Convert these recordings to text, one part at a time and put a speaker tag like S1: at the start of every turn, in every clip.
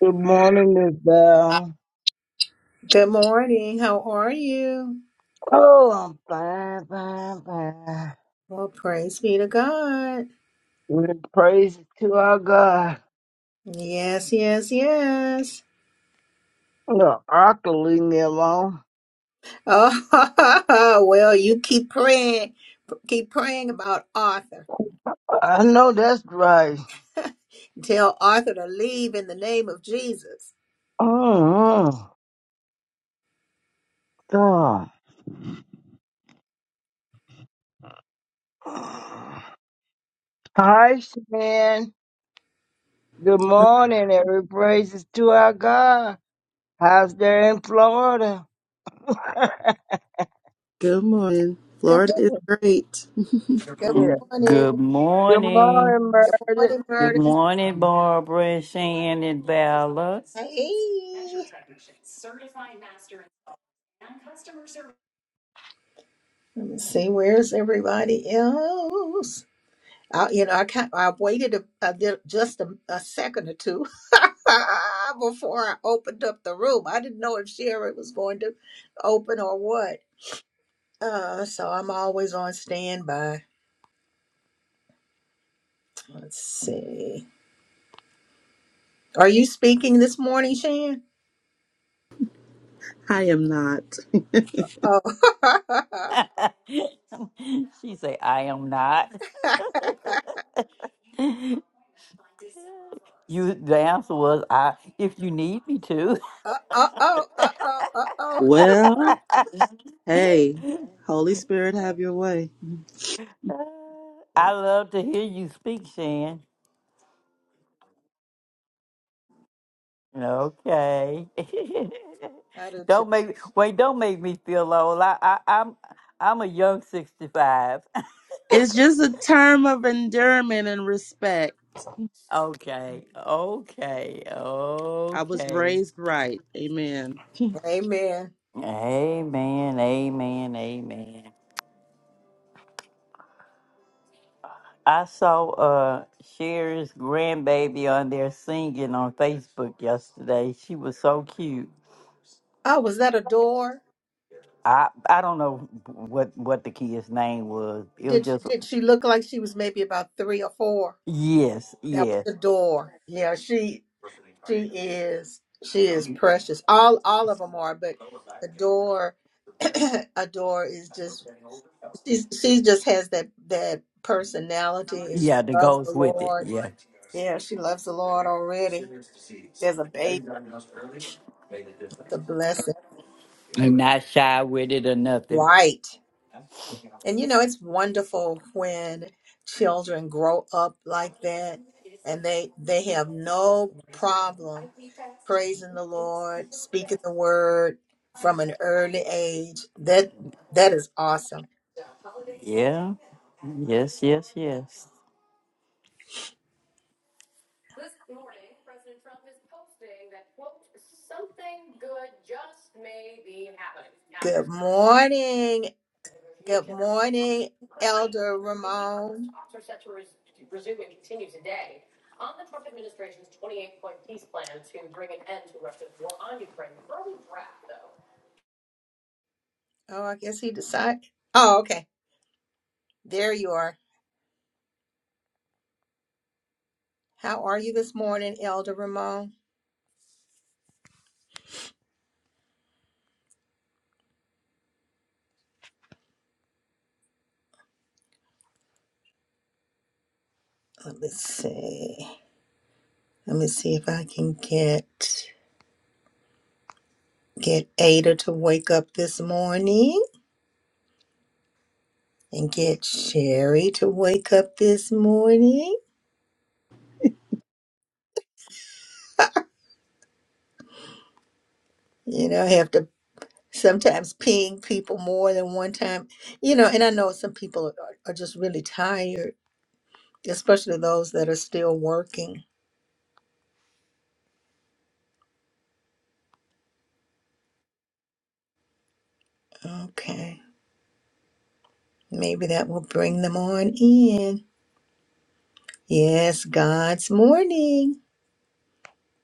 S1: Good morning, Miss Val.
S2: Good morning. How are you?
S1: Oh, I'm fine, fine, fine.
S2: Well, praise be to God.
S1: With praise to our God.
S2: Yes, yes, yes.
S1: The Arkaling me on.
S2: Oh, well, you keep praying. Keep praying about Arthur.
S1: I know that's right.
S2: Tell Arthur to leave in the name of Jesus.
S1: Mm-hmm. God.
S2: Uh,
S1: Hi, Shan. Good morning, every praises to our God. How's there in Florida?
S3: Good morning.
S2: Good
S3: Florida
S2: morning.
S3: is great.
S2: Good
S1: yeah.
S2: morning.
S4: Good
S1: Good
S4: morning.
S1: morning,
S2: Good
S1: Meredith.
S2: morning,
S4: Good
S2: Murtis.
S4: morning, Barbara, Shannon, Bella.
S2: Hey. Let me see. Where's everybody else? I, you know, I can't, I waited a, a, little- just a, a second or two before I opened up the room. I didn't know if Sherry was going to open or what. Uh, so I'm always on standby. Let's see. Are you speaking this morning, Shan?
S3: I am not.
S2: Oh,
S4: She said, I am not.
S2: uh
S4: You the answer was I if you need me to.
S2: oh, uh oh, uh oh.
S3: Well, hey, Holy Spirit, have your way.
S4: I love to hear you speak, Shan. Okay.
S2: I do too.
S4: don't make wait, don't make me feel old. I, I I'm I'm a young sixty five.
S3: It's just a term of endearment and respect.
S4: okay. Okay.
S3: I was
S4: Okay.
S3: raised right. Amen.
S2: Amen.
S4: Amen, amen, amen. I saw uh Sherry's grandbaby on there singing on Facebook yesterday. She was so cute.
S2: Oh, was that a door?
S4: I I don't know what what the kid's name was. It was
S2: Did
S4: just
S2: did she look like she was maybe about three or four?
S4: yes,
S2: That was
S4: yes,
S2: the door. Yeah, she. She is. She is precious. All all of them are, but Adore, Adore is just. She's she just has that that personality, and she
S4: yeah. That
S2: loves the
S4: goes with it.
S2: Lord.
S4: Yeah,
S2: Yeah, she loves the Lord already. There's a baby, it's a blessing,
S4: and not shy with it or nothing.
S2: right? And you know it's wonderful when children grow up like that, and they they have no problem praising the Lord, speaking the word from an early age. That that is awesome.
S4: Yeah. Yes, yes, yes.
S2: Good morning. Good morning, Elder Ramon. Oh, I guess he decided. Oh, okay. There you are. How are you this morning, Elder Ramon? Let me see. Let me see if I can get get Ada to wake up this morning and get Sherry to wake up this morning. You know, have to sometimes paying people more than one time you know and i know some people are, are just really tired especially those that are still working okay maybe that will bring them on in yes god's morning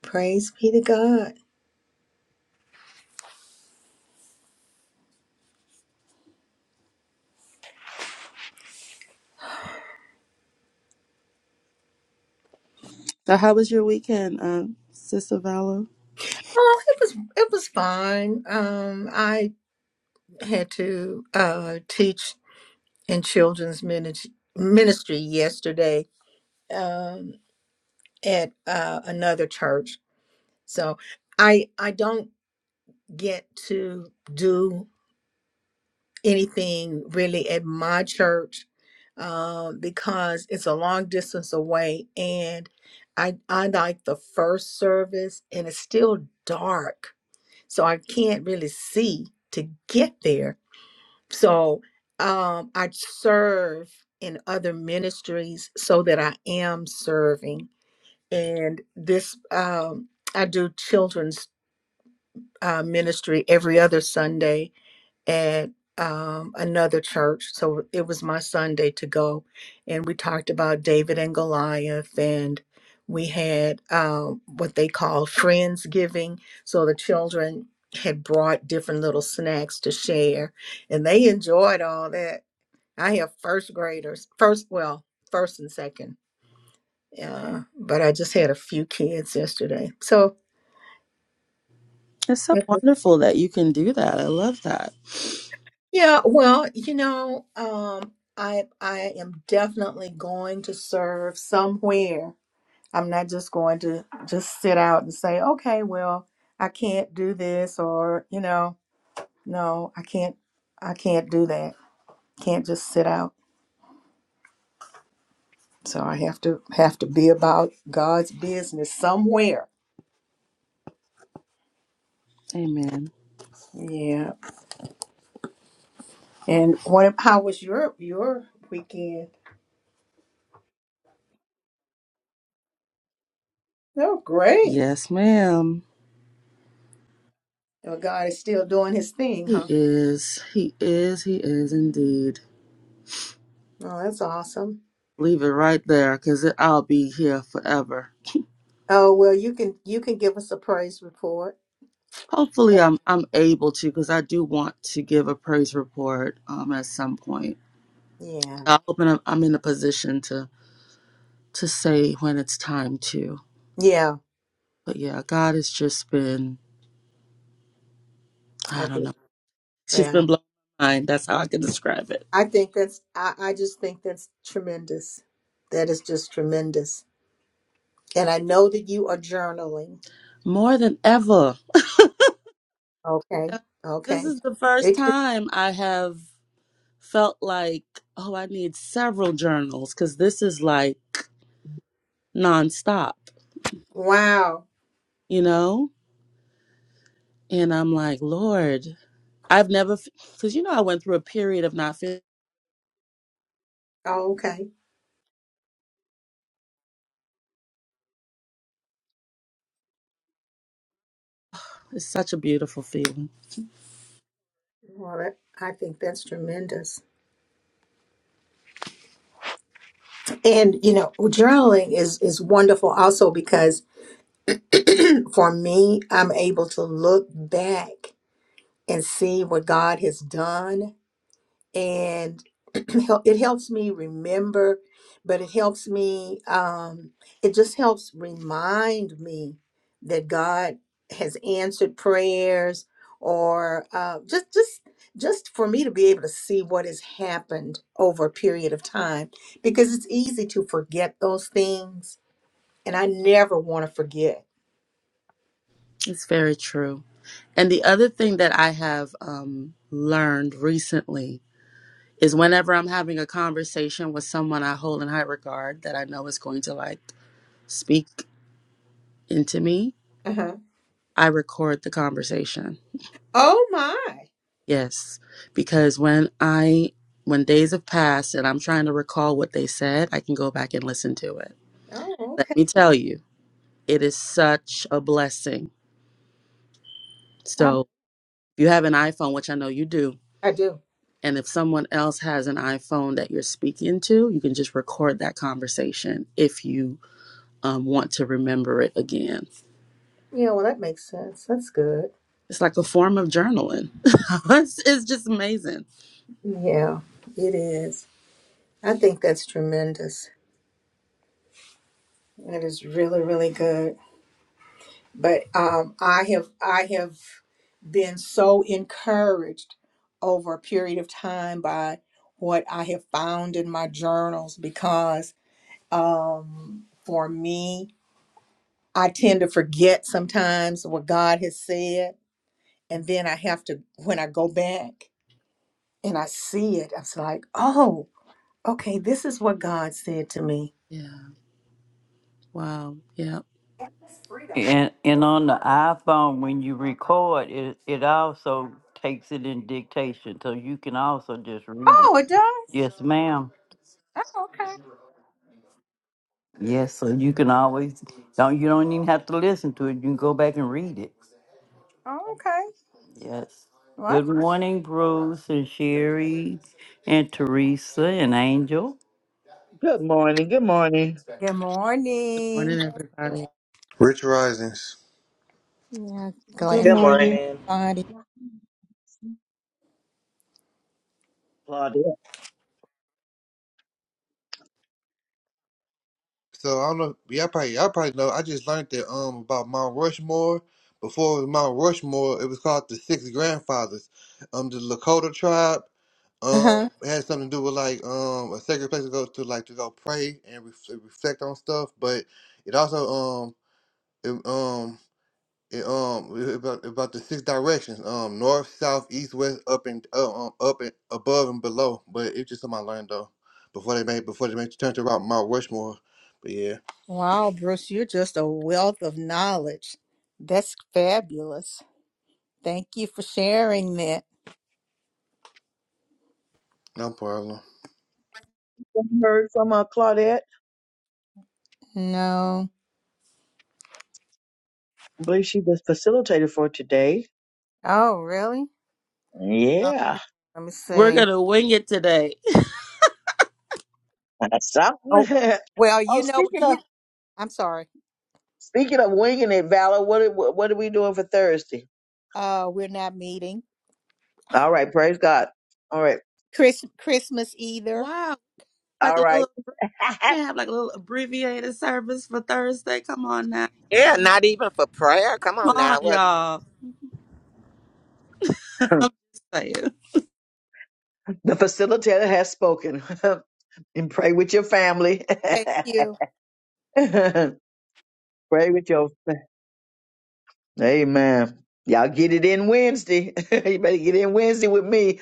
S2: praise be to god
S3: So, how was your weekend, um, Sister Valor?
S2: oh it was it was fine um i had to uh teach in children's ministry ministry yesterday um at uh another church so i i don't get to do anything really at my church um, because it's a long distance away and I, I like the first service and it's still dark so i can't really see to get there so um, i serve in other ministries so that i am serving and this um, i do children's uh, ministry every other sunday at um, another church. So it was my Sunday to go. And we talked about David and Goliath, and we had um, what they call Friendsgiving. So the children had brought different little snacks to share, and they enjoyed all that. I have first graders, first, well, first and second. Uh, but I just had a few kids yesterday. So
S3: It's so wonderful that you can do that. I love that.
S2: Yeah, well, you know, um, I I am definitely going to serve somewhere. I'm not just going to just sit out and say, okay, well, I can't do this, or you know, no, I can't, I can't do that. Can't just sit out. So I have to have to be about God's business somewhere.
S3: Amen.
S2: Yeah. And what? How was your your weekend? Oh, great.
S3: Yes, ma'am.
S2: Well, God is still doing His thing,
S3: He
S2: huh?
S3: is. He is. He is indeed.
S2: Oh, that's awesome.
S3: Leave it right there because I'll be here forever.
S2: Oh well, you can you can give us a praise report.
S3: Hopefully, I'm I'm able to because I do want to give a praise report um at some point.
S2: Yeah,
S3: I hope I'm, I'm in a position to to say when it's time to.
S2: yeah,
S3: But yeah, God has just been
S2: I
S3: I don't
S2: do.
S3: know. She's
S2: Yeah,
S3: been blowing my mind. That's how I can describe it.
S2: I think that's I, I just think that's tremendous. That is just tremendous. And I know that you are journaling.
S3: More than ever.
S2: Okay,
S3: And This
S2: okay.
S3: is the first
S2: It can,
S3: time I have felt like, oh, I need several journals because this is like nonstop,
S2: wow.
S3: you know? And I'm like, Lord, I've never, because you know, I went through a period of not feeling.
S2: Oh, okay.
S3: It's such a beautiful feeling.
S2: Well, that, I think that's tremendous. And you know, journaling is is wonderful also because for me, I'm able to look back and see what God has done and it helps me remember but it helps me um it just helps remind me that god has answered prayers or uh, just just just for me to be able to see what has happened over a period of time because it's easy to forget those things and i never want to forget
S3: It's very true. And the other thing that I have um, learned recently is whenever I'm having a conversation with someone I hold in high regard that I know is going to like speak into me,
S2: Uh-huh.
S3: I record the conversation.
S2: Oh my.
S3: Yes, because when I when days have passed and I'm trying to recall what they said, I can go back and listen to it.
S2: Oh,
S3: Let
S2: okay.
S3: me tell you, it is such a blessing.
S2: I,
S3: So, if you have an iPhone, which I know you do,
S2: I do.
S3: and if someone else has an iPhone that you're speaking to, you can just record that conversation if you um, want to remember it again.
S2: Yeah, well, that makes sense. That's good.
S3: It's like a form of journaling. it's, it's just amazing.
S2: Yeah, it is. I think that's tremendous. That is really, really good. but um, I have I have been so encouraged over a period of time by what I have found in my journals because um, for me, I tend to forget sometimes what God has said, and then I have to when I go back and I see it, I'm s- like, oh, okay, this is what God said to me.
S3: Yeah. Wow. Yeah.
S4: And and on the iPhone, when you record, it it also takes it in dictation, so you can also just read it.
S2: Oh, it does.
S4: Yes, ma'am.
S2: Oh, okay.
S4: Yes, so you can always don't you don't even have to listen to it. You can go back and read it.
S2: Oh, okay.
S4: Yes.
S2: What?
S4: Good morning, Bruce and Sherry and Teresa and Angel.
S5: Good morning. Good morning,
S2: Good
S3: Good morning,
S2: morning.
S3: everybody.
S6: Rich Risings.
S2: Yeah.
S7: Good
S8: Good
S7: morning.
S8: morning.
S2: Glad.
S5: Claudette.
S6: So I don't know. Y'all probably, y'all probably know. I just learned that um about Mount Rushmore. Before it was Mount Rushmore, it was called the Six Grandfathers. Um, the Lakota tribe. Um,
S2: Uh-huh.
S6: it had something to do with like um a sacred place to go to, like to go pray and ref reflect on stuff. But it also um it, um It, um, about about the six directions. Um, north, south, east, west, up and uh, um, up and above and below. But it's just something I learned though before they made before they made turn to about Mount Rushmore. But yeah,
S2: Wow, Bruce, you're just a wealth of knowledge. That's fabulous. Thank you for sharing that.
S6: no problem.
S5: I heard from uh, Claudette.
S2: No.
S5: I believe she was facilitator for today.
S2: Oh, really? Oh,
S5: Yeah,
S2: let me
S3: We're
S2: see.
S3: gonna wing it today.
S5: that's something.
S2: Oh, well,
S5: oh,
S2: you know what
S5: speaking of
S2: you I'm sorry.
S5: speaking of winging it, Valor, what are- what are we doing for Thursday?
S2: Uh, we're not meeting.
S5: All right, praise God. All right,
S2: Chris Christmas either.
S3: Wow, like
S5: all
S3: a
S5: right.
S3: little can't have like a little abbreviated service for Thursday. Come on now,
S8: Yeah, not even for prayer. Come
S3: come
S8: on
S3: on,
S8: now. What?
S3: y'all. I'm
S5: the
S3: just saying.
S5: facilitator has spoken. and pray with your family.
S2: Thank you.
S5: pray with your. Amen. Y'all get it in Wednesday. you better get in Wednesday with me.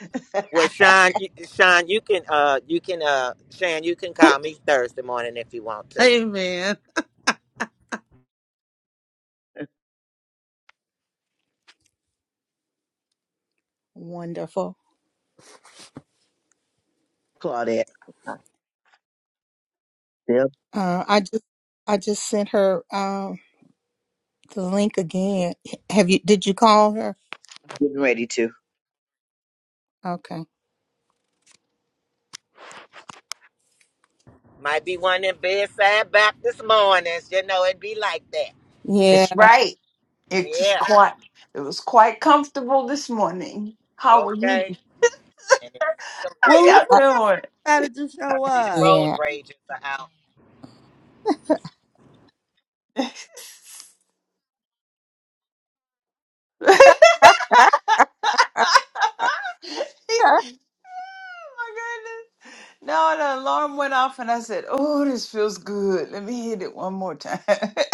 S8: Well, Sean, you, Sean, you can, uh, you can, uh, Sean, you can call me Thursday morning if you want to.
S3: Amen.
S2: Wonderful.
S5: Claudette. I'm Still
S2: Uh, I just I just sent her um the link again. Have you did you call her?
S5: getting ready to.
S2: Okay.
S8: Might be one in bedside back this morning. You know, it'd be like that.
S2: Yeah.
S9: It's right. It's
S8: Yeah.
S9: quite. It was quite comfortable this morning. How are you?
S8: Okay. And it's still
S9: How
S3: Well,
S8: here.
S3: look
S9: y'all
S3: who
S2: Uh,
S3: decided to
S8: I
S3: show
S8: see the
S3: up.
S8: road
S2: yeah.
S8: rages are out.
S9: doing? Oh
S2: oh,
S9: my goodness! No, the alarm went off, and I said, "Oh, this feels good. Let me hit it one more time."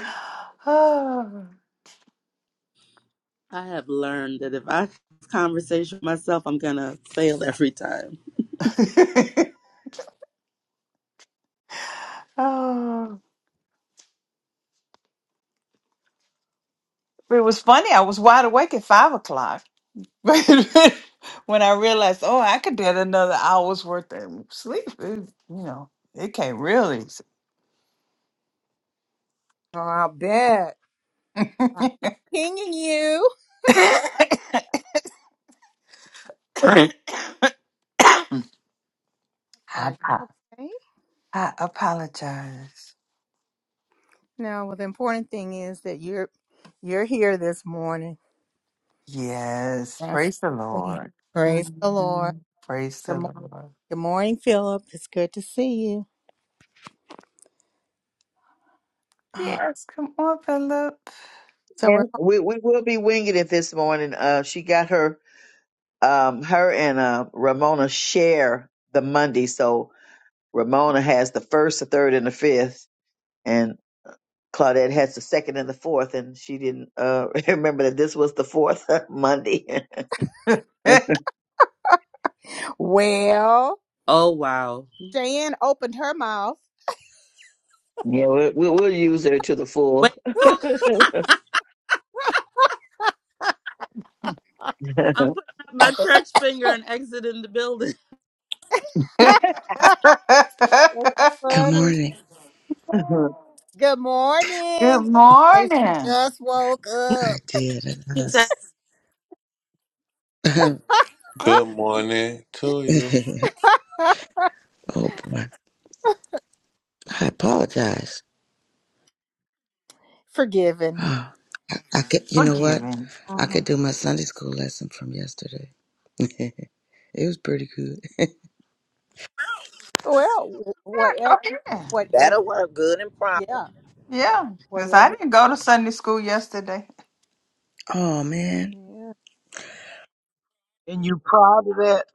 S9: oh.
S3: I have learned that if I have this conversation with myself, I'm gonna fail every time.
S9: oh, it was funny. I was wide awake at five o'clock. But when I realized, oh, I could get another hour's worth of sleep, it, you know, it came really.
S2: I bet. I
S9: I,
S2: kept pinging you. Are you
S9: apo-
S2: okay?
S9: I apologize.
S2: No, well, the important thing is that you're you're here this morning.
S9: Yes,
S2: That's
S9: praise the
S2: the good thing.
S9: Lord.
S2: Praise the Lord.
S9: Mhm. Praise
S2: Good,
S9: the
S2: mo-
S9: Lord.
S2: good morning, Philip. It's good to see you. Ah,
S9: Yes, come on, Philip.
S2: So we're
S5: And we we will be winging it this morning. Uh, she got her um her and uh Ramona share the Monday, so Ramona has the first, the third, and the fifth, and Claudette has the second and the fourth, and she didn't uh remember that this was the fourth Monday. yeah,
S2: well.
S3: Oh wow.
S2: Jan opened her mouth.
S5: we, we we'll use her to the full.
S3: Wait. I'm putting up my church finger and exiting the building.
S2: That's
S10: Good
S2: funny.
S10: morning.
S2: Good
S9: Good
S2: morning, and she
S9: morning.
S2: just woke
S10: I
S2: up.
S10: did. And I
S3: He said,
S10: was,
S6: Good morning to you.
S10: oh boy, I apologize.
S2: Forgiven.
S10: Oh, I, I could, you know what?
S9: Forgiving.
S10: I could
S9: Mhm.
S10: do my Sunday school lesson from yesterday. it was pretty good.
S2: Well, wh-
S9: Go
S2: whatever,
S9: ahead.
S2: whatever,
S8: That'll work good and proper.
S2: yeah,
S9: Yeah, because I
S2: whatever
S9: didn't
S2: you
S9: go to Sunday school yesterday.
S10: Oh man,
S2: want.
S11: and you proud of that,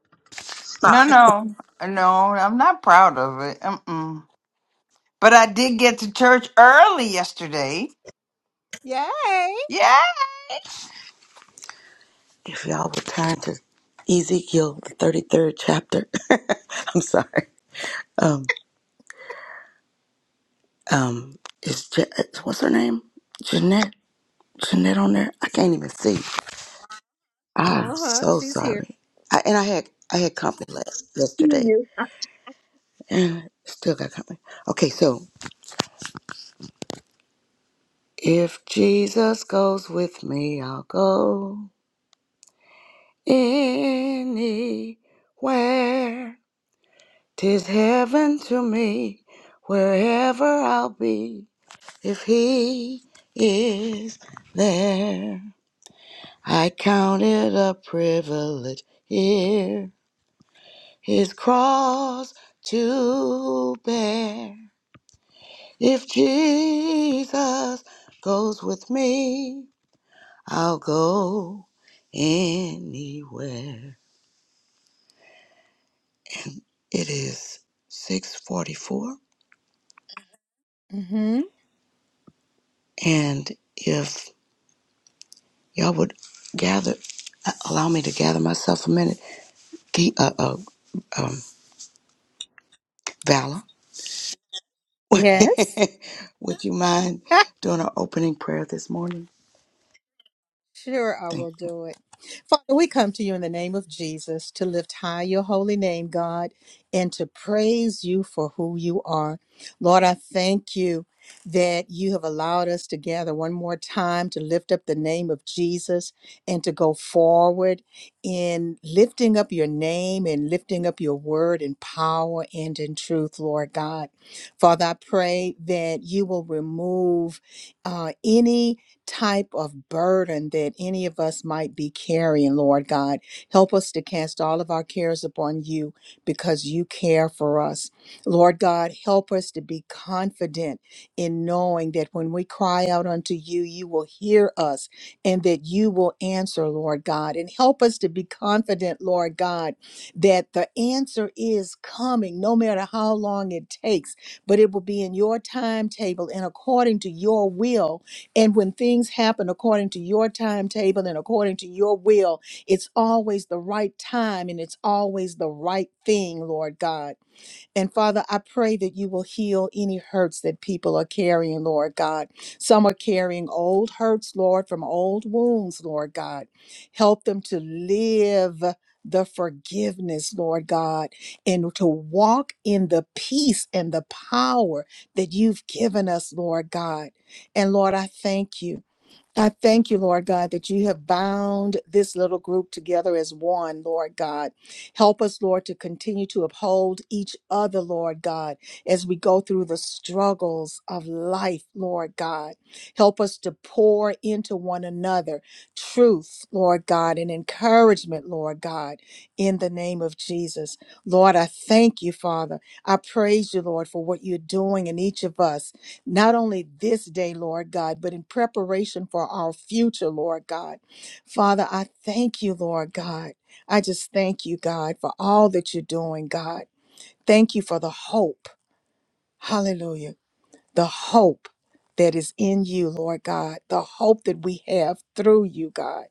S9: No,
S11: stop.
S9: no, no, I'm not proud of it. Mm-mm. But I did get to church early yesterday.
S2: Yeah. Yay!
S9: Yeah.
S10: if y'all would turn to Ezekiel the thirty third chapter, I'm sorry. Um, um, is Je- what's her name? Jeanette. Jeanette on there. I can't even see. I'm
S2: Uh huh.
S10: so
S2: She's here.
S10: sorry. I, and I had I had company last
S5: you
S10: yesterday.
S5: use her
S10: And Still got company. Okay, so if Jesus goes with me, I'll go anywhere. Tis heaven to me, wherever I'll be. If He is there, I count it a privilege here. His cross to bear. If Jesus goes with me. I'll go anywhere. It is 644.
S2: Mm-hmm.
S10: And if y'all would gather, uh, allow me to gather myself a minute. Key, uh, uh, um, Valor,
S2: Yes.
S10: would you mind doing our opening prayer this morning?
S2: Sure, I
S10: Thank
S2: will
S10: you.
S2: do it. Father, we come to you in the name of Jesus to lift high your holy name, God, and to praise you for who you are. Lord, I thank you that you have allowed us to gather one more time to lift up the name of Jesus and to go forward in lifting up your name and lifting up your word in power and in truth, Lord God. Father, I pray that you will remove uh, any type of burden that any of us might be carrying, Lord God. Help us to cast all of our cares upon you because you care for us. Lord God, help us to be confident in knowing that when we cry out unto you, you will hear us and that you will answer, Lord God. And help us to be confident, Lord God, that the answer is coming, no matter how long it takes, but it will be in your timetable and according to your will and when things happen according to your timetable and according to your will, it's always the right time and it's always the right thing, Lord God. And Father, I pray that you will heal any hurts that people are carrying, Lord God. Some are carrying old hurts, Lord, from old wounds, Lord God. Help them to live the forgiveness, Lord God, and to walk in the peace and the power that you've given us, Lord God. And Lord, I thank you. I thank you, Lord God, that you have bound this little group together as one, Lord God. Help us, Lord, to continue to uphold each other, Lord God, as we go through the struggles of life, Lord God. Help us to pour into one another truth, Lord God, and encouragement, Lord God, in the name of Jesus. Lord, I thank you, Father. I praise you, Lord, for what you're doing in each of us not only this day, Lord God, but in preparation for our future, Lord God. Father, I thank you, Lord God. I just thank you, God, for all that you're doing, God. Thank you for the hope. Hallelujah. The hope that is in you, Lord God. The hope that we have through you, God.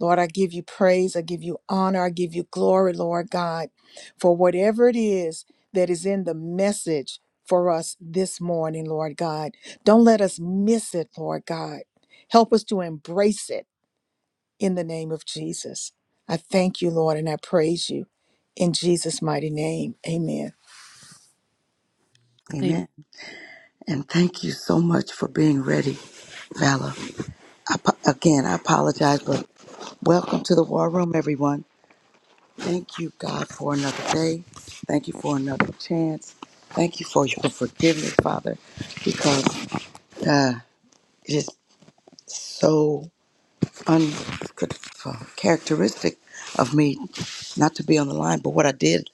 S2: Lord, I give you praise. I give you honor. I give you glory, Lord God, for whatever it is that is in the message for us this morning, Lord God. Don't let us miss it, Lord God. Help us to embrace it in the name of Jesus. I thank you, Lord, and I praise you in Jesus' mighty name. Amen.
S3: Amen.
S10: Amen. And thank you so much for being ready, Valor. I, apo- again, I apologize, but welcome to the War Room, everyone. Thank you, God, for another day. Thank you for another chance. Thank you for your forgiveness, Father, because uh, it is so uncharacteristic of me not to be on the line. But what I did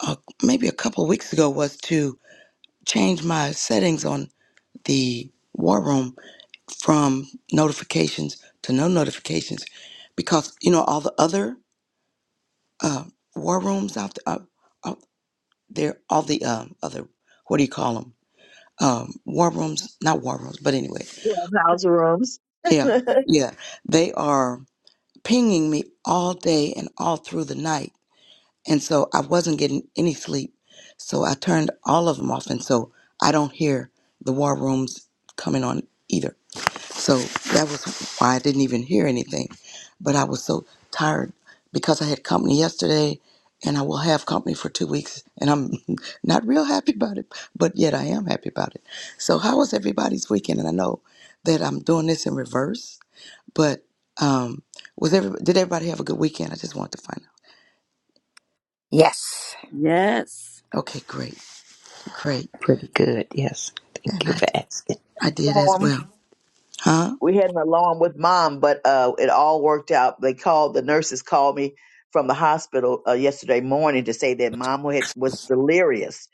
S10: uh, maybe a couple of weeks ago was to change my settings on the war room from notifications to no notifications because, you know, all the other uh, war rooms out there. uh, There, all the um, other, what do you call them? Um, war rooms, not war rooms, but anyway,
S5: clubhouse rooms.
S10: yeah, yeah. They are pinging me all day and all through the night, and so I wasn't getting any sleep. So I turned all of them off, and so I don't hear the war rooms coming on either. So that was why I didn't even hear anything. But I was so tired because I had company yesterday and I will have company for two weeks and I'm not real happy about it, but yet I am happy about it. So how was everybody's weekend? And I know that I'm doing this in reverse, but um was every did everybody have a good weekend? I just wanted to find
S2: Yes.
S3: Yes.
S10: out. Okay, great, great.
S12: Pretty good, yes. Thank
S10: And
S12: you
S10: I
S12: for asking.
S10: I did as
S5: Warm.
S10: well. Huh?
S5: we had an alarm with mom, but uh, it all worked out. They called the nurses called me from the hospital uh, yesterday morning to say that mom had was delirious.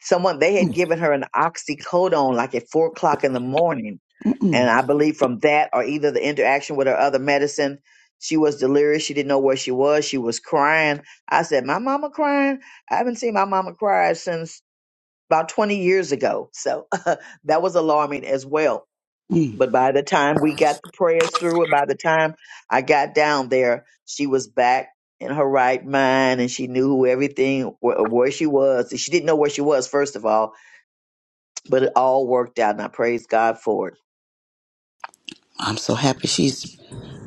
S5: Someone they had
S10: Mm,
S5: given her an oxycodone like at four o'clock in the morning,
S10: mm, mm,
S5: and I believe from that or either the interaction with her other medicine, she was delirious. She didn't know where she was. She was crying. I said, "My mama crying? I haven't seen my mama cry since." About 20 years ago. So that was alarming as well
S10: mm.
S5: but by the time we got the prayers through, and by the time I got down there, she was back in her right mind, and she knew who everything wh- where she was. She didn't know where she was first of all, but it all worked out, and I praise God for it.
S10: I'm so happy she's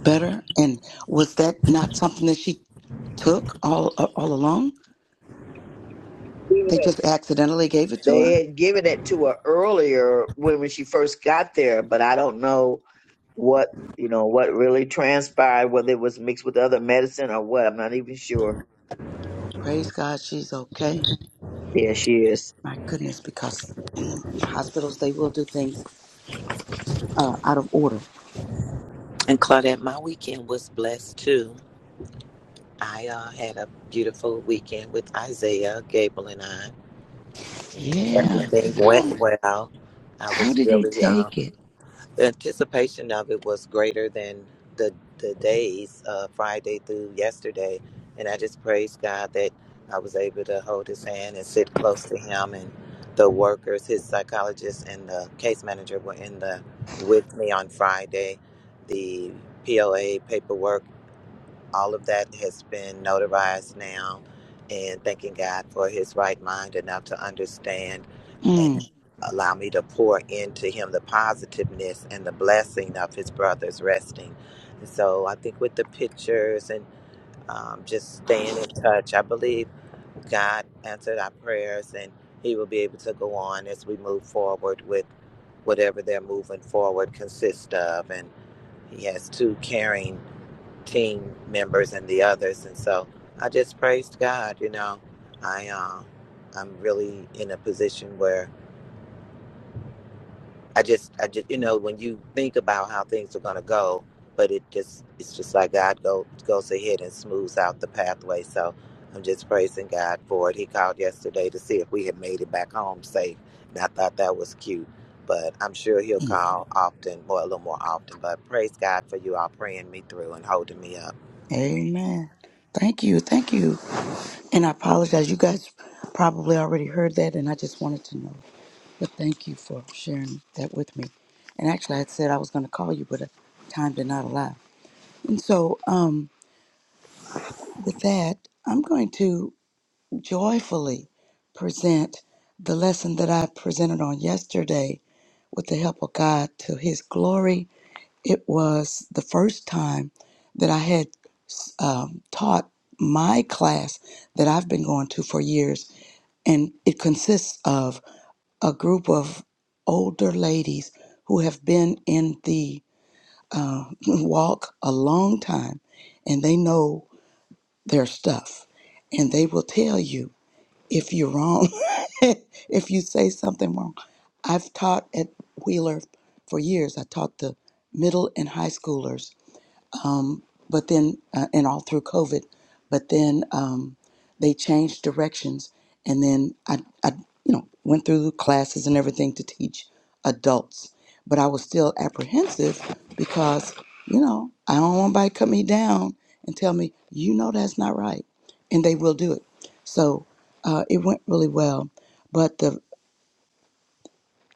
S10: better. And was that not something that she took all all along.
S5: Given
S10: They
S5: it-
S10: just accidentally gave it to her.
S5: They had given it to her earlier when when she first got there, but I don't know what you know what really transpired, whether it was mixed with other medicine or what. I'm not even sure.
S10: Well, praise God, she's okay.
S5: Yeah, she is.
S10: My goodness, because in the hospitals they will do things uh, out of order.
S8: And Claudette, my weekend was blessed too. I uh, had a beautiful weekend with Isaiah, Gable, and I. and
S10: Yeah.
S8: Everything
S10: How
S8: went well. I
S10: how
S8: was
S10: did he
S8: really um,
S10: take it?
S8: the anticipation of it was greater than the the days uh, Friday through yesterday, and I just praise God that I was able to hold His hand and sit close to Him and the workers, His psychologist and the case manager were in the with me on Friday. The POA paperwork all of that has been notarized now and thanking god for his right mind enough to understand and
S10: Mm.
S8: allow me to pour into him the positiveness and the blessing of his brother's resting and so i think with the pictures and um, just staying in touch i believe god answered our prayers and he will be able to go on as we move forward with whatever they're moving forward consists of and he has two caring team members and the others. And so I just praised God, you know. I uh, I'm really in a position where I just I just you know, when you think about how things are gonna go, but it just it's just like God go goes ahead and smooths out the pathway. So I'm just praising God for it. He called yesterday to see if we had made it back home safe. And I thought that was cute. But I'm sure he'll
S10: mm.
S8: call often, or a little more often. But praise God for you all praying me through and holding me up.
S10: Amen. Thank you, thank you. And I apologize. You guys probably already heard that, and I just wanted to know. But thank you for sharing that with me. And actually, I had said I was going to call you, but uh, time did not allow. And so, um, With that, I'm going to joyfully present the lesson that I presented on yesterday with the help of God to His glory. It was the first time that I had um, taught my class that I've been going to for years, and it consists of a group of older ladies who have been in the walk a long time and they know their stuff and they will tell you if you're wrong, if you say something wrong. I've taught at Wheeler for years. I taught the middle and high schoolers but then uh, and all through COVID, but then um, they changed directions, and then I, I you know went through classes and everything to teach adults, but I was still apprehensive because you know I don't want anybody to cut me down and tell me you know that's not right, and they will do it. So uh, it went really well, but the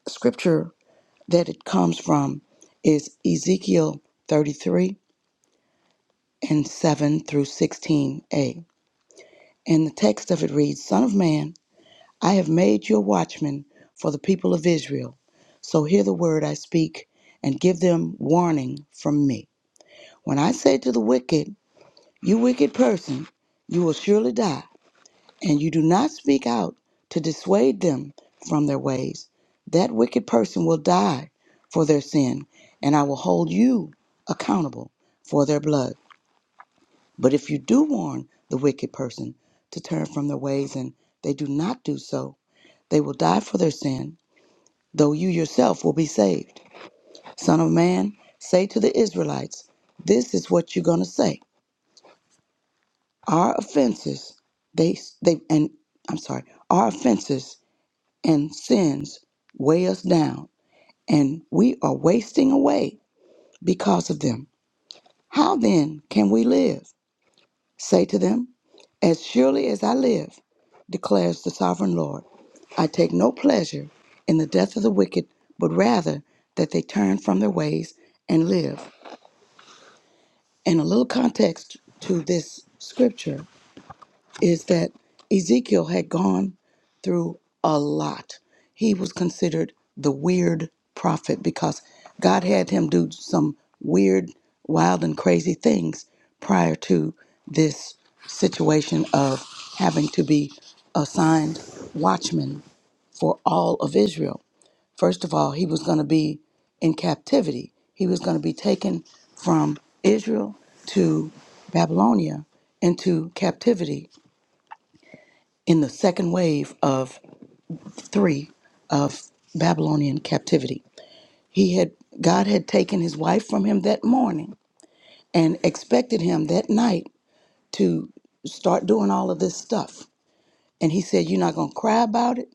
S10: scripture that it comes from is Ezekiel 33 and 7 through 16a And the text of it reads Son of man, I have made you a watchman for the people of Israel. So hear the word I speak and give them warning from me. When I say to the wicked, You wicked person, you will surely die, and you do not speak out to dissuade them from their ways, that wicked person will die for their sin, and I will hold you accountable for their blood. But if you do warn the wicked person to turn from their ways and they do not do so, they will die for their sin, though you yourself will be saved. Son of man, say to the Israelites, this is what you're going to say. Our offenses, they they and I'm sorry, our offenses and sins weigh us down, and we are wasting away because of them. How then can we live? Say to them, As surely as I live, declares the sovereign Lord, I take no pleasure in the death of the wicked, but rather that they turn from their ways and live. And a little context to this scripture is that Ezekiel had gone through a lot. He was considered the weird prophet because God had him do some weird, wild, and crazy things prior to this situation of having to be assigned watchman for all of Israel. First of all, he was going to be in captivity. He was going to be taken from Israel to Babylonia into captivity in the second wave of three of Babylonian captivity. He had God had taken his wife from him that morning and expected him that night to start doing all of this stuff. And he said, You're not gonna cry about it.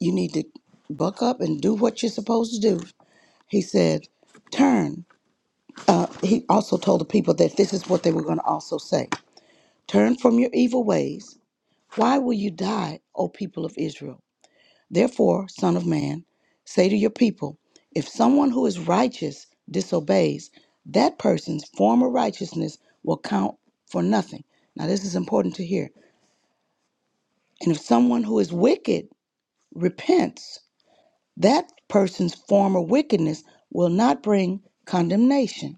S10: You need to buck up and do what you're supposed to do. He said, Turn. He also told the people that this is what they were gonna also say. Turn from your evil ways. Why will you die, O people of Israel? Therefore, Son of Man, say to your people, if someone who is righteous disobeys, that person's former righteousness will count for nothing. Now, this is important to hear. And if someone who is wicked repents, that person's former wickedness will not bring condemnation.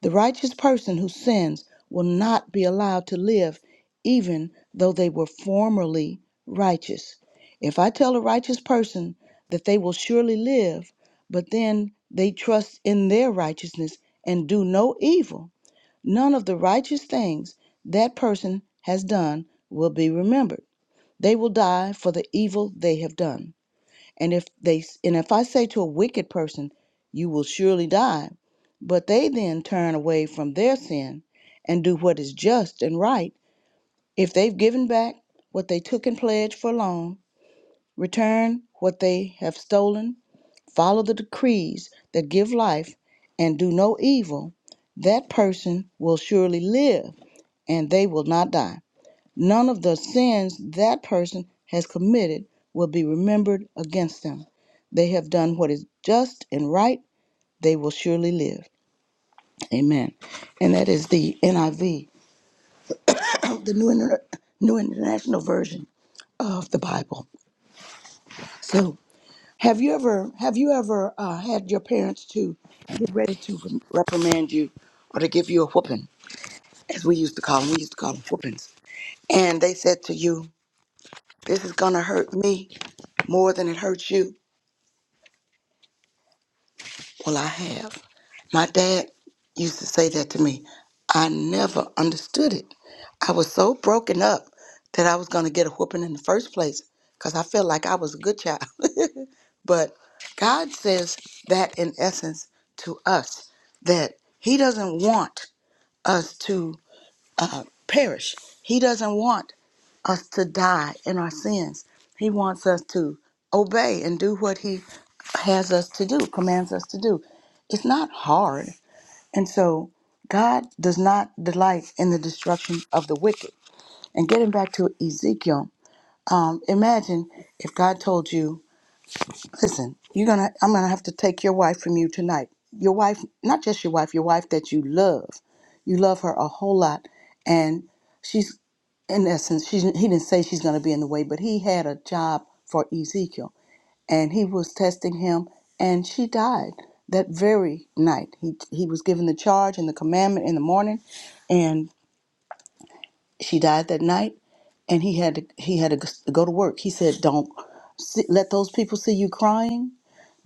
S10: The righteous person who sins will not be allowed to live, even though they were formerly righteous. If I tell a righteous person that they will surely live, but then they trust in their righteousness and do no evil, none of the righteous things that person has done will be remembered. They will die for the evil they have done. And if they and if I say to a wicked person, you will surely die, but they then turn away from their sin and do what is just and right, if they've given back what they took in pledge for loan, return what they have stolen, follow the decrees that give life and do no evil, that person will surely live and they will not die. None of the sins that person has committed will be remembered against them. They have done what is just and right. They will surely live. Amen. And that is the NIV, the New, Inter- New International Version of the Bible. So, have you ever have you ever uh, had your parents to get ready to reprimand you or to give you a whooping, as we used to call them? We used to call them whoopings. And they said to you, "This is gonna hurt me more than it hurts you." Well, I have. My dad used to say that to me. I never understood it. I was so broken up that I was going to get a whooping in the first place because I felt like I was a good child. but God says that in essence to us that He doesn't want us to uh, perish. He doesn't want us to die in our sins. He wants us to obey and do what He has us to do, commands us to do. It's not hard. And so God does not delight in the destruction of the wicked. And getting back to Ezekiel, um, imagine if God told you Listen, you're gonna I'm gonna have to take your wife from you tonight. Your wife, not just your wife, your wife that you love. You love her a whole lot. And she's in essence, she's he didn't say she's gonna be in the way, but he had a job for Ezekiel and he was testing him and she died that very night. He he was given the charge and the commandment in the morning and she died that night and he had to he had to go to work. He said, "Don't see, let those people see you crying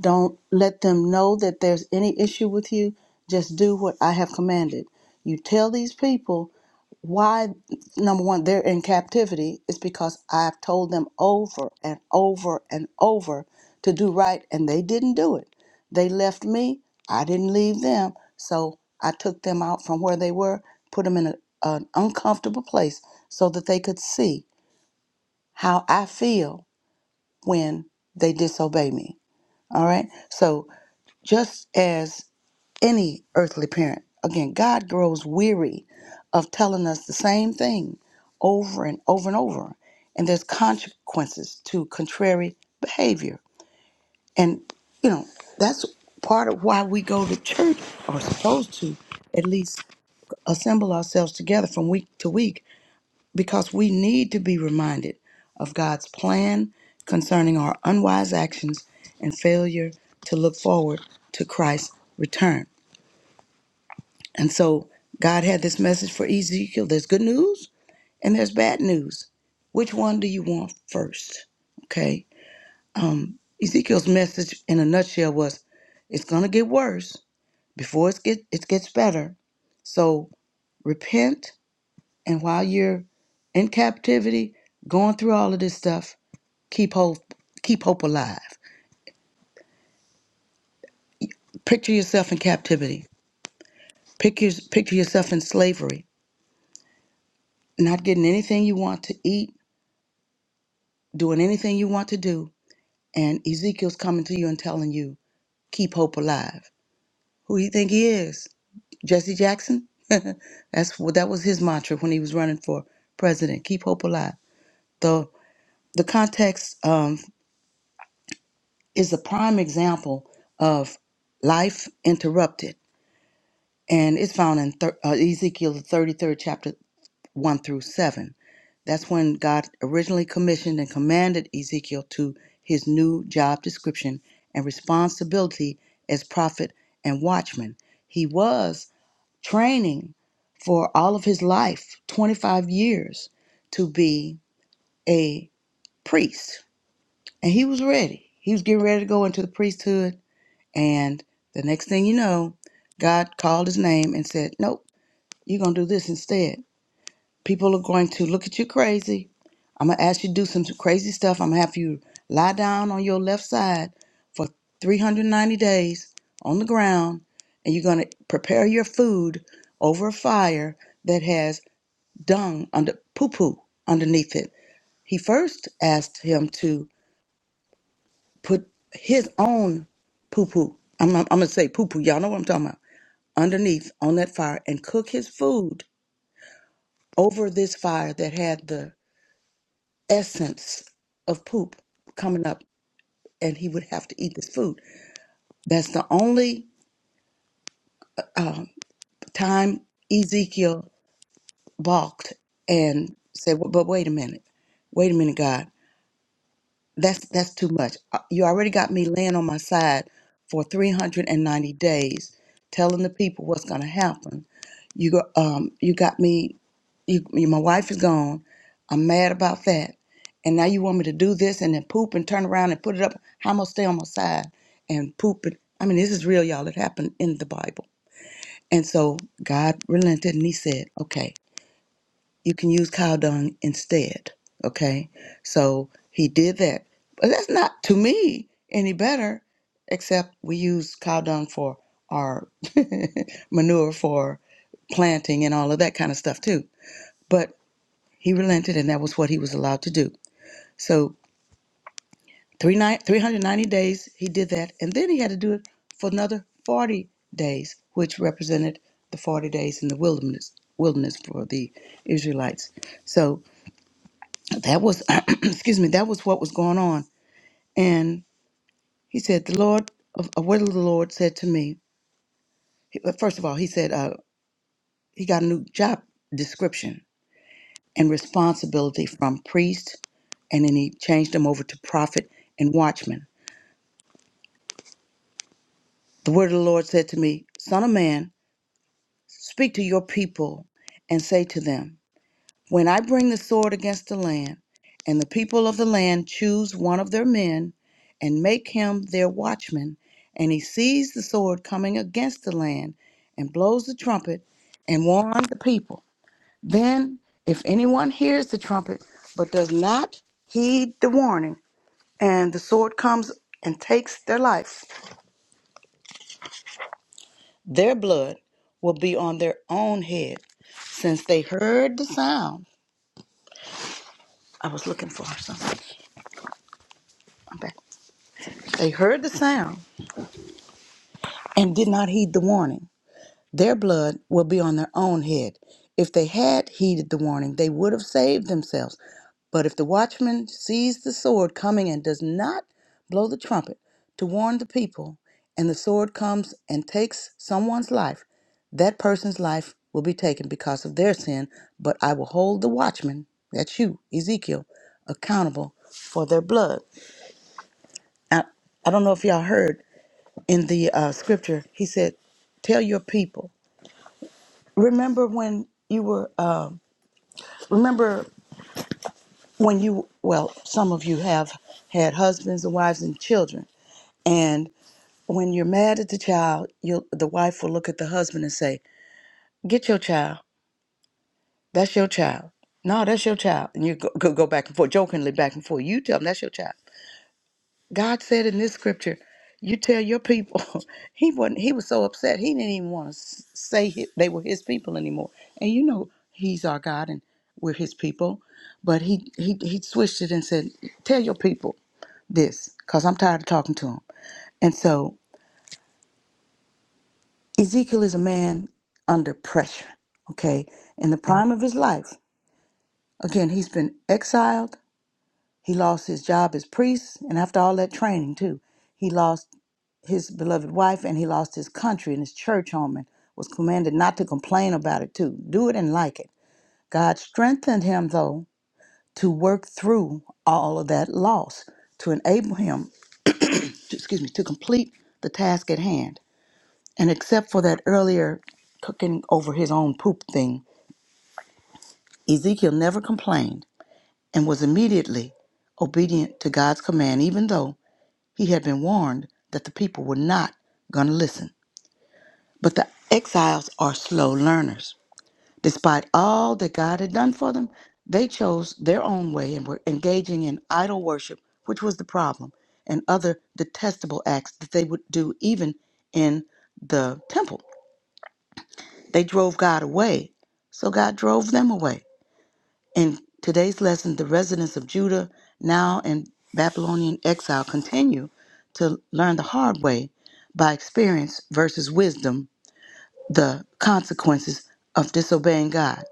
S10: don't let them know that there's any issue with you. Just do what I have commanded. You tell these people why, number one, they're in captivity, is because I've told them over and over and over to do right, and they didn't do it. They left me, I didn't leave them. So I took them out from where they were, put them in a, an uncomfortable place so that they could see how I feel when they disobey me. All right. So just as any earthly parent. Again, God grows weary of telling us the same thing over and over and over. And there's consequences to contrary behavior. And, you know, that's part of why we go to church or supposed to at least assemble ourselves together from week to week because we need to be reminded of God's plan concerning our unwise actions and failure to look forward to Christ's return. And so God had this message for Ezekiel. There's good news and there's bad news. Which one do you want first? Okay. Ezekiel's message in a nutshell was it's going to get worse before it, get, it gets better. So repent. And while you're in captivity, going through all of this stuff, keep hope, keep hope alive. Picture yourself in captivity. Picture, picture yourself in slavery, not getting anything you want to eat, doing anything you want to do and Ezekiel's coming to you and telling you, keep hope alive. Who do you think he is? Jesse Jackson? That's what that was his mantra when he was running for president. Keep hope alive. The the context um, is a prime example of life interrupted, and it's found in thir- uh, Ezekiel the thirty third chapter one through seven That's when God originally commissioned and commanded Ezekiel to his new job description and responsibility as prophet and watchman. He was training for all of his life, 25 years, to be a priest. And he was ready. He was getting ready to go into the priesthood. And the next thing you know, God called his name and said, Nope, you're going to do this instead. People are going to look at you crazy I'm gonna ask you to do some crazy stuff. I'm gonna have you lie down on your left side for 390 days on the ground, and you're gonna prepare your food over a fire that has dung under poo poo underneath it. He first asked him to put his own poo poo. I'm, I'm gonna say poo poo. Y'all know what I'm talking about. Underneath on that fire and cook his food over this fire that had the essence of poop coming up and he would have to eat this food. That's the only time Ezekiel balked and said, "Well, "But wait a minute, wait a minute, God, that's that's too much. Uh, You already got me laying on my side for 390 days, telling the people what's going to happen. You go, um, you got me. You, you, my wife is gone. I'm mad about that, and now you want me to do this and then poop and turn around and put it up. How am I gonna stay on my side and poop it? I mean, this is real, y'all. It happened in the Bible And so God relented and he said, okay, you can use cow dung instead. Okay. So he did that. But that's not to me any better, except we use cow dung for our manure for planting and all of that kind of stuff too. But he relented and that was what he was allowed to do. So Three nine three hundred ninety days he did that and then he had to do it for another 40 days which represented the 40 days in the wilderness wilderness for the israelites so that was excuse me that was what was going on and he said the lord of a word of the lord said to me he- uh, first of all he said uh, he got a new job description and responsibility from priest and then he changed them over to prophet and watchman the word of the lord said to me son of man Speak to your people and say to them, When I bring the sword against the land, and the people of the land choose one of their men and make him their watchman, and he sees the sword coming against the land and blows the trumpet and warns the people, then if anyone hears the trumpet but does not heed the warning, and the sword comes and takes their life, their blood will be on their own head, since they heard the sound I was looking for something. I'm back. They heard the sound and did not heed the warning. Their blood will be on their own head. If they had heeded the warning, they would have saved themselves. But if the watchman sees the sword coming and does not blow the trumpet to warn the people, and the sword comes and takes someone's life, that person's life will be taken because of their sin. But I will hold the watchman, that's you, Ezekiel, accountable for their blood. I, I don't know if y'all heard in the uh, scripture, he said, Tell your people. Remember when you were, um, remember when you, well, some of you have had husbands and wives and children. And when you're mad at the child, you'll, the wife will look at the husband and say, Get your child. That's your child. No, that's your child. And you go, go, go back and forth, jokingly back and forth. You tell them that's your child. God said in this scripture, you tell your people, he wasn't, he was so upset, he didn't even want to say hi- they were his people anymore. And you know, he's our God and we're his people. But he, he, he switched it and said, tell your people this, because I'm tired of talking to them. And so Ezekiel is a man under pressure, okay? In the prime of his life. Again, he's been exiled. He lost his job as priest. And after all that training, too, he lost his beloved wife and he lost his country and his church home and was commanded not to complain about it too. Do it and like it. God strengthened him though to work through all of that loss to enable him, to, excuse me, to complete the task at hand. And except for that earlier cooking over his own poop thing, Ezekiel never complained and was immediately obedient to God's command, even though he had been warned that the people were not going to listen. But the exiles are slow learners. Despite all that God had done for them, they chose their own way and were engaging in idol worship, which was the problem, and other detestable acts that they would do even in the temple. They drove God away, so God drove them away. In today's lesson, the residents of Judah, now in Babylonian exile, continue to learn the hard way by experience versus wisdom the consequences of disobeying God.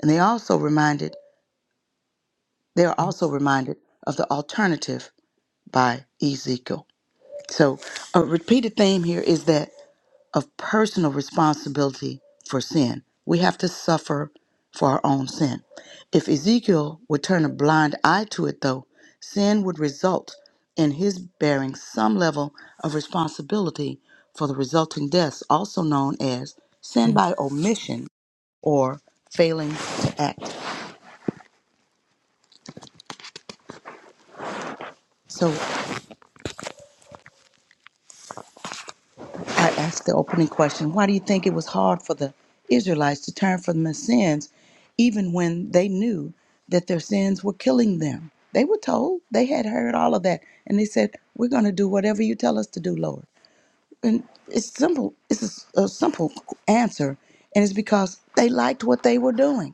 S10: And they also reminded they are also reminded of the alternative by Ezekiel. So a repeated theme here is that of personal responsibility for sin. We have to suffer for our own sin. If Ezekiel would turn a blind eye to it though, sin would result in his bearing some level of responsibility for the resulting deaths, also known as sin by omission or failing to act. So I asked the opening question why do you think it was hard for the Israelites to turn from their sins, even when they knew that their sins were killing them? They were told, they had heard all of that, and they said, We're going to do whatever you tell us to do, Lord. And it's simple, it's a, s- a simple answer, and it's because they liked what they were doing.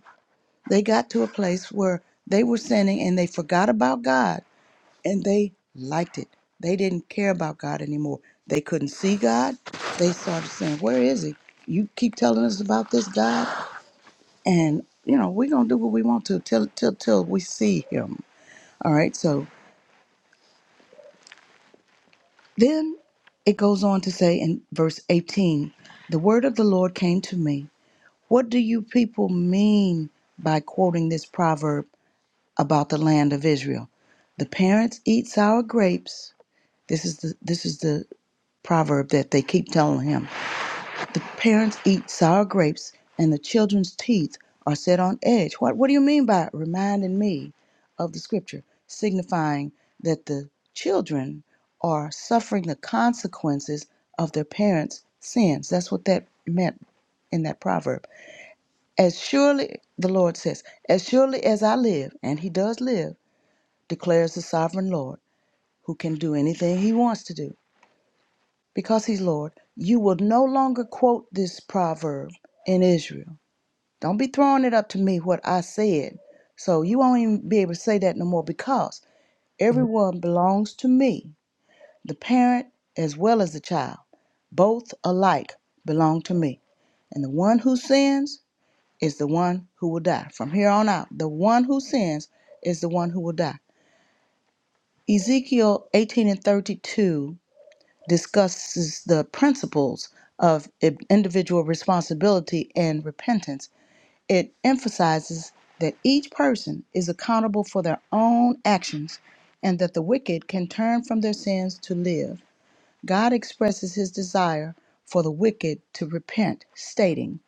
S10: They got to a place where they were sinning and they forgot about God and they liked it. They didn't care about God anymore. They couldn't see God. They started saying, Where is He? You keep telling us about this God, and you know, we're gonna do what we want to till till till we see him. All right, so then it goes on to say in verse 18, the word of the Lord came to me. What do you people mean by quoting this proverb about the land of Israel? The parents eat sour grapes. This is the this is the proverb that they keep telling him. The parents eat sour grapes and the children's teeth are set on edge. What what do you mean by reminding me of the scripture signifying that the children are suffering the consequences of their parents' sins? That's what that meant in that proverb. As surely the Lord says, as surely as I live, and he does live, declares the sovereign Lord, who can do anything he wants to do. because he's Lord, you will no longer quote this proverb in Israel. Don't be throwing it up to me what I said. So you won't even be able to say that no more because everyone belongs to me, the parent as well as the child. Both alike belong to me. And the one who sins is the one who will die. From here on out, the one who sins is the one who will die. Ezekiel 18 and 32 discusses the principles of i- individual responsibility and repentance. It emphasizes that each person is accountable for their own actions and that the wicked can turn from their sins to live. God expresses his desire for the wicked to repent, stating,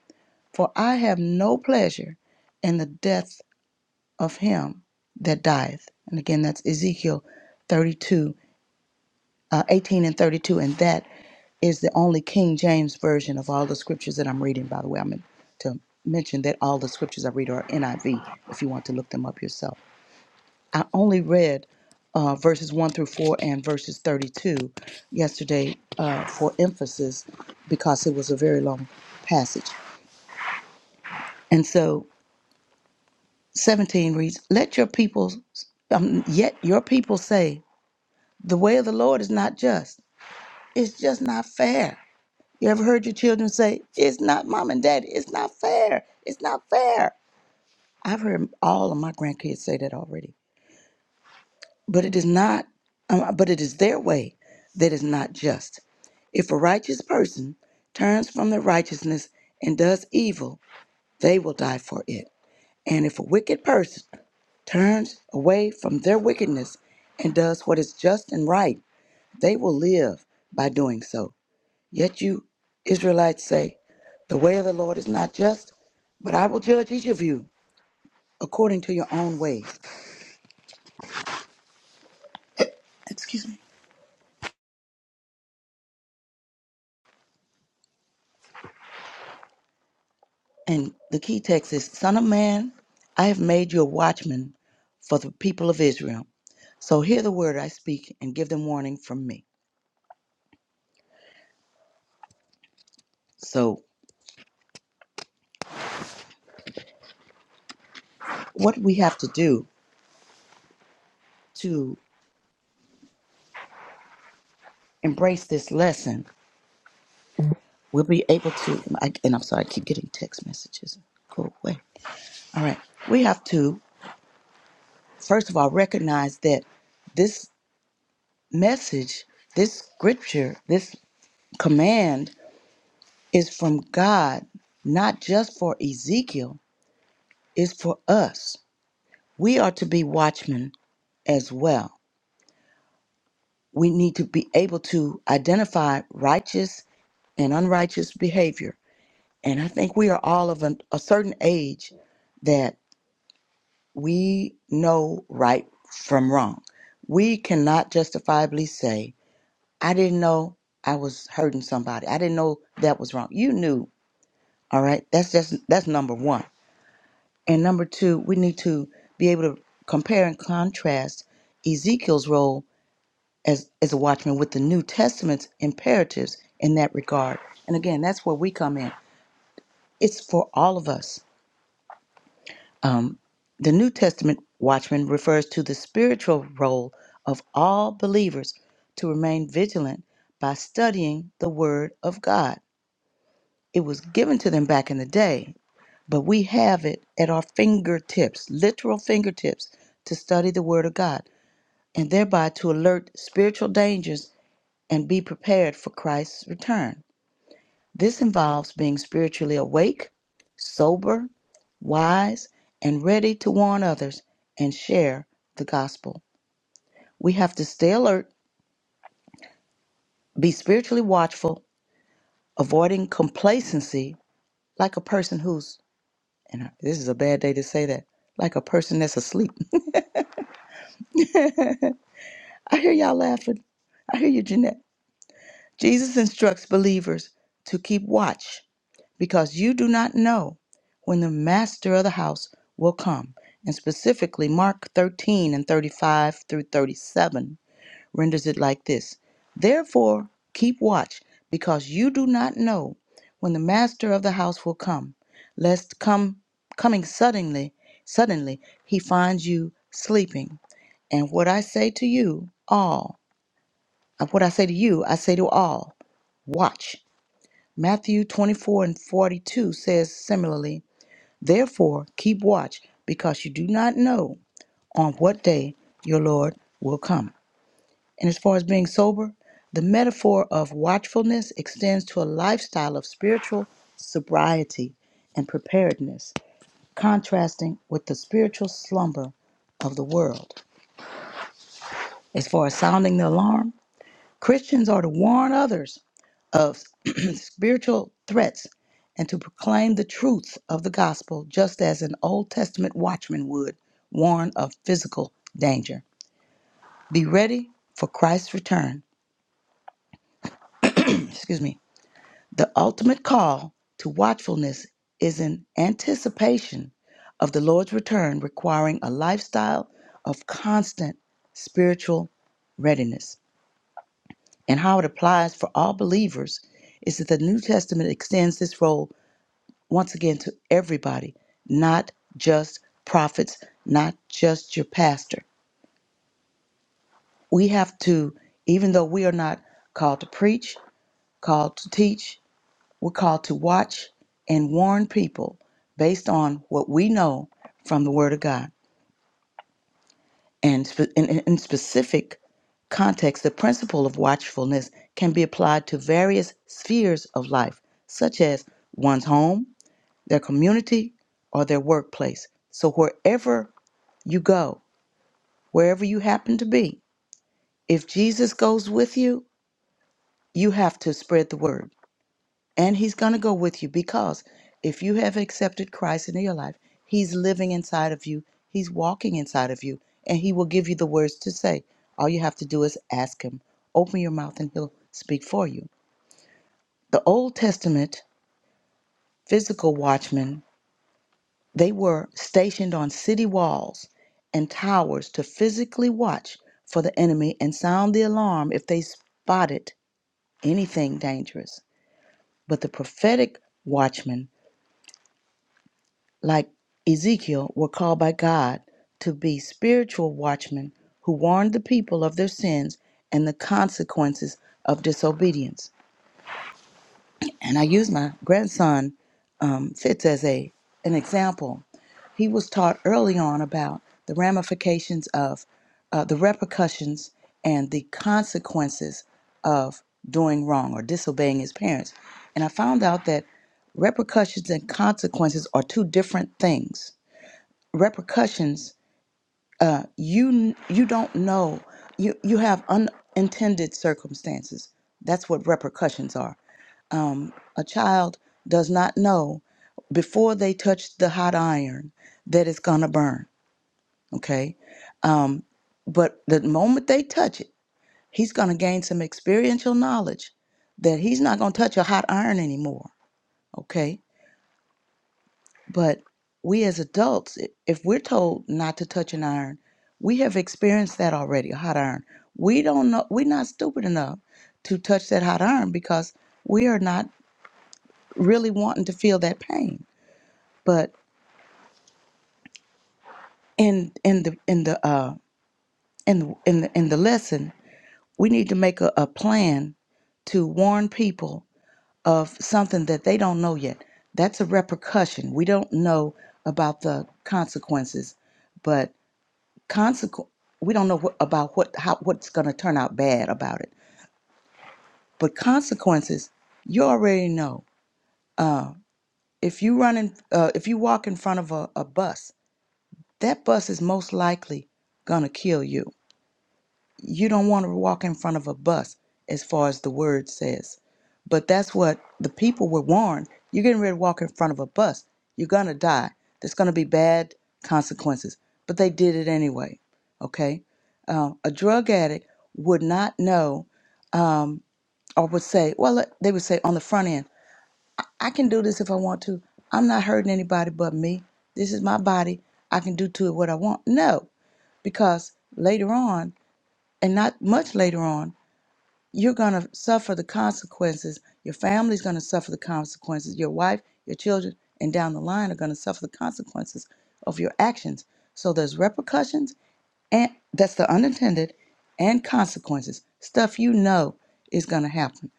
S10: For I have no pleasure in the death of him that dieth. And again, that's Ezekiel 32, uh, 18 and 32, and that is the only King James version of all the scriptures that I'm reading. By the way, I meant to mention that all the scriptures I read are NIV. If you want to look them up yourself, I only read uh, verses one through four and verses thirty-two yesterday uh, for emphasis because it was a very long passage. And so seventeen reads, "Let your people, um, yet your people say, the way of the Lord is not just. It's just not fair." You ever heard your children say, It's not mom and daddy, it's not fair, it's not fair? I've heard all of my grandkids say that already. But it is not, um, uh, but it is their way that is not just. If a righteous person turns from their righteousness and does evil, they will die for it. And if a wicked person turns away from their wickedness and does what is just and right, they will live by doing so. Yet you Israelites say, The way of the Lord is not just, but I will judge each of you according to your own ways. Excuse me. And the key text is Son of man, I have made you a watchman for the people of Israel. So hear the word I speak and give them warning from me. So, what we have to do to embrace this lesson, we'll be able to. I, and I'm sorry, I keep getting text messages. Go away. All right. We have to, first of all, recognize that this. message, this scripture, this command is from God, not just for Ezekiel, it's for us. We are to be watchmen as well. We need to be able to identify righteous and unrighteous behavior. And I think we are all of an, a certain age that we know right from wrong. We cannot justifiably say, I didn't know I was hurting somebody. I didn't know that was wrong. You knew All right, that's just that's number one. And number two, we need to be able to compare and contrast Ezekiel's role as as a watchman with the New Testament's imperatives in that regard. And again, that's where we come in. It's for all of us. Um, the New Testament watchman refers to the spiritual role of all believers to remain vigilant by studying the Word of God. It was given to them back in the day But we have it at our fingertips, literal fingertips, to study the Word of God and thereby to alert spiritual dangers and be prepared for Christ's return. This involves being spiritually awake, sober, wise, and ready to warn others and share the gospel. We have to stay alert, be spiritually watchful, avoiding complacency like a person who's, and this is a bad day to say that, like a person that's asleep. I hear y'all laughing. I hear you, Jeanette. Jesus instructs believers to keep watch because you do not know when the master of the house will come. And specifically, Mark 13 and 35 through 37 renders it like this Therefore, keep watch because you do not know when the master of the house will come, lest come coming suddenly, suddenly he finds you sleeping. And what I say to you all, of what I say to you, I say to all. Watch. Matthew 24 and 42 says similarly, Therefore, keep watch, because you do not know on what day your Lord will come. And as far as being sober, the metaphor of watchfulness extends to a lifestyle of spiritual sobriety and preparedness, contrasting with the spiritual slumber of the world. As far as sounding the alarm, Christians are to warn others of spiritual threats and to proclaim the truth of the gospel, just as an Old Testament watchman would warn of physical danger. Be ready for Christ's return. Excuse me. The ultimate call to watchfulness is an anticipation of the Lord's return, requiring a lifestyle of constant spiritual readiness. and how it applies for all believers is that the New Testament extends this role once again to everybody, not just prophets, not just your pastor. We have to, even though we are not called to preach, called to teach, we're called to watch and warn people based on what we know from the Word of God. and spe- in, in in specific context, the principle of watchfulness can be applied to various spheres of life, such as one's home, their community, or their workplace. So, wherever you go, wherever you happen to be, if Jesus goes with you, you have to spread the word. and he's going to go with you because if you have accepted Christ into your life, he's living inside of you, he's walking inside of you, and he will give you the words to say. All you have to do is ask him, open your mouth, and he'll speak for you. The Old Testament physical watchmen, they were stationed on city walls and towers to physically watch for the enemy and sound the alarm if they spotted anything dangerous. But the prophetic watchmen. like Ezekiel, were called by God to be spiritual watchmen who warned the people of their sins and the consequences of disobedience. And I use my grandson um, Fitz as a an example. He was taught early on about the ramifications of uh, the repercussions and the consequences of doing wrong or disobeying his parents. And I found out that repercussions and consequences are two different things repercussions uh, you you don't know you you have unintended circumstances that's what repercussions are um, a child does not know before they touch the hot iron that it's gonna burn okay um, but the moment they touch it he's gonna gain some experiential knowledge that he's not gonna touch a hot iron anymore okay But we as adults, i- if we're told not to touch an iron, we have experienced that already, a hot iron. We don't know, we're not stupid enough to touch that hot iron because we are not really wanting to feel that pain. But in in the in the uh in the in the, in the lesson, we need to make a, a plan to warn people of something that they don't know yet. That's a repercussion. We don't know about the consequences, but consequence we don't know what, about what how what's going to turn out bad about it but consequences you already know uh, if you run in uh, if you walk in front of a, a bus that bus is most likely going to kill you you don't want to walk in front of a bus as far as the word says but that's what the people were warned you're getting ready to walk in front of a bus you're going to die there's going to be bad consequences but they did it anyway okay um, a drug addict would not know um, or would say well they would say on the front end i can do this if i want to i'm not hurting anybody but me this is my body i can do to it what i want no because later on and not much later on you're going to suffer the consequences. Your family's going to suffer the consequences. Your wife, your children, and down the line are going to suffer the consequences of your actions. So there's repercussions, and that's the unintended, and consequences. Stuff you know is going to happen.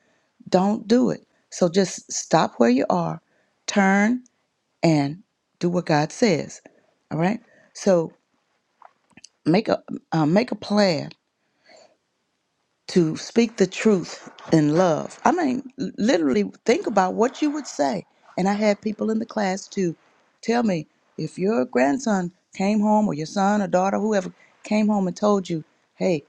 S10: Don't do it. So just stop where you are, turn, and do what God says. All right. So make a uh, make a plan to speak the truth in love. I mean, l- literally think about what you would say. And I had people in the class to tell me if your grandson came home or your son or daughter, whoever came home and told you, hey,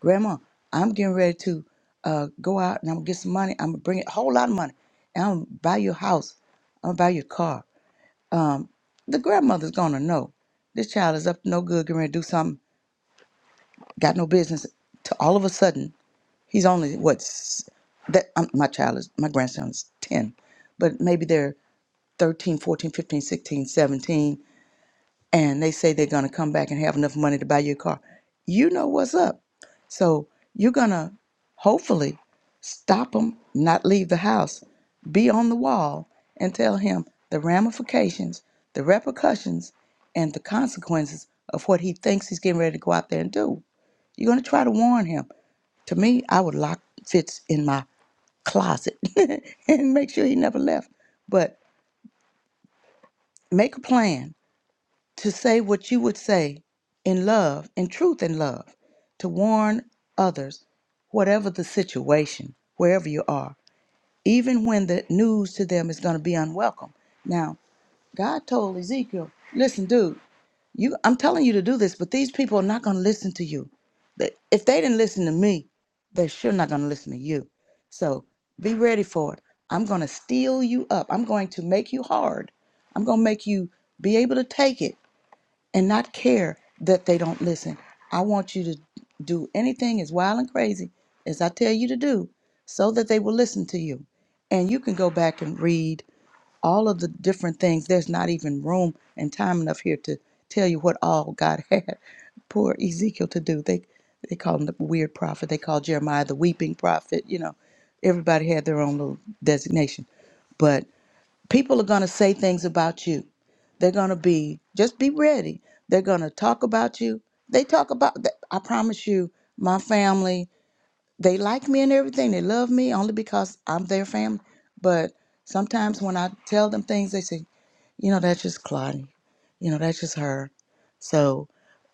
S10: grandma, I'm getting ready to uh, go out and I'm gonna get some money. I'm gonna bring a whole lot of money and I'm gonna buy you a house. I'm gonna buy you a car. Um, the grandmother's gonna know this child is up to no good, getting ready to do something, got no business. To all of a sudden, He's only what s- that um, my child is my grandson is 10, but maybe they're thirteen, fourteen, fifteen, sixteen, seventeen, and they say they're going to come back and have enough money to buy you a car. You know what's up. So you're going to hopefully stop him, not leave the house, be on the wall and tell him the ramifications, the repercussions and the consequences of what he thinks he's getting ready to go out there and do. You're going to try to warn him. To me, I would lock Fitz in my closet and make sure he never left. But make a plan to say what you would say in love, in truth and love, to warn others, whatever the situation, wherever you are, even when the news to them is going to be unwelcome. Now, God told Ezekiel, listen, dude, You, I'm telling you to do this, but these people are not going to listen to you. They- If they didn't listen to me, they're sure not going to listen to you. So be ready for it. I'm going to steel you up. I'm going to make you hard. I'm going to make you be able to take it and not care that they don't listen. I want you to do anything as wild and crazy as I tell you to do so that they will listen to you. And you can go back and read all of the different things. There's not even room and time enough here to tell you what all God had poor Ezekiel to do. They they called him the weird prophet. They called Jeremiah the weeping prophet. You know, everybody had their own little designation. But people are going to say things about you. They're going to be just be ready. They're going to talk about you. They talk about. I promise you, my family they like me and everything. They love me only because I'm their family. But sometimes when I tell them things, they say, you know, that's just Claudia. You know, that's just her. So,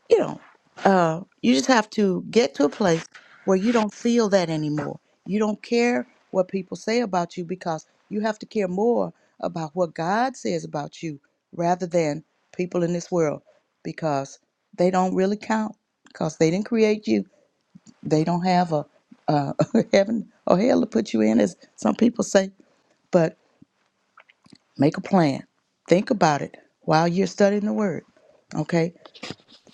S10: you know, uh, you just have to get to a place where you don't feel that anymore. You don't care what people say about you because you have to care more about what God says about you rather than people in this world because they don't really count because they didn't create you they don't have a, a heaven or hell to put you in, as some people say, but make a plan. Think about it while you're studying the word. Okay?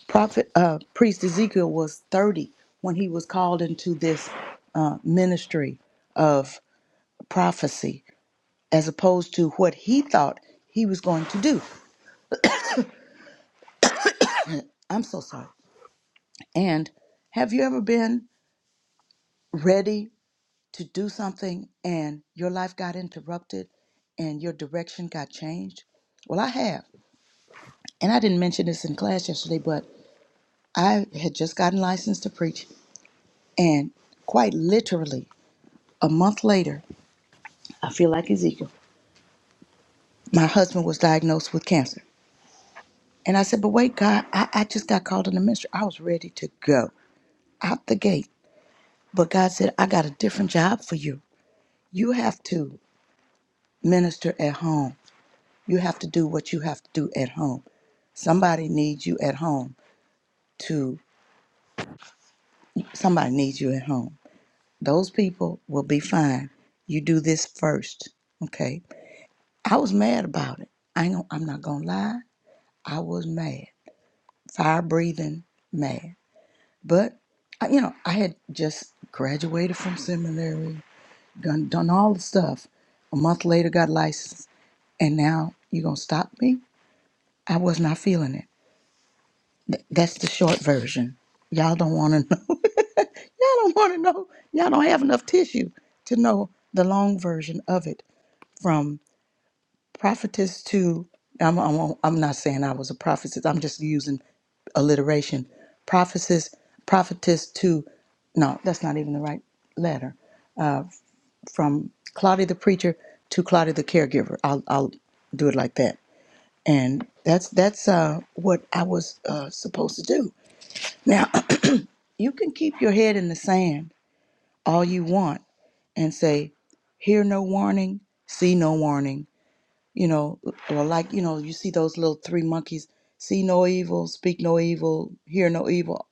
S10: Prophet, uh, priest Ezekiel was 30 when he was called into this uh, ministry of prophecy, as opposed to what he thought he was going to do. I'm so sorry. And have you ever been ready to do something and your life got interrupted and your direction got changed? Well, I have. And I didn't mention this in class yesterday, but I had just gotten licensed to preach. And quite literally, a month later, I feel like Ezekiel, my husband was diagnosed with cancer. And I said, But wait, God, I, I just got called in the ministry. I was ready to go out the gate. But God said, I got a different job for you. You have to minister at home You have to do what you have to do at home. Somebody needs you at home to somebody needs you at home. Those people will be fine. You do this first, okay? I was mad about it. I ain't, I'm not gonna lie. I was mad, fire breathing mad. But I, you know, I had just graduated from seminary, done done all the stuff. A month later, got licensed, and now you gonna stop me? I was not feeling it. Th- That's the short version. Y'all don't want to know. Y'all don't want to know. Y'all don't have enough tissue to know the long version of it. From prophetess to, I'm, I'm, I'm not saying I was a prophetess. I'm just using alliteration. Prophetess, prophetess to, no, that's not even the right letter. From Claudia the preacher to Claudia the caregiver. I'll, I'll do it like that. And that's that's uh, what I was uh, supposed to do. Now, You can keep your head in the sand all you want and say, hear no warning, see no warning. You know, or like, you know, you see those little three monkeys, see no evil, speak no evil, hear no evil.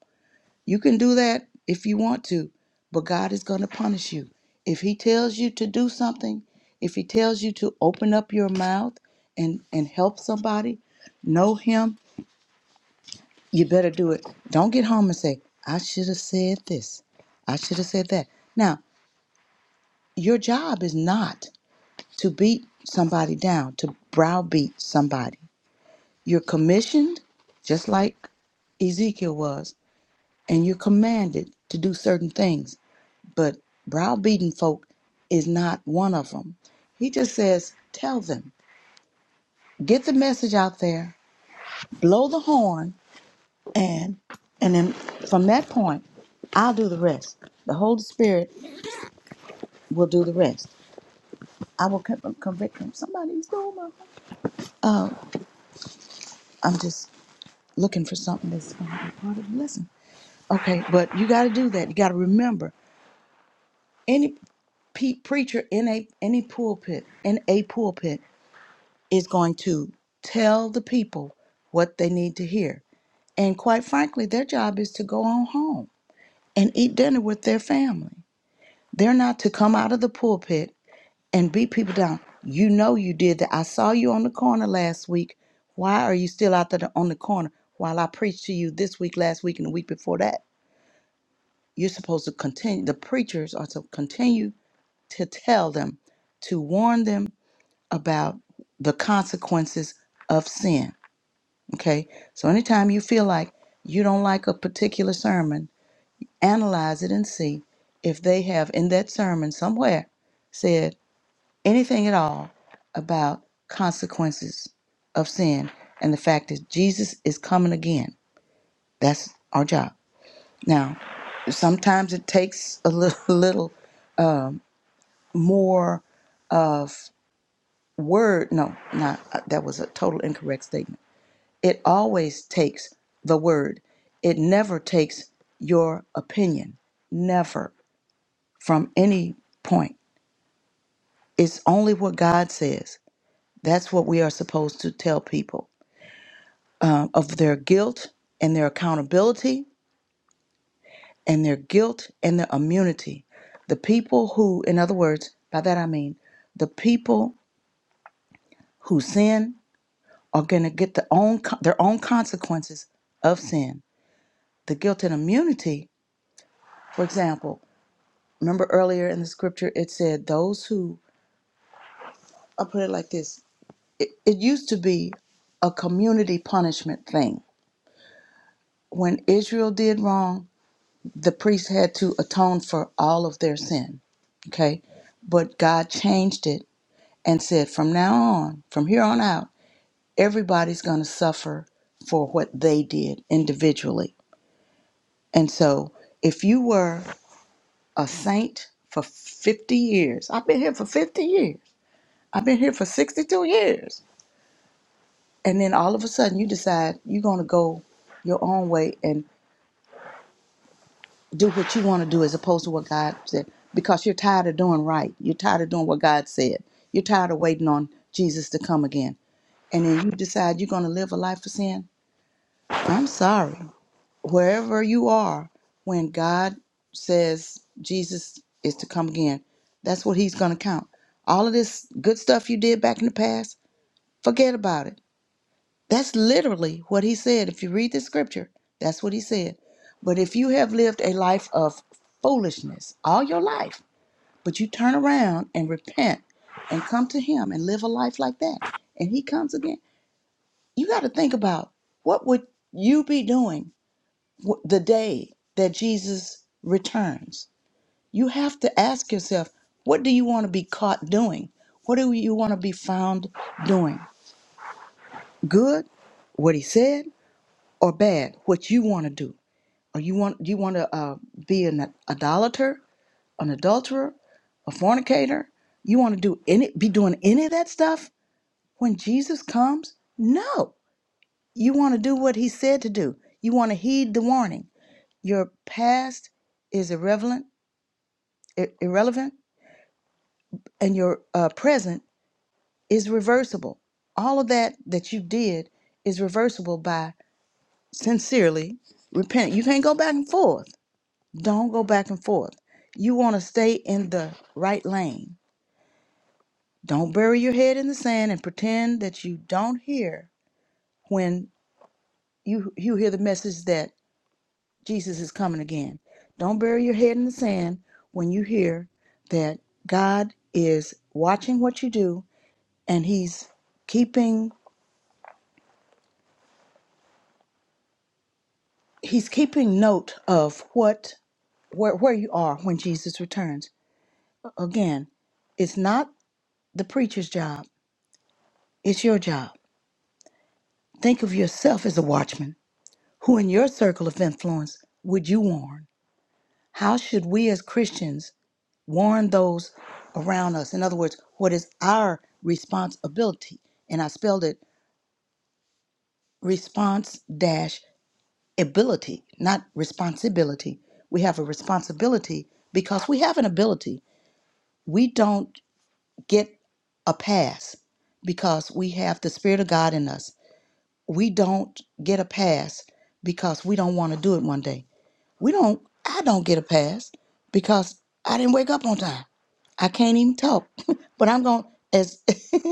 S10: You can do that if you want to, but God is going to punish you. If He tells you to do something, if He tells you to open up your mouth and, and help somebody, know Him you better do it. Don't get home and say, I should have said this. I should have said that. Now, your job is not to beat somebody down, to browbeat somebody. You're commissioned, just like Ezekiel was, and you're commanded to do certain things. But browbeating folk is not one of them. He just says, Tell them, get the message out there, blow the horn, And and then from that point, I'll do the rest. The Holy Spirit will do the rest. I will con- convict him. Somebody's doing my. Oh, I'm just looking for something that's going to be part of the lesson. Okay, but you got to do that. You got to remember any pe- preacher in a any pulpit in a pulpit is going to tell the people what they need to hear. And quite frankly, their job is to go on home and eat dinner with their family. They're not to come out of the pulpit and beat people down. You know you did that. I saw you on the corner last week. Why are you still out there on the corner while I preached to you this week, last week, and the week before that? You're supposed to continue, the preachers are to continue to tell them, to warn them about the consequences of sin. Okay? So anytime you feel like you don't like a particular sermon, analyze it and see if they have in that sermon somewhere said. anything at all about consequences of sin and the fact that Jesus is coming again. That's our job. Now, sometimes it takes a little, little um, more of word. No, not uh, that was a total incorrect statement. It always takes the word. It never takes your opinion. Never from any point. It's only what God says. That's what we are supposed to tell people um, of their guilt and their accountability and their guilt and their immunity. The people who, in other words, by that I mean, the people who sin are going to get the own, their own consequences of sin. The guilt and immunity, for example, remember earlier in the scripture it said, those who, I'll put it like this, it, it used to be a community punishment thing. When Israel did wrong, the priest had to atone for all of their sin. Okay. But God changed it and said, from now on, from here on out, everybody's going to suffer for what they did individually. And so if you were a saint for 50 years, I've been here for 50 years, I've been here for 62 years. And then all of a sudden you decide you're going to go your own way and. do what you want to do as opposed to what God said because you're tired of doing right. You're tired of doing what God said. You're tired of waiting on Jesus to come again. And then you decide you're going to live a life of sin. I'm sorry. Wherever you are, when God says Jesus is to come again, that's what he's going to count. All of this good stuff you did back in the past, forget about it that's literally what he said. If you read the scripture, that's what he said. But if you have lived a life of foolishness all your life, but you turn around and repent and come to him and live a life like that, and he comes again, you got to think about what would you be doing w- the day that Jesus returns. You have to ask yourself, what do you want to be caught doing? What do you want to be found doing? Good, what he said, or bad, what you want to do. Or you want you want to uh, be an idolater, an adulterer, a fornicator. You want to do any be doing any of that stuff when Jesus comes? No. You want to do what he said to do. You want to heed the warning. Your past is irrelevant, i- irrelevant, and your uh, present is reversible. All of that that you did is reversible by sincerely repent. You can't go back and forth Don't go back and forth. You want to stay in the right lane. Don't bury your head in the sand and pretend that you don't hear when you you hear the message that Jesus is coming again. Don't bury your head in the sand when you hear that God is watching what you do and he's keeping he's keeping note of what where, where you are when Jesus returns. Again, it's not the preacher's job. It's your job Think of yourself as a watchman. Who in your circle of influence would you warn? How should we as Christians warn those around us? In other words, what is our responsibility? And I spelled it response dash ability, not responsibility. We have a responsibility because we have an ability. We don't get a pass because we have the Spirit of God in us. We don't get a pass because we don't want to do it one day We don't I don't get a pass because I didn't wake up on time. I can't even talk. but I'm going as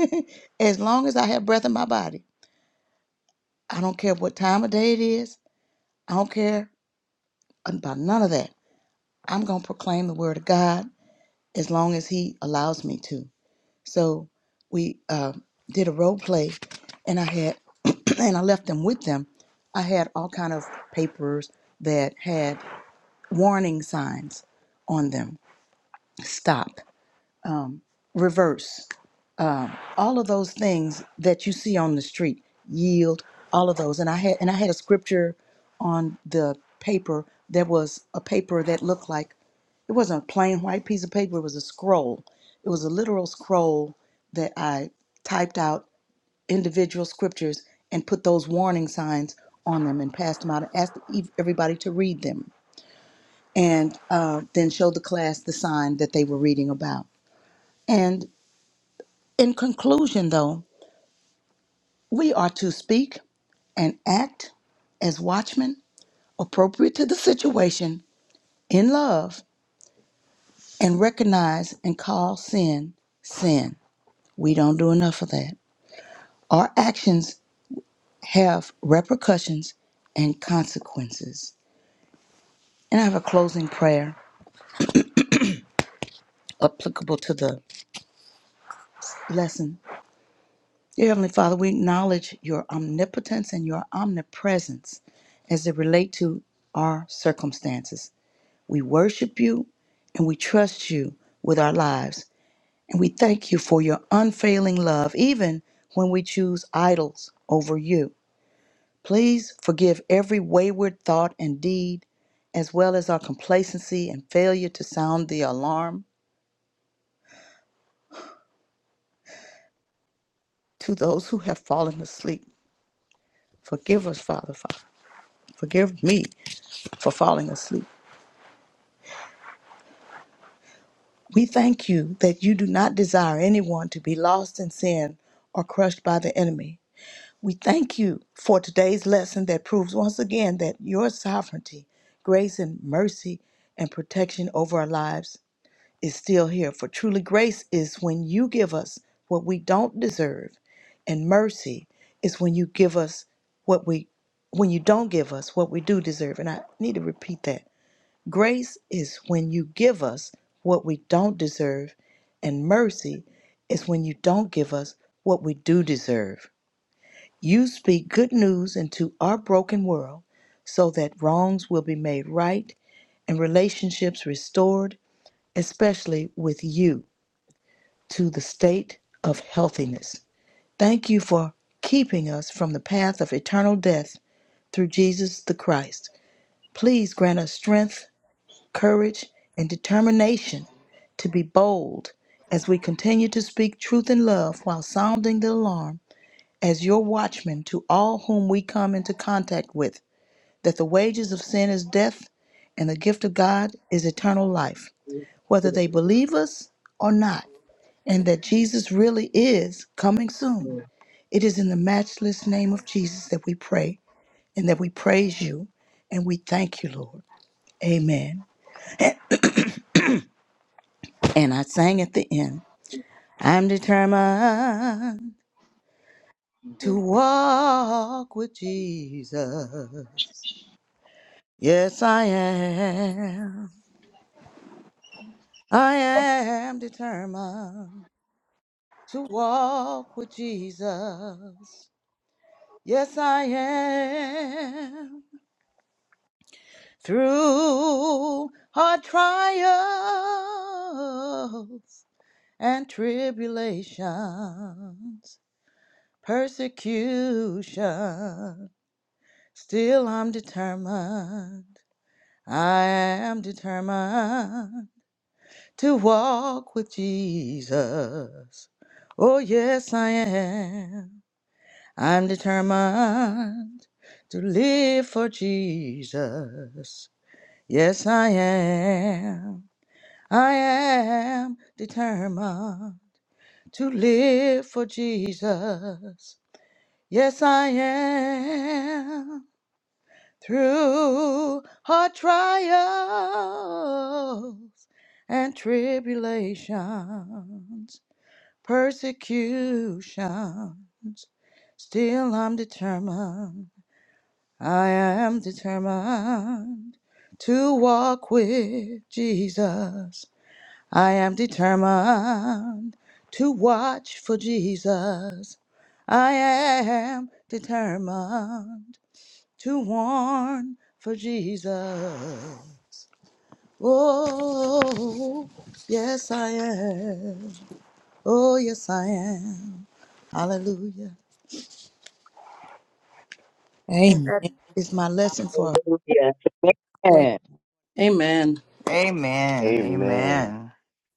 S10: as long as I have breath in my body. I don't care what time of day it is. I don't care about none of that. I'm going to proclaim the word of God as long as he allows me to. So we uh, did a role play and I had and I left them with them. I had all kind of papers that had warning signs on them. Stop. um, reverse all of those things that you see on the street yield all of those and i had and i had a scripture on the paper that was a paper that looked like it wasn't a plain white piece of paper it was a scroll it was a literal scroll that i typed out individual scriptures and put those warning signs on them and passed them out and asked ev- everybody to read them and uh, then showed the class the sign that they were reading about In conclusion, though, we are to speak and act as watchmen appropriate to the situation in love and recognize and call sin sin. We don't do enough of that. Our actions have repercussions and consequences. And I have a closing prayer applicable to the lesson. Dear Heavenly Father, we acknowledge your omnipotence and your omnipresence as they relate to our circumstances. We worship you and we trust you with our lives. And we thank you for your unfailing love, even when we choose idols over you. Please forgive every wayward thought and deed, as well as our complacency and failure to sound the alarm to those who have fallen asleep. Forgive us, Father, Father. Forgive me for falling asleep. We thank you that you do not desire anyone to be lost in sin or crushed by the enemy. We thank you for today's lesson that proves once again that your sovereignty, grace, and mercy and protection over our lives is still here. For truly, grace is when you give us what we don't deserve, and mercy is when you give us what we when you don't give us what we do deserve. And I need to repeat that. Grace is when you give us what we don't deserve, and mercy is when you don't give us what we do deserve. You speak good news into our broken world so that wrongs will be made right and relationships restored, especially with you, to the state of healthiness. Thank you for keeping us from the path of eternal death through Jesus the Christ. Please grant us strength, courage, and determination to be bold as we continue to speak truth in love while sounding the alarm as your watchman to all whom we come into contact with. that the wages of sin is death and the gift of God is eternal life, whether they believe us or not, and that Jesus really is coming soon. It is in the matchless name of Jesus that we pray and that we praise you and we thank you, Lord. Amen. And I sang at the end, I'm determined
S13: Mhm.
S10: to walk with Jesus. Yes, I am. I am determined to walk with Jesus. Yes, I am. Through hard trials and tribulations, persecution, still I'm determined. I am determined to walk with Jesus. Oh, yes, I am I'm determined to live for Jesus. Yes, I am. I am determined to live for Jesus. Yes, I am. Through hard trials and tribulations, persecutions, still I'm determined I am determined to walk with Jesus. I am determined to watch for Jesus. I am determined to warn for Jesus. Oh, yes, I am. Oh, yes, I am. Hallelujah. And
S2: Amen.
S10: that is my lesson for
S5: Hallelujah.
S10: today.
S1: Man.
S3: Amen.
S9: Amen.
S14: Amen.
S9: Amen.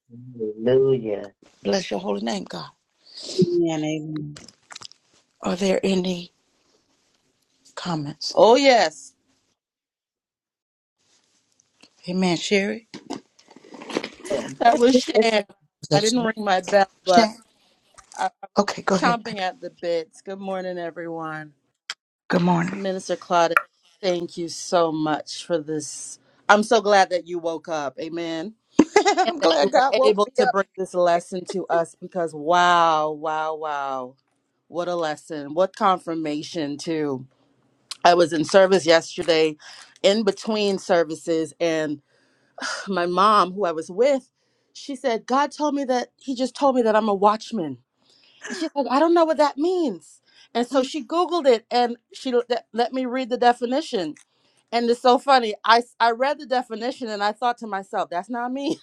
S5: Hallelujah.
S10: Bless your holy name, God.
S15: Good morning.
S10: Are there any? comments.
S3: Oh, yes,
S10: Amen. Sherry?
S5: man.
S3: that
S5: you
S3: was Shan. I
S10: That's
S3: didn't
S10: it.
S3: ring my bell, but
S10: Shan?
S3: I'm
S10: Okay, go ahead,
S3: chomping
S10: baby.
S3: at the bits. Good morning, everyone.
S10: Good morning.
S3: Minister Claudette, thank you so much for this. I'm so glad that you woke up. Amen. And
S10: I'm
S3: that you
S10: glad
S3: were
S10: God woke
S3: able
S10: me
S3: to
S10: up.
S3: bring this lesson to us because wow, wow, wow. What a lesson. What confirmation, too. I was in service yesterday, in between services, and my mom, who I was with, she said, God told me that he just told me that I'm a watchman. And she's like, I don't know what that means. And so she Googled it and she l- let let me read the definition. And it's so funny. I, s- I read the definition and I thought to myself, that's not me.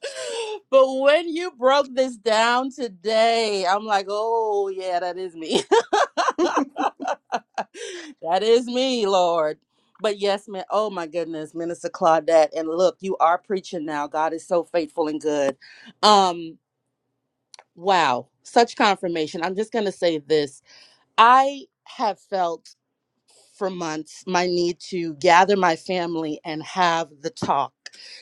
S3: but when you broke this down today, I'm like, oh, yeah, that is me. that is me, Lord. But yes, man. Oh my goodness, Minister Claudette. And look, you are preaching now. God is so faithful and good. Um, wow, such confirmation. I'm just gonna say this. I have felt for months my need to gather my family and have the talk.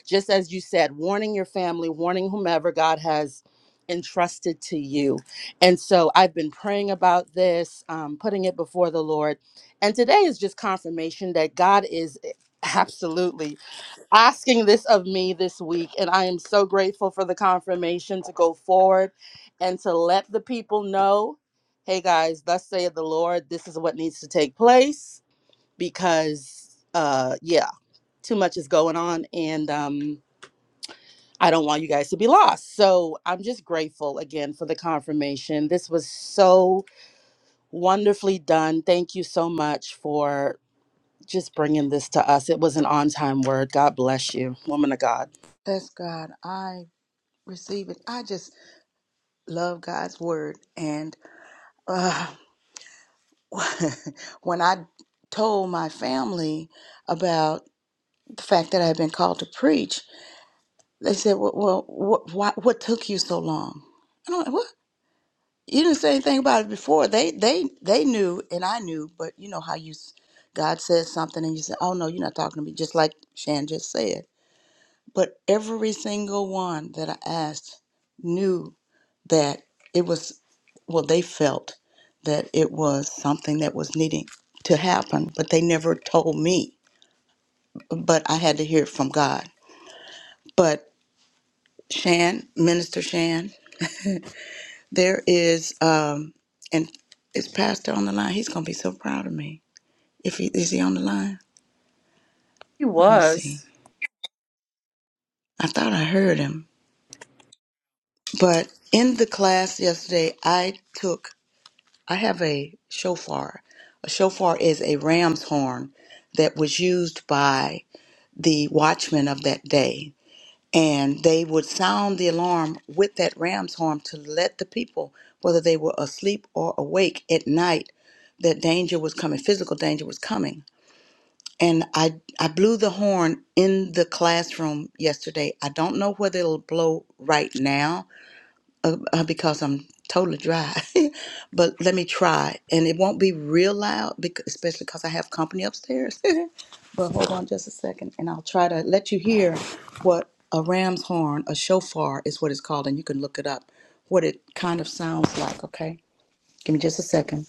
S3: Just as you said, warning your family, warning whomever God has entrusted to you. And so I've been praying about this, um, putting it before the Lord. And today is just confirmation that God is eh, absolutely asking this of me this week. And I am so grateful for the confirmation to go forward and to let the people know hey guys, thus saith the Lord, this is what needs to take place because uh yeah too much is going on and um i don't want you guys to be lost so i'm just grateful again for the confirmation this was so wonderfully done thank you so much for just bringing this to us it was an on-time word god bless you woman of god
S10: Bless God. I receive it. I just love God's word. And uh, when I told my family about the fact that I had been called to preach, they said, Well, well what, why, what took you so long? I'm "What?" you didn't say anything about it before. They they they knew, and I knew. But you know how you, s- God says something, and you say, "Oh no, you're not talking to me," just like Shan just said. But every single one that I asked knew that it was. Well, they felt that it was something that was needing to happen, but they never told me. But I had to hear it from God. But Shan, Minister Shan, there is, um, and is Pastor on the line. He's gonna be so proud of me If he is he on the line?
S3: He
S10: Let me
S3: was.
S10: see. I thought I heard him. But in the class yesterday I took I have a shofar. A shofar is a ram's horn that was used by the watchmen of that day. And they would sound the alarm with that ram's horn to let the people, whether they were asleep or awake at night, that danger was coming, physical danger was coming. and I I blew the horn in the classroom yesterday. I don't know whether it'll blow right now uh, uh, because I'm totally dry, but let me try. And it won't be real loud, because, especially because I have company upstairs. but hold on just a second, and I'll try to let you hear what a ram's horn, a shofar, is what it's called, and you can look it up. What it kind of sounds like. Okay, give me just a second.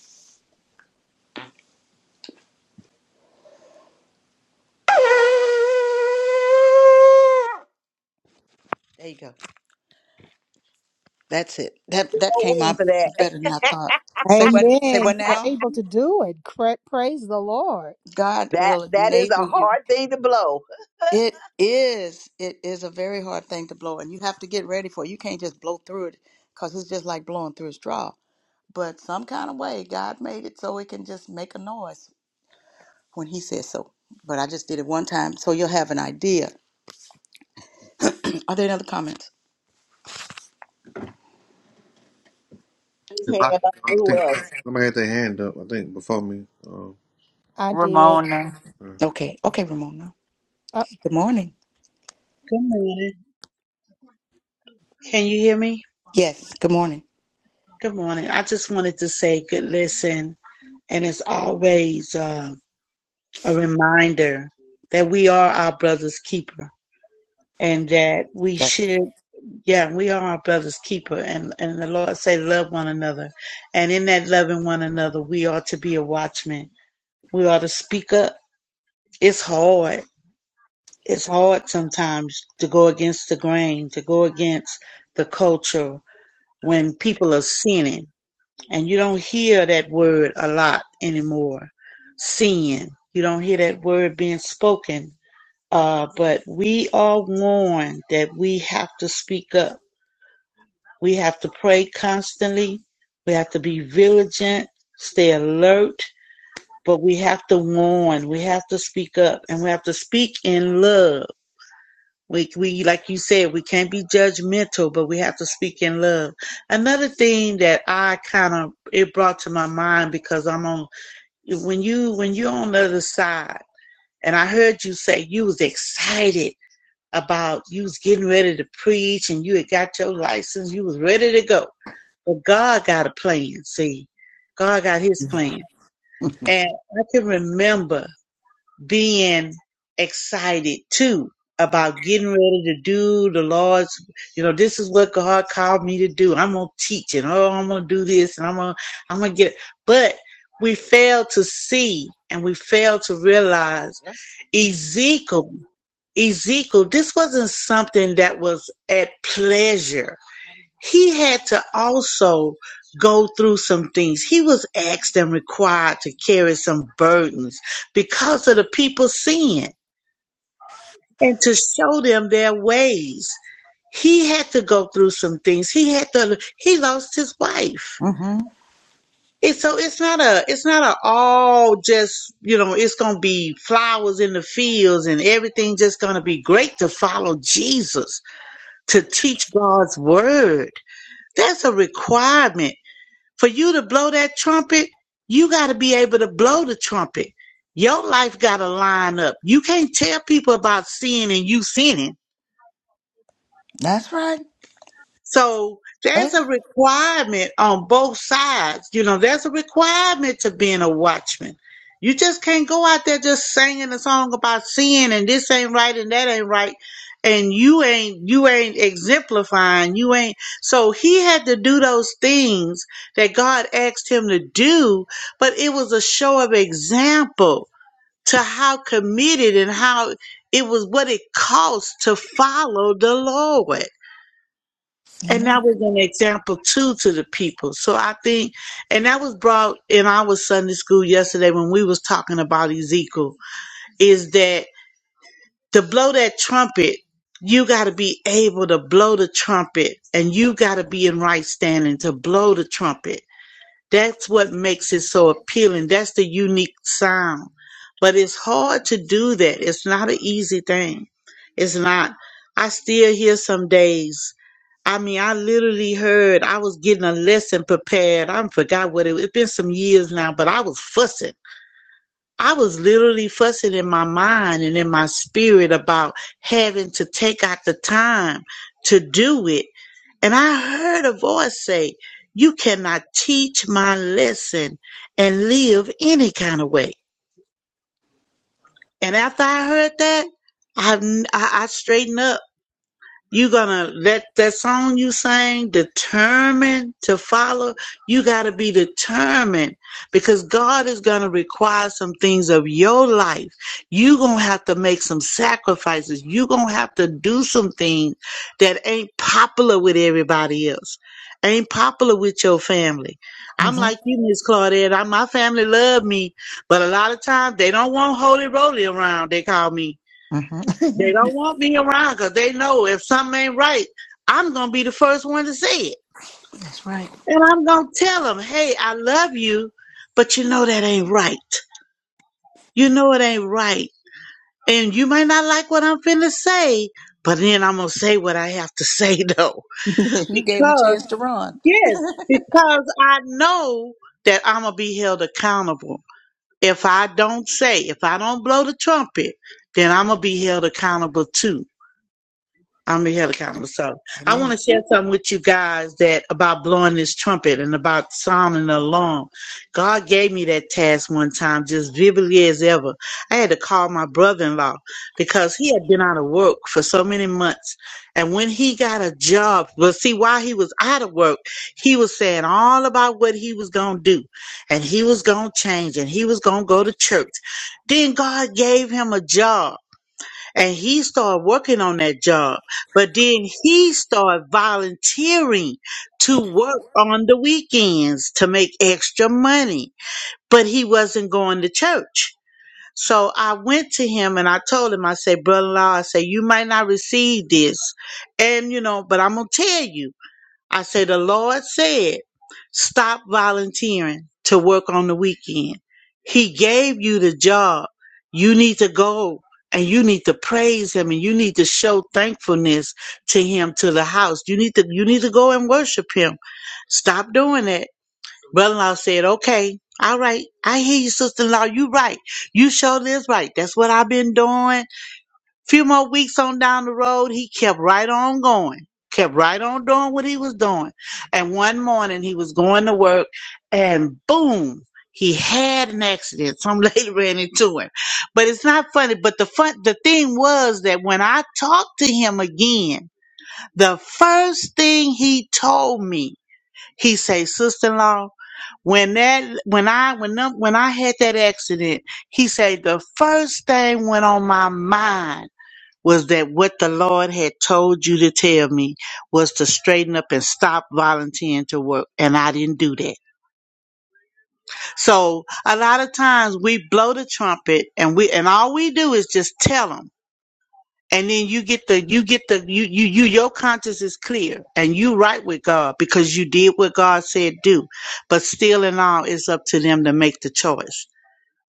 S10: There you go. That's it. That that
S5: don't
S10: came
S5: win
S10: out
S5: for that.
S10: better than I thought. Say what? Say
S2: Amen. You
S10: what
S2: were
S10: now?
S2: able to do it. Cra- praise the Lord.
S10: God
S5: That
S10: will
S5: that is
S10: enable
S5: a
S10: you.
S5: hard thing to blow.
S10: It is. It is a very hard thing to blow, and you have to get ready for it. You can't just blow through it because it's just like blowing through a straw. But some kind of way, God made it so it can just make a noise when He says so. But I just did it one time, so you'll have an idea. Are there any other comments?
S5: Just
S6: If
S5: hang
S6: I,
S5: it up.
S6: I
S5: Who
S6: think
S5: else?
S6: somebody had their hand up. I think before me. Um,
S2: I did.
S9: Ramona.
S6: uh,
S10: Okay. Okay, Ramona.
S2: Uh,
S10: Good morning.
S15: Good morning. Can you hear me?
S10: Yes. Good morning.
S15: Good morning. I just wanted to say good listen. And it's always uh, a reminder that we are our brother's keeper and that we
S10: That's
S15: should, yeah, we are our brother's keeper. And, and the Lord say, love one another. And in that loving one another, we are to be a watchman. We are to speak up. It's hard. It's hard sometimes to go against the grain, to go against the culture when people are sinning And you don't hear that word a lot anymore. Sin. You don't hear that word being spoken. Uh, but we are warned that we have to speak up. We have to pray constantly. We have to be vigilant, stay alert, but we have to warn. We have to speak up and we have to speak in love. We, we, like you said, we can't be judgmental, but we have to speak in love. Another thing that I kind of, it brought to my mind because I'm on when you when you're on the other side and i heard you say you was excited about you was getting ready to preach and you had got your license you was ready to go but god got a plan see god got his
S10: right.
S15: plan and i can remember being excited too about getting ready to do the Lord's, you know, this is what God called me to do. I'm going to teach and oh, I'm going to do this and I'm going to, I'm going to get, but we fail to see and we fail to realize Ezekiel, Ezekiel, this wasn't something that was at pleasure he had to also go through some things. He was asked and required to carry some burdens because of the people's sin and to show them their ways. He had to go through some things. He had to he lost his wife.
S10: hmm
S15: And so it's not a it's not a all just, you know, it's gonna be flowers in the fields and everything just gonna be great to follow Jesus, to teach God's word. That's a requirement For you to blow that trumpet, you got to be able to blow the trumpet. Your life got to line up. You can't tell people about sin and you sinning
S10: That's right.
S15: So
S10: Hey,
S15: there's a requirement on both sides. You know, there's a requirement to being a watchman. You just can't go out there just singing a song about sin and this ain't right and that ain't right. And you ain't, you ain't exemplifying. You ain't. So he had to do those things that God asked him to do, but it was a show of example to how committed and how it was what it costs to follow the Lord and
S10: Amen.
S15: that was an example too to the people. So I think, and that was brought in our Sunday school yesterday when we was talking about Ezekiel, is that to blow that trumpet, you got to be able to blow the trumpet, and you got to be in right standing to blow the trumpet. That's what makes it so appealing. That's the unique sound. But it's hard to do that. It's not an easy thing. It's not. I still hear some days. I mean, I literally heard I was getting a lesson prepared. I forgot what it was. It's been some years now, but I was fussing. I was literally fussing in my mind and in my spirit about having to take out the time to do it. And I heard a voice say, You cannot teach my lesson and live any kind of way. And after I heard that, I, I, I straightened up you gonna let that song you sang determined to follow you gotta be determined because god is gonna require some things of your life you gonna have to make some sacrifices you gonna have to do some things that ain't popular with everybody else ain't popular with your family i'm
S10: hmm
S15: like you miss claudette I, my family love me but a lot of times they don't want holy roly around they call me
S10: hmm
S15: they don't want me around because they know if something ain't right, I'm gonna be the first one to say it,
S10: That's right.
S15: and I'm gonna tell them, "Hey, I love you, but you know that ain't right. You know it ain't right, and you may not like what I'm finna say, but then I'm gonna say what I have to say though,
S10: you gave him a
S15: because
S10: chance to run.
S15: yes, because I know that I'm gonna be held accountable if I don't say, if I don't blow the trumpet, then I'm gonna be held accountable too I'm the helicopter. So I want
S10: Amen.
S15: to share something with you guys that about blowing this trumpet and about sounding the alarm. God gave me that task one time, just vividly as ever. I had to call my brother-in-law because he had been out of work for so many months. And when he got a job, well, see, while he was out of work, he was saying all about what he was going to do and he was going to change and he was going to go to church. Then God gave him a job and he started working on that job. But then he started volunteering to work on the weekends to make extra money, but he wasn't going to church. So I went to him and I told him, I said, brother-in-law, I said, you might not receive this. And, you know, but I'm going to tell you. I say the Lord said, stop volunteering to work on the weekend. He gave you the job. You need to go and you need to praise him and you need to show thankfulness to him to the house. You need to you need to go and worship him. Stop doing that. Brother-in-law said, okay, all right. I hear you, sister-in-law. You right. You show this right. That's what I've been doing. Few more weeks on down the road, he kept right on going, kept right on doing what he was doing. And one morning he was going to work and boom, he had an accident. Some lady ran into him. But it's not funny. But the fun the thing was that when I talked to him again, the first thing he told me, he said, Sister in law, when that when I when them, when I had that accident, he said the first thing went on my mind was that what the Lord had told you to tell me was to straighten up and stop volunteering to work. And I didn't do that. So a lot of times we blow the trumpet and we, and all we do is just tell them. And then you get the, you get the, you, you, you, your conscience is clear and you right with God because you did what God said do. But still and all, it's up to them to make the choice.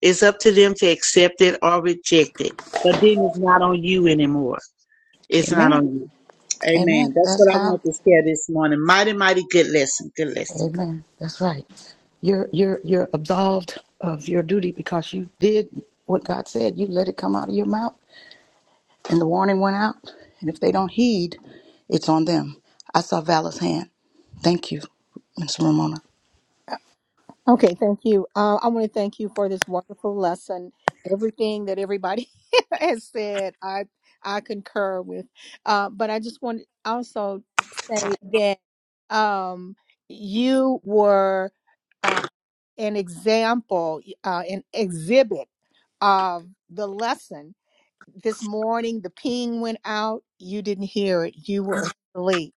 S15: It's up to them to accept it or reject it. But then it's not on you anymore. It's not
S10: Amen.
S15: on you. Amen.
S10: Amen.
S15: That's what
S10: That's
S15: I
S10: how.
S15: wanted to share this morning. Mighty, mighty good lesson. Good lesson.
S10: Amen. That's right. You're you're you're absolved of your duty because you did what God said. You let it come out of your mouth, and the warning went out. And if they don't heed, it's on them. I saw Vala's hand. Thank you, Miss Ramona.
S2: Okay, thank you. Uh, I want to thank you for this wonderful lesson. Everything that everybody has said, I I concur with. Uh, but I just want to also say that um, you were uh, an example, uh, an exhibit of the lesson. This morning, the ping went out. You didn't hear it. You were asleep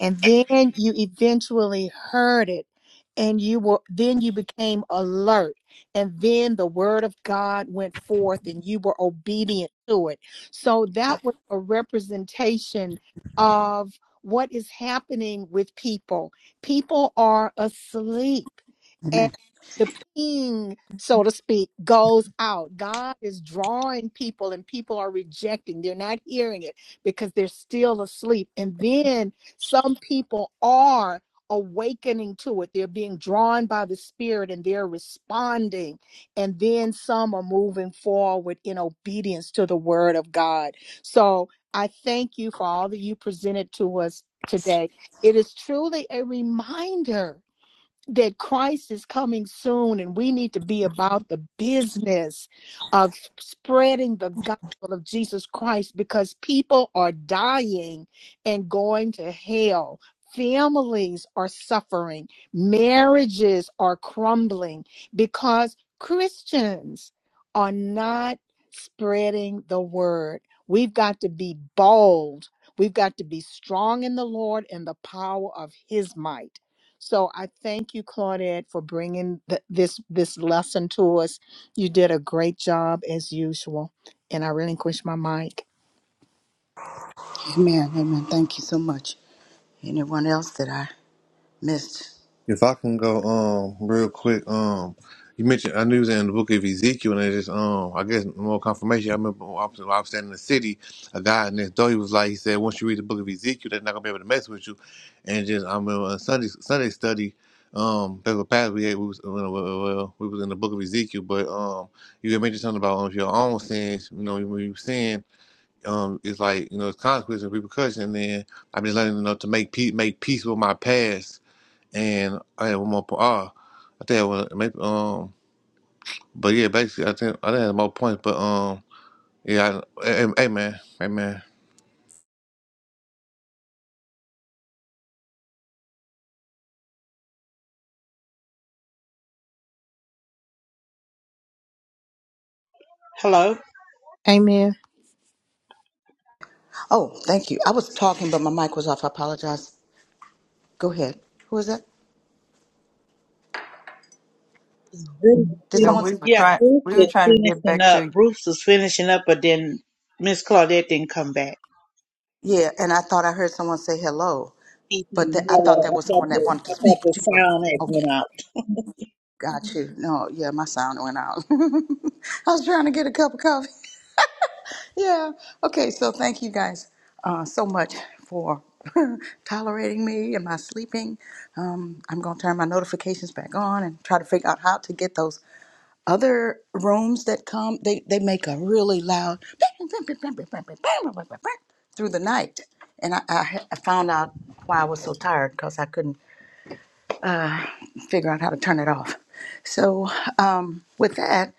S2: and then you eventually heard it and you were then you became alert and then the word of god went forth and you were obedient to it so that was a representation of what is happening with people people are asleep and
S10: Amen.
S2: the ping so to speak goes out god is drawing people and people are rejecting they're not hearing it because they're still asleep and then some people are awakening to it. They're being drawn by the Spirit and they're responding. And then some are moving forward in obedience to the Word of God. So I thank you for all that you presented to us today. It is truly a reminder that Christ is coming soon and we need to be about the business of spreading the gospel of Jesus Christ because people are dying and going to hell. Families are suffering, marriages are crumbling because Christians are not spreading the word. We've got to be bold. We've got to be strong in the Lord and the power of his might. So I thank you, Claudette, for bringing th- this this lesson to us. You did a great job as usual, and I relinquish my mic.
S10: Amen. Amen. Thank you so much. Anyone else that I missed?
S6: If I can go um real quick, um you mentioned I knew it was in the book of Ezekiel and it's just um I guess more confirmation. I remember when I was, when I was standing in the city, a guy in this door he was like he said, Once you read the book of Ezekiel, they're not gonna be able to mess with you and just I remember on Sunday Sunday study, um that's what past we had we was well, well, well, we was in the book of Ezekiel, but um you had mentioned something about um, your own sins, you know, when you sin, um it's like, you know, it's consequences and repercussions and then I've been learning you know, to make peace make peace with my past and I had one more point. Oh, I think I want maybe um, but yeah, basically I think I didn't have more points, but um, yeah, I, hey, hey hey, man, hey man,
S15: Hello?
S2: Amen.
S10: Oh, thank you. I was talking, but my mic was off. I apologize. Go ahead. Who is that?
S15: Bruce,
S10: Did
S9: No,
S10: someone
S9: we
S10: say
S9: were
S15: yeah,
S10: hello?
S9: trying.
S15: Bruce
S9: We were
S15: was
S9: trying to get
S15: finishing
S9: back
S15: up.
S9: to you.
S15: Bruce was finishing up, but then Miss Claudette didn't come back.
S10: Yeah, and I thought I heard someone say hello,
S15: He said,
S10: but that I thought that
S15: "No, I
S10: was
S15: thought
S10: someone that
S15: the,
S10: wanted to
S15: I thought
S10: speak,
S15: the
S10: but you were
S15: sound had
S10: okay.
S15: went out.
S10: Got you. No, yeah, my sound went out. I was trying to get a cup of coffee. Yeah. Okay, so thank you guys uh, so much for tolerating me and my sleeping. Um, I'm going to turn my notifications back on and try to figure out how to get those other rooms that come, they, they make a really loud through the night. And I, I, ha- I found out why I was so tired because I couldn't figure out how to turn it off. So, um, with that,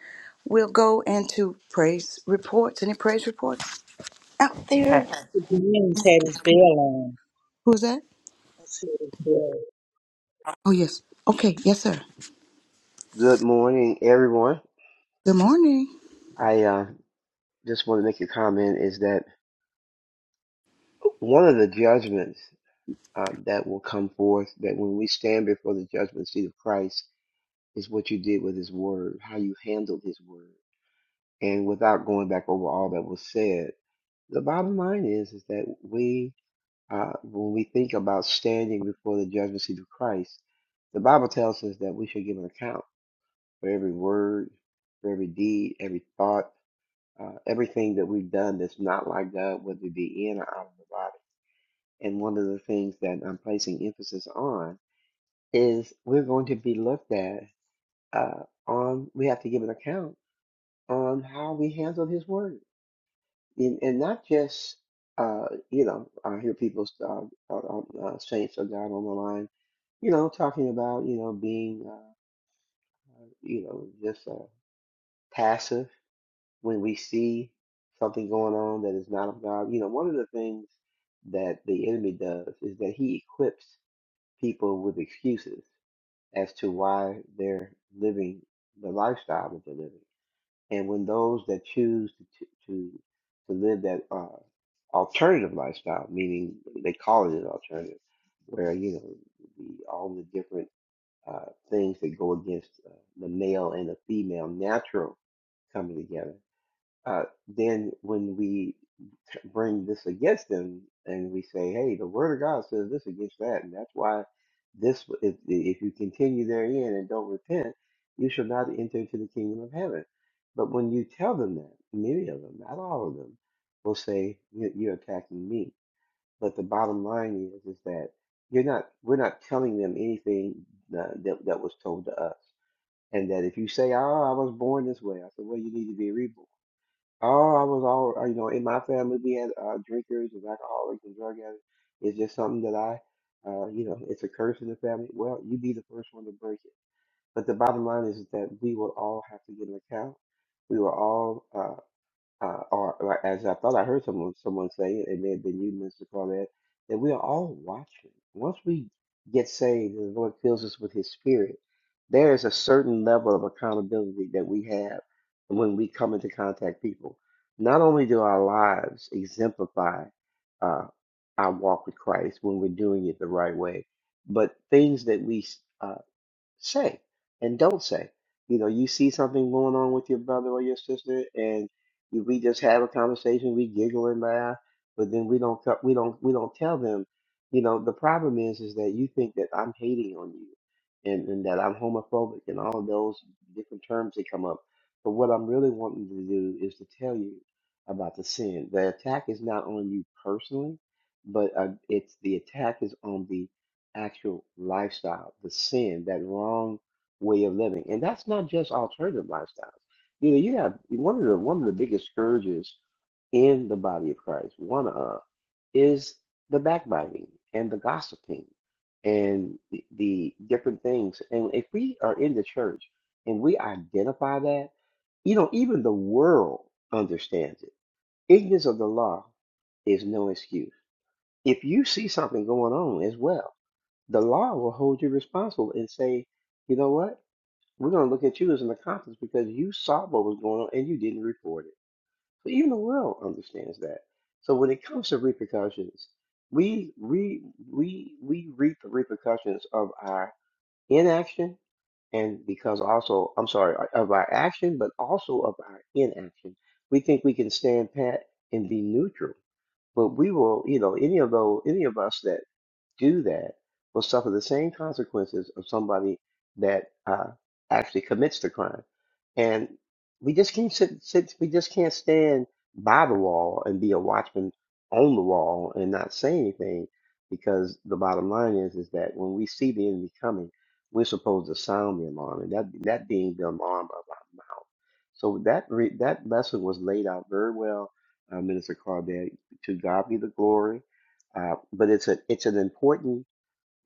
S10: we'll go into praise reports. Any praise reports out there?
S9: Pat.
S15: The Williams had his bell on.
S10: Who's that?
S15: That's what it was.
S10: Oh, yes. Okay. Yes, sir.
S14: Good morning, everyone.
S10: Good morning.
S14: I uh, just want to make a comment is that one of the judgments uh, that will come forth that when we stand before the judgment seat of Christ is what you did with his word, how you handled his word. And without going back over all that was said, the bottom line is is that we uh, when we think about standing before the judgment seat of Christ, the Bible tells us that we should give an account for every word, for every deed, every thought uh, everything that we've done that's not like God, whether it be in or out of the body. And one of the things that I'm placing emphasis on is we're going to be looked at uh, on, we have to give an account on how we handle His Word. And, and not just, uh, you know, I hear people, uh, uh, um, uh, saints of God on the line, you know, talking about, you know, being, uh, uh, you know, just uh, passive when we see something going on that is not of God, you know, one of the things that the enemy does is that he equips people with excuses as to why they're living the lifestyle that they're living. And when those that choose to to, to live that uh, alternative lifestyle, meaning they call it an alternative, where you know the, all the different uh, things that go against uh, the male and the female natural coming together uh, then when we t- bring this against them and we say, hey, the word of God says this against that, and that's why this, if, if you continue therein and don't repent, you shall not enter into the kingdom of heaven. But when you tell them that, many of them, not all of them, will say, "You- you're attacking me. But the bottom line is, is that you're not, we're not telling them anything uh, that, that was told to us. And that if you say, oh, I was born this way, I said, well, you need to be reborn Oh, I was all, uh, you know, in my family, we had uh, drinkers and alcoholics and drug addicts. It's just something that I, uh, you know, it's a curse in the family. Well, you be the first one to break it. But the bottom line is that we will all have to get an account. We will all, uh, uh, or, or as I thought I heard someone someone say, it, and then, then you, Mr. Corvette, that we are all watching. Once we get saved, and the Lord fills us with His Spirit. There is a certain level of accountability that we have when we come into contact people. Not only do our lives exemplify uh, our walk with Christ when we're doing it the right way, but things that we say and don't say. You know, you see something going on with your brother or your sister, and you, we just have a conversation, we giggle and laugh, but then we don't co- we don't we don't tell them. You know, the problem is is that you think that I'm hating on you, and and that I'm homophobic and all of those different terms that come up. But what I'm really wanting to do is to tell you about the sin. The attack is not on you personally, but uh, it's the attack is on the actual lifestyle, the sin, that wrong way of living. And that's not just alternative lifestyles. You know, you have one of the one of the biggest scourges in the body of Christ, one of is the backbiting and the gossiping and the, the different things. And if we are in the church and we identify that, you know, even the world understands it. Ignorance of the law is no excuse. If you see something going on as well, the law will hold you responsible and say, you know what? We're going to look at you as an accomplice because you saw what was going on and you didn't report it. So even the world understands that. So when it comes to repercussions, we we we we reap the repercussions of our inaction and because also I'm sorry of our action, but also of our inaction. We think we can stand pat and be neutral, but we will, you know, any of those, any of us that do that will suffer the same consequences of somebody that uh, actually commits the crime. And we just can't sit, sit, we just can't stand by the wall and be a watchman on the wall and not say anything because the bottom line is is that when we see the enemy coming, we're supposed to sound the alarm, and that that being the alarm of our mouth. So that re, that lesson was laid out very well, uh, Minister Crawdad. To God be the glory. Uh, but it's a it's an important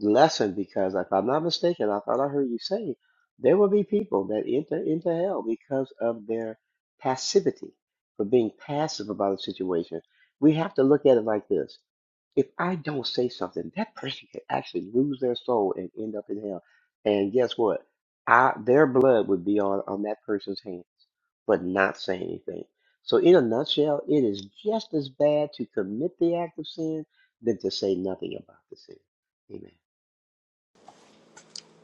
S14: lesson because if I'm not mistaken, I thought I heard you say there will be people that enter into hell because of their passivity, for being passive about a situation. We have to look at it like this if I don't say something, that person could actually lose their soul and end up in hell. And guess what? I their blood would be on on that person's hands, but not say anything. So in a nutshell, it is just as bad to commit the act of sin than to say nothing about the sin. Amen.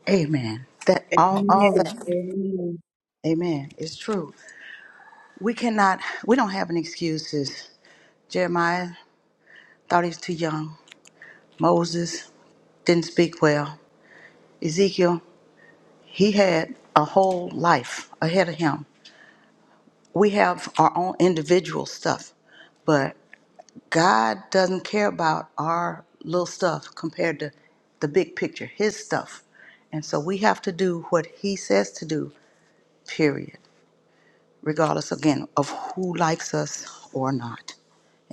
S10: Amen. That all, all that.
S15: Amen.
S10: Amen. It's true. We cannot. We don't have any excuses, Jeremiah. thought he was too young. Moses didn't speak well. Ezekiel, he had a whole life ahead of him. We have our own individual stuff, but God doesn't care about our little stuff compared to the big picture, his stuff. And so we have to do what he says to do, period, regardless again of who likes us or not.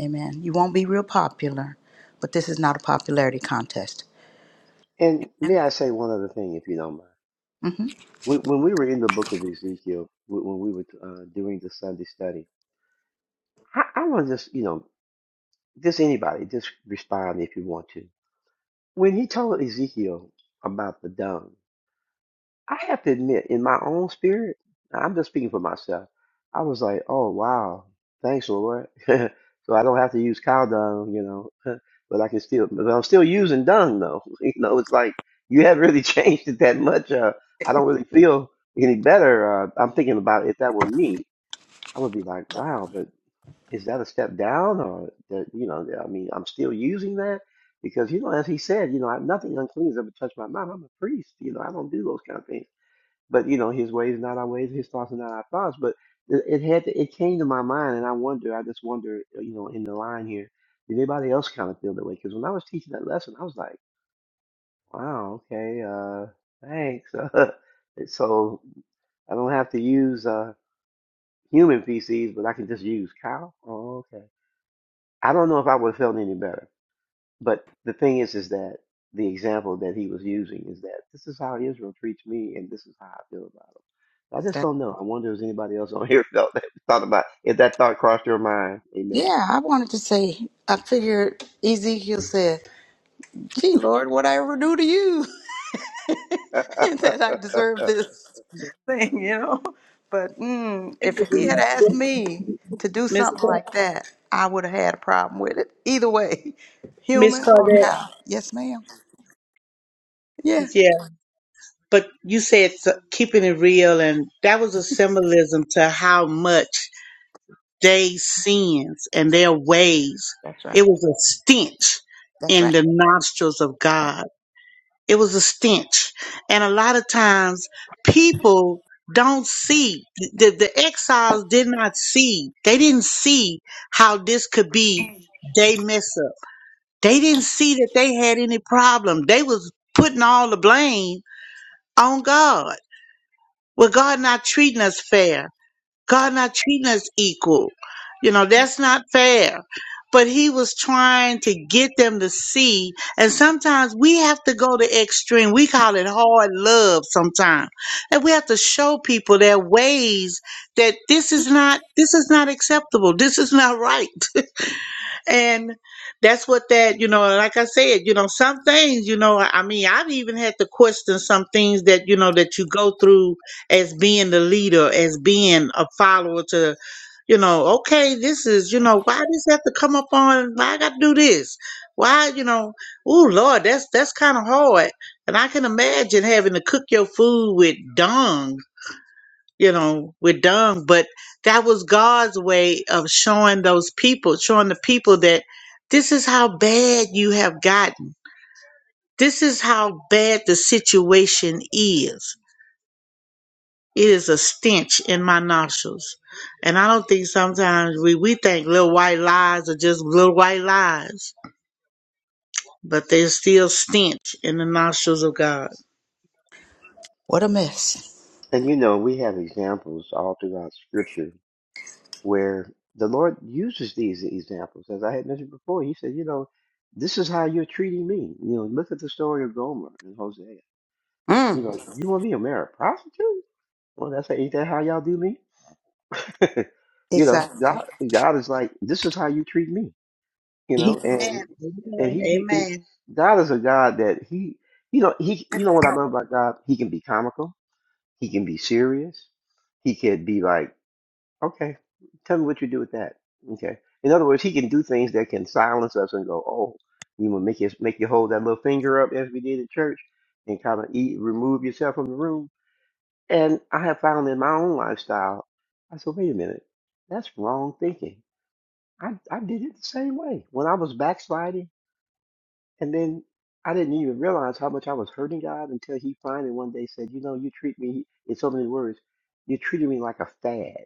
S10: Amen. You won't be real popular, but this is not a popularity contest.
S14: And may I say one other thing, if you don't mind? When when we were in the book of Ezekiel, when when we were uh, doing the Sunday study, I, I want to just, you know, just anybody, just respond if you want to When he told Ezekiel about the dung, I have to admit, in my own spirit, I'm just speaking for myself. I was like, "Oh wow, thanks, Lord." So I don't have to use cow dung, you know, but I can still, but I'm still using dung though. You know, it's like you haven't really changed it that much. Uh, I don't really feel any better. Uh, I'm thinking about if that were me, I would be like, "Wow," But is that a step down or that you know i mean i'm still using that because you know as he said you know I, nothing unclean has ever touched my mouth i'm a priest you know i don't do those kind of things but you know his ways are not our ways his thoughts are not our thoughts but it, it had to, it came to my mind and i wonder i just wonder uh, you know in the line here did anybody else kind of feel that way because when i was teaching that lesson i was like wow okay uh thanks Uh, so i don't have to use uh human feces but i can just use cow oh, okay I don't know if I would have felt any better. But the thing is, is that the example that he was using is that this is how Israel treats me, and this is how I feel about them. I just don't know. I wonder if there's anybody else on here felt that thought about if that thought crossed your mind. Amen.
S10: Yeah, I wanted to say, I figured Ezekiel said, Gee, Lord, what I ever do to you that I deserve this thing, you know? But mm, if he had asked
S15: Amen.
S10: me to do
S15: Miss
S10: something like that, I would have had a problem with it. Either way,
S15: Miss
S10: human or
S15: Claudette.
S10: cow. Yes, ma'am. Yeah,
S15: Yeah, but you said s- keeping it real, and that was a symbolism to how much they sins and their ways.
S10: that's right.
S15: It was a stench
S10: That's
S15: in
S10: right.
S15: the nostrils of God. It was a stench, and a lot of times people don't see the, the exiles did not see they didn't see how this could be they mess up they didn't see that they had any problem they was putting all the blame on god Well, God not treating us fair. God not treating us equal. You know, that's not fair. But he was trying to get them to see. And sometimes we have to go to extreme. We call it hard love sometimes. And we have to show people their ways that this is not this is not acceptable. This is not right and that's what that you know like i said you know some things you know i mean i've even had to question some things that you know that you go through as being the leader as being a follower to you know okay this is you know why does have to come up on why i gotta do this why you know oh lord that's that's kind of hard and i can imagine having to cook your food with dung you know, we're done. But that was God's way of showing those people, showing the people that this is how bad you have gotten. This is how bad the situation is. It is a stench in my nostrils. And I don't think sometimes we, we think little white lies are just little white lies, but they're still stench in the nostrils of God.
S10: What a mess.
S14: and you know, we have examples all throughout Scripture where the Lord uses these examples. As I had mentioned before, He said, you know, this is how you're treating me. You know, look at the story of Gomer and Hosea.
S10: Mm,
S14: You know, you want me to marry a prostitute? Well, that's ain't that how y'all do me? You know,
S10: exactly.
S14: God, God is like, this is how you treat me. You
S10: He,
S14: know, and
S15: Amen.
S14: and he, he
S15: Amen.
S14: God is a God that he, you know, he, you know what I love about God? He can be comical. He can be serious. He can be like, okay, tell me what you do with that. Okay. In other words, he can do things that can silence us and go, oh, you want make you make you hold that little finger up as we did at church and kind of eat, remove yourself from the room. And I have found in my own lifestyle, I said, wait a minute, that's wrong thinking. I, I did it the same way when I was backsliding, and then I didn't even realize how much I was hurting God until He finally one day said, You know, you treat me, in so many words, you treated me like a fad.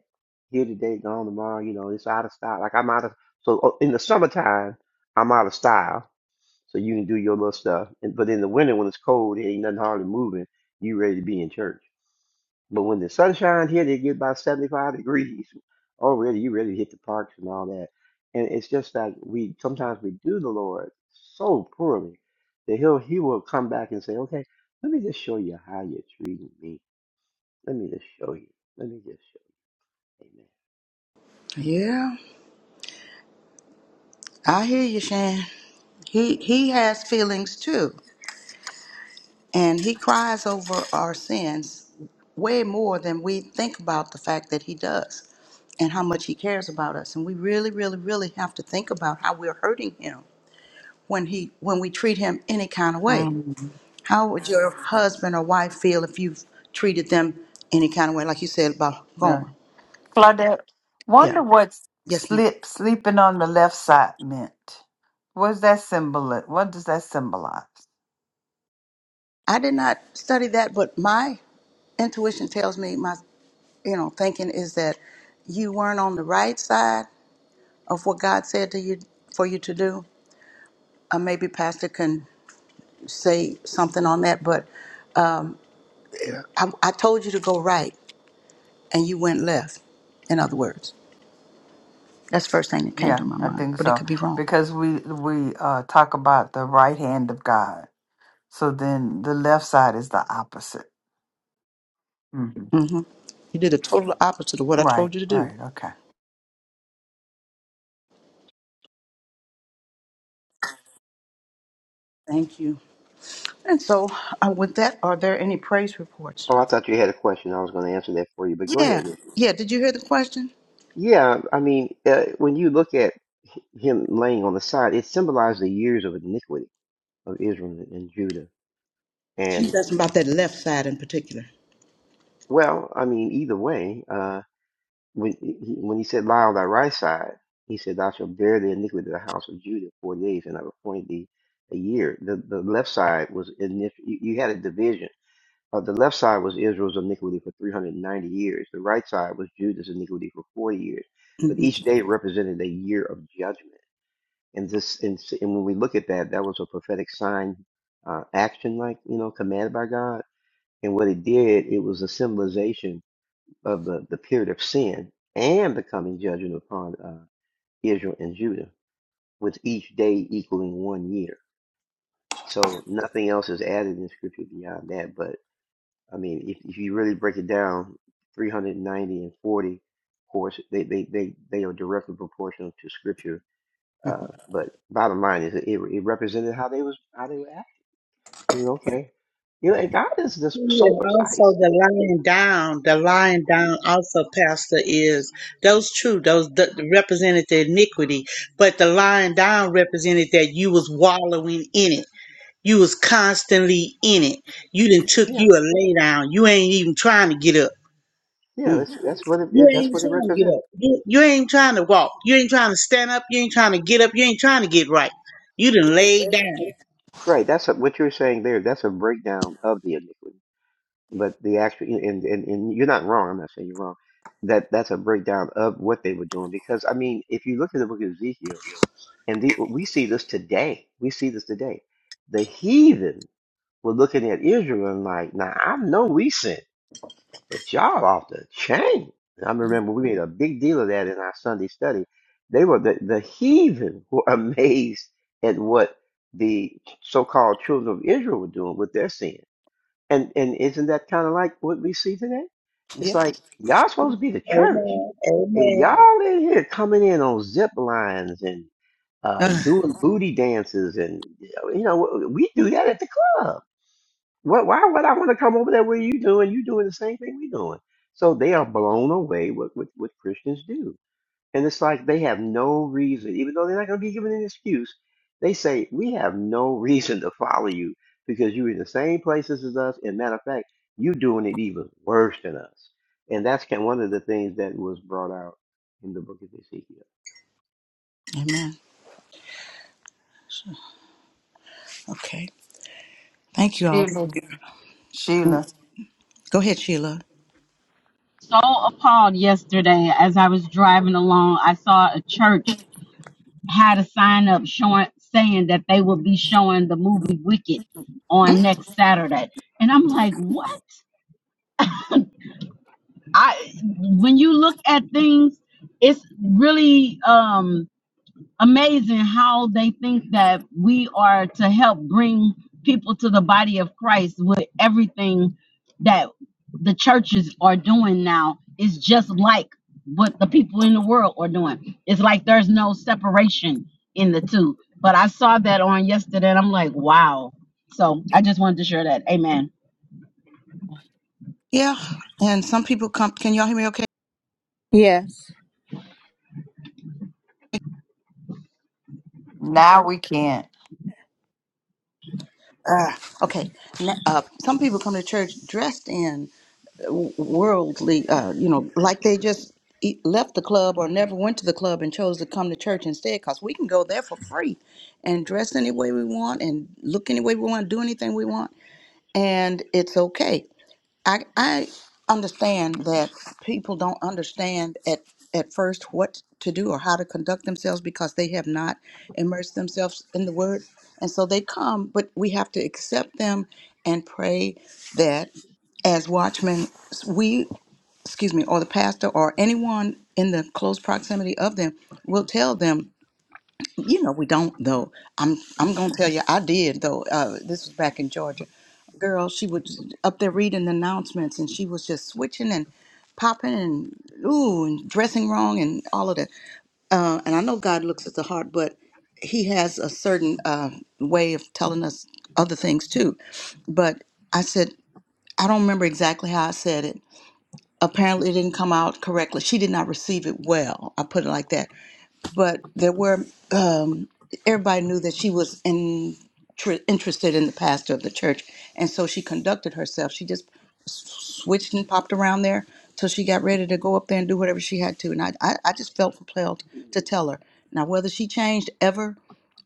S14: Here today, gone tomorrow, you know, it's out of style. Like I'm out of, so oh, in the summertime, I'm out of style. So you can do your little stuff. And, but in the winter, when it's cold, it ain't nothing hardly moving, you ready to be in church. But when the sun shines here, they get about 75 degrees already. You ready to hit the parks and all that. And it's just that we sometimes we do the Lord so poorly that he'll he will come back and say, Okay, let me just show you how you're treating me. Let me just show you. Let me just show you. Amen.
S10: yeah, I hear you, Shan. He, he has feelings too. And he cries over our sins way more than we think about the fact that he does and how much he cares about us. And we really, really, really have to think about how we're hurting him when he when we treat him any kind of way.
S9: Mm,
S10: How would your husband or wife feel if you treated them any kind of way, like you said about
S9: yeah.
S10: Gomer?
S9: Claudette,
S10: Yeah.
S9: wonder what
S10: Yes, ma'am.
S9: slip sleeping on the left side meant. What's that symbol? What does that symbolize?
S10: I did not study that, but my intuition tells me my you know, thinking is that you weren't on the right side of what God said to you for you to do uh, maybe Pastor can say something on that, but I, I told you to go right and you went left, in other words. That's the first thing that came
S9: Yeah,
S10: to my
S9: I
S10: mind,
S9: think
S10: but it
S9: so
S10: could be wrong.
S9: because we we uh, talk about the right hand of God. So then the left side is the opposite. hmm
S10: hmm You did the total opposite of what I
S9: Right,
S10: told you to do.
S9: right, okay.
S10: Thank you. And so, uh, with that, are there any praise reports?
S14: Oh, I thought you had a question. I was going to answer that for you, but go
S10: Yeah,
S14: ahead.
S10: yeah. Did you hear the question?
S14: Yeah, I mean, uh, when you look at him laying on the side, it symbolized the years of iniquity of Israel and Judah.
S10: She's asking about that left side in particular.
S14: Well, I mean, either way, uh, when he, when he said, "Lie on thy right side," he said, "Thou shalt bear the iniquity of the house of Judah four days, and I've appointed thee a year." The the left side was in you you had a division. Uh, the left side was Israel's iniquity for 390 years. The right side was Judah's iniquity for 40 years.
S10: hmm
S14: But each day represented a year of judgment. And this, and, s- and when we look at that, that was a prophetic sign, uh, action, like you know, commanded by God. And what it did, it was a symbolization of the, the period of sin and the coming judgment upon uh, Israel and Judah, with each day equaling one year. So nothing else is added in scripture beyond that. But I mean, if, if you really break it down, 390 and 40, of course, they, they, they, they are directly proportional to scripture.
S10: hmm
S14: Uh, but bottom line is it, it represented how they was how they were acting. You know, okay, you know, and God is just so
S15: And
S14: precise.
S15: also the lying
S14: Don,
S15: down, the
S14: the lion Don
S15: lying down also,
S14: also
S15: Pastor,
S14: cast the
S15: is
S14: eagle.
S15: those true, those th- represented the iniquity, but the
S14: So
S15: lying down represented that you was wallowing in it. You was constantly in it. You didn't took
S14: Yeah,
S15: you a lay down. You ain't even trying to get up.
S14: yeah, that's
S10: Mm.
S14: that's what it,
S15: You
S14: it
S10: Yeah.
S14: that's
S15: ain't
S14: what it
S15: trying to get up.
S14: represented.
S15: You, you ain't trying to walk. You ain't trying to stand up. You ain't trying to get up. You ain't trying to get right. You done laid down.
S14: Right, that's a, what you're saying there. That's a breakdown of the iniquity. But the actual and, and and you're not wrong. I'm not saying you're wrong. That that's a breakdown of what they were doing because I mean, if you look at the book of Ezekiel and the, we see this today, we see this today. The heathen were looking at Israel and like, now I know we sinned. But y'all off the chain. And I remember we made a big deal of that in our Sunday study. They were the, the heathen were amazed at what the so-called children of Israel were doing with their sin. And and isn't that kind of like what we see today? It's
S10: Yeah.
S14: like y'all supposed to be the church,
S15: Amen.
S14: and
S15: Amen.
S14: y'all in here coming in on zip lines and uh,
S10: Uh,
S14: doing booty dances, and you know we do that at the club what? Why would I want to come over there? What are you doing? You doing the same thing we doing? So they are blown away with what, what Christians do, and it's like they have no reason, even though they're not going to be given an excuse. They say we have no reason to follow you because you're in the same places as us, and matter of fact, you're doing it even worse than us. And that's kind of one of the things that was brought out in the book of Ezekiel.
S10: amen. Okay. Thank you all.
S9: Sheila, Sheila,
S10: Go ahead, Sheila.
S16: so appalled yesterday as I was driving along. I saw a church had a sign up showing saying that they will be showing the movie Wicked on next Saturday. And I'm like, what? I when you look at things, it's really um amazing how they think that we are to help bring people to the body of Christ with everything that the churches are doing now is just like what the people in the world are doing. It's like there's no separation in the two. But I saw that on yesterday and I'm like, wow. So I just wanted to share that. Amen.
S10: Yeah, and some people come. Can y'all hear me? Okay.
S2: Yes.
S9: now we can't.
S10: Uh, okay. N- Uh, some people come to church dressed in w- worldly, uh, you know, like they just e- left the club or never went to the club and chose to come to church instead. Cause we can go there for free, and dress any way we want, and look any way we want, do anything we want, and it's okay. I I understand that people don't understand at at first what to do or how to conduct themselves because they have not immersed themselves in the word. And so they come, but we have to accept them and pray that as watchmen, we, excuse me, or the pastor or anyone in the close proximity of them will tell them you know we don't though. I'm I'm gonna tell you I did though. Uh, this was back in Georgia. Girl, she was up there reading the announcements and she was just switching and popping and ooh and dressing wrong and all of that. Uh, and I know God looks at the heart, but He has a certain uh, way of telling us other things too. But I said I don't remember exactly how I said it. Apparently, it didn't come out correctly. She did not receive it well. I put it like that but there were um, everybody knew that she was in, tr- interested in the pastor of the church, and so she conducted herself. She just s- switched and popped around there till she got ready to go up there and do whatever she had to. And I, I, I just felt compelled to tell her. Now, whether she changed ever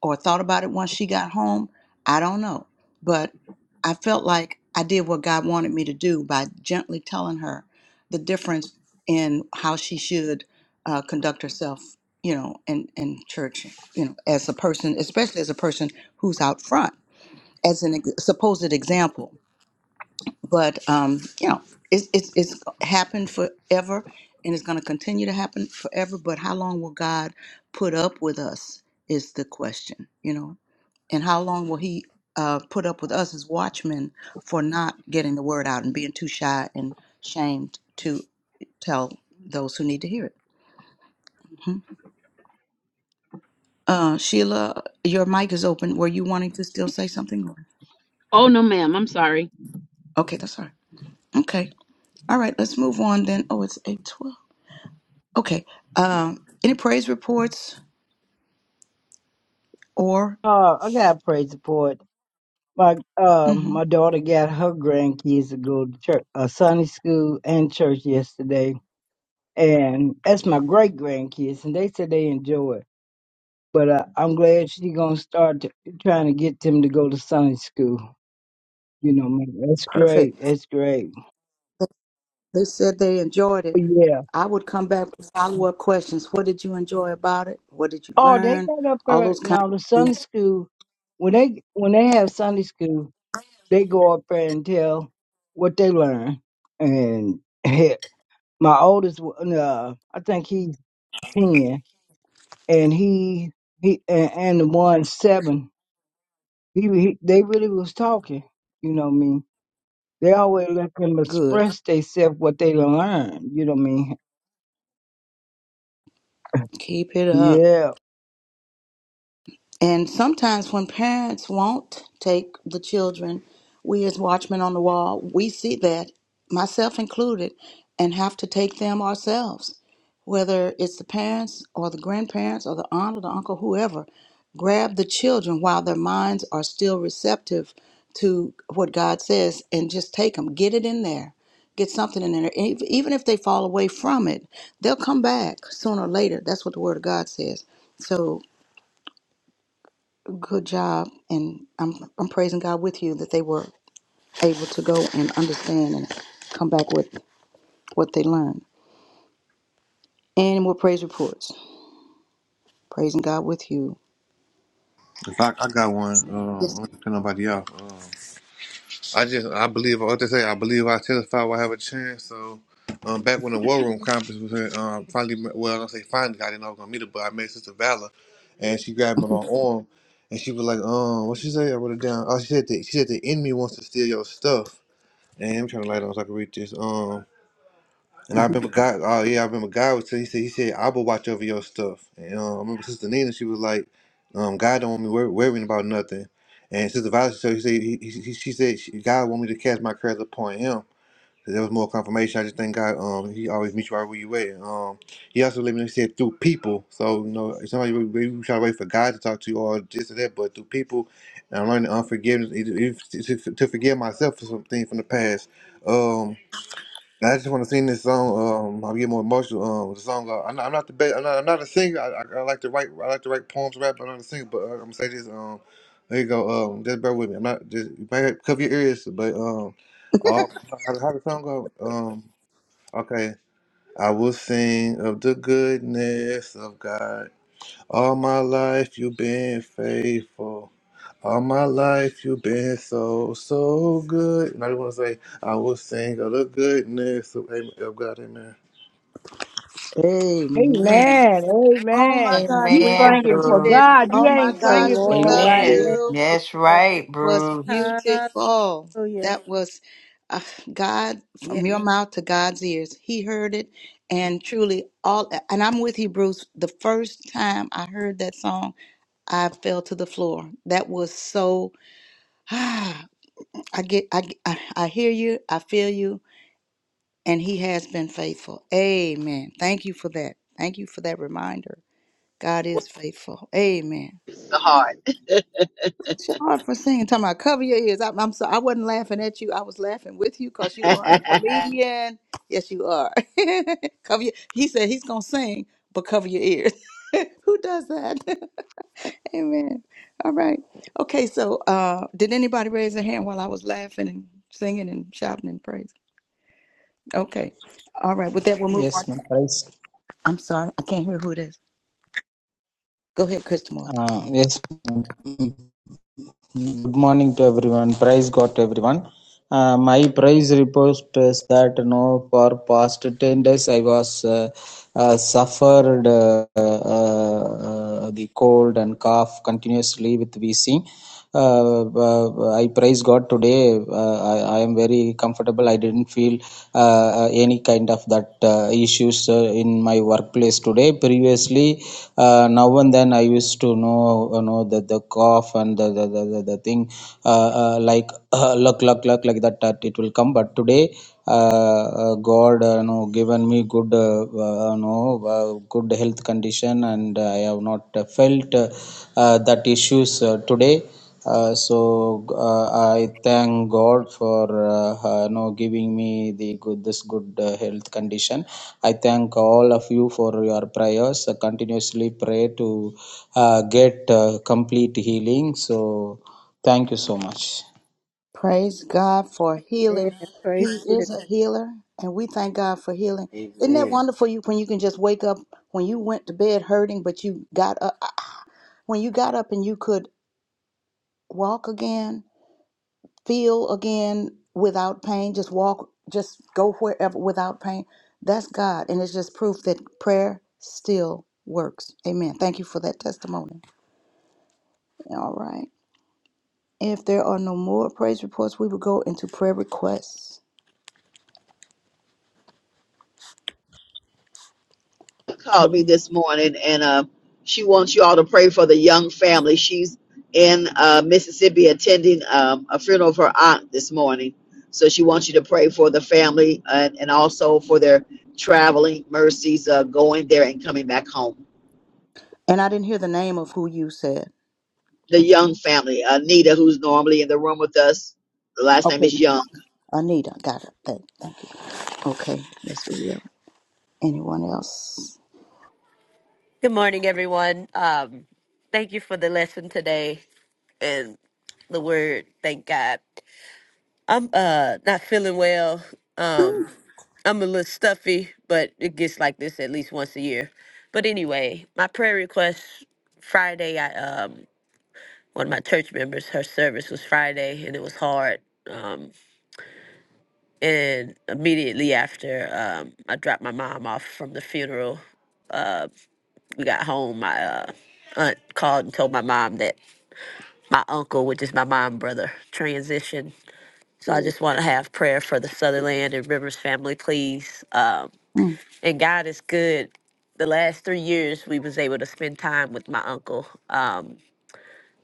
S10: or thought about it once she got home, I don't know. But I felt like I did what God wanted me to do by gently telling her the difference in how she should uh, conduct herself you know, in, in church, you know, as a person, especially as a person who's out front, as an ex- supposed example. But, um, you know, it's, it's, it's happened forever and it's going to continue to happen forever. But how long will God put up with us is the question, you know? And how long will He uh, put up with us as watchmen for not getting the word out and being too shy and shamed to tell those who need to hear it? Mm-hmm. Uh, Sheila, your mic is open. Were you wanting to still say something? or-
S16: Oh no, ma'am. I'm sorry.
S10: Okay, that's all right. Okay. All right, let's move on then. Oh, it's 812. Okay. Um, any praise reports or?
S1: Oh, I got a praise report. My uh
S10: hmm
S1: my daughter got her grandkids to go to church, uh, Sunday school and church yesterday, and that's my great grandkids, and they said they enjoy it. But uh, I'm glad she gonna start t- trying to get them to go to Sunday school. You know, man, that's great.
S10: Perfect.
S1: That's great.
S10: They said they enjoyed it.
S1: But yeah.
S10: I would come back with follow up questions. What did you enjoy about it? What did you
S1: Oh, they
S10: learn?
S1: got up
S10: All
S1: there
S10: those kinds
S1: now. The
S10: of
S1: Sunday
S10: things.
S1: school when they when they have Sunday school, they go up there and tell what they learn, and my oldest, one, uh, I think he ten, and he he and, and the one seven. He, he they really was talking. You know what I mean? They always let them
S10: Good.
S1: express themselves what they done learned. You know what I mean?
S10: Keep it up.
S1: Yeah.
S10: And sometimes when parents won't take the children, we as watchmen on the wall, we see that, myself included, and have to take them ourselves. Whether it's the parents or the grandparents or the aunt or the uncle, whoever, grab the children while their minds are still receptive to what God says and just take them, get it in there. Get something in there. Ev- Even if they fall away from it, they'll come back sooner or later. That's what the Word of God says. So good job and I'm I'm praising God with you that they were able to go and understand and come back with what they learned. Any more praise reports. Praising God with you.
S6: if I, I got one, um,
S10: Yes.
S6: I don't think nobody else. Uh, I just I believe what they say. I believe I testify. will have a chance. So. Um, back when the War Room conference was here, um, finally, met- well, I don't say finally, I didn't know I was gonna meet her, but I met Sister Valor, and she grabbed me by my arm, and she was like, "Um, what she say?" I wrote it down. Oh, she said that she said the enemy wants to steal your stuff, and I'm trying to light on so I can read this. um, And I
S10: Mhm.
S6: remember God. Oh yeah, I remember God was saying. He said, "He said I will watch over your stuff." And um, I remember Sister Nina. She was like, um, "God don't want me wor- worrying about nothing." And Sister Violet, so he said, he, he, he- she said, she, "God want me to cast my cares upon Him." So there was more confirmation. I just thank God. Um, He always meets you right where you at. Um, He also let me know. He said through people. So you know, somebody we, we we try to wait for God to talk to you or this or that, but through people, and I'm learning unforgiveness, even, even to, to forgive myself for some things from the past. Um. I just want to sing this song. Um, I'll get more emotional. Um, the song. Uh, I'm, not, I'm not the best. I'm not, I'm not a singer. I, I, I like to write. I like to write poems, rap. But I'm not a singer. But uh, I'm gonna say this. Um, there you go. Um, just bear with me. I'm not. Just you might have- cover your ears. But um, all, how, how the song go? Um, okay. I will sing of the goodness of God. All my life you've been faithful. All my life you've been so, so good. And I just want to say, I will sing of the goodness of, Am- of God. Amen.
S10: Amen.
S1: Amen.
S10: Oh my
S1: Amen.
S10: gosh,
S1: You
S10: we
S9: Amen,
S1: singing
S10: receive
S1: for
S9: Bruce.
S10: it.
S1: God. You
S10: Oh my
S1: ain't
S2: The
S1: singing
S10: gosh,
S1: for
S10: we love
S2: Lord.
S1: nobody.
S2: Thank
S17: Amen.
S10: you.
S2: you,
S9: That's
S2: Lord.
S9: right,
S10: Was
S9: Bruce.
S2: Hallelujah.
S10: beautiful. That was uh, God
S2: Yeah.
S10: from your mouth to God's ears. He heard it, and truly all. And I'm with you, Bruce. The first time I heard that song. I fell to the floor. That was so. ah, I get. I. get- I I hear you. I feel you. And He has been faithful. Amen. Thank you for that. Thank you for that reminder. God is faithful. Amen.
S5: the heart.
S10: It's your heart for singing. Talking about cover your ears. I, I'm sorry. I wasn't laughing at you. I was laughing with you because you are a comedian. Yes, you are. cover your, he said he's gonna sing, but cover your ears. Who does that? Amen. All right. Okay, so uh did anybody raise their hand while I was laughing and singing and shouting and praising? Okay. All right. With that, we'll move on.
S18: Yes, ma'am. Praise.
S10: I'm sorry. I can't hear who it is. Go ahead, Crystal Timothy.
S18: Uh, yes. ma'am. Good morning to everyone. Praise God to everyone. Uh, my praise report is that no, for past ten days I was uh, uh, suffered uh, uh, uh, the cold and cough continuously with VC. uh, uh, I praise God today. Uh, I, I am very comfortable. I didn't feel uh, uh, any kind of that uh, issues uh, in my workplace today. Previously, uh, now and then I used to know you know the, the cough and the the, the, the the thing uh, uh, like uh, luck luck luck like that that it will come. But today. Uh, uh, God, uh, you know, given me good, uh, uh, you know, uh, good health condition, and I have not uh, felt uh, uh, that issues uh, today uh, so uh, I thank God for uh, uh, you know, giving me the good this good uh, health condition. I thank all of you for your prayers. I continuously pray to uh, get uh, complete healing. So thank you so much.
S10: Praise God for
S2: Amen.
S10: healing. He
S2: Praise be to
S10: is a healer, and we thank God for healing. Isn't that
S14: Amen.
S10: wonderful? You when you can just wake up when you went to bed hurting, but you got up when you got up and you could walk again feel again without pain, just walk, just go wherever without pain. That's God. And it's just proof that prayer still works. Amen. Thank you for that testimony. All right. If there are no more praise reports, we will go into prayer requests.
S5: Called me then, and uh, she wants you in uh, Mississippi attending um, a funeral of her aunt this morning. So she wants you to pray for the family and, and also for their traveling mercies, uh, going there and coming back home.
S10: And I didn't hear the name of who you said.
S5: The young need a room with us. The last
S10: Okay.
S5: young?
S10: Anita. Got it. Thank, thank you. Okay. Yes, we see. Anyone else?
S19: Good morning, everyone. Um, thank you for the lesson today and the word. Thank God. I'm uh not feeling well. Um, I'm a little stuffy, but it gets like this at least once a year. But anyway, my prayer request Friday. I um one of my church members, her service was Friday, and it was hard. Um, and immediately after um, I dropped my mom off from the funeral, we got home. My uh, aunt called and told my mom that my uncle, which is my mom brother, transition. So I just want to have prayer for the Sutherland and Rivers family, please. Um,
S10: Hmm.
S19: and God is good. The last three years, we was able to spend time with my uncle, um,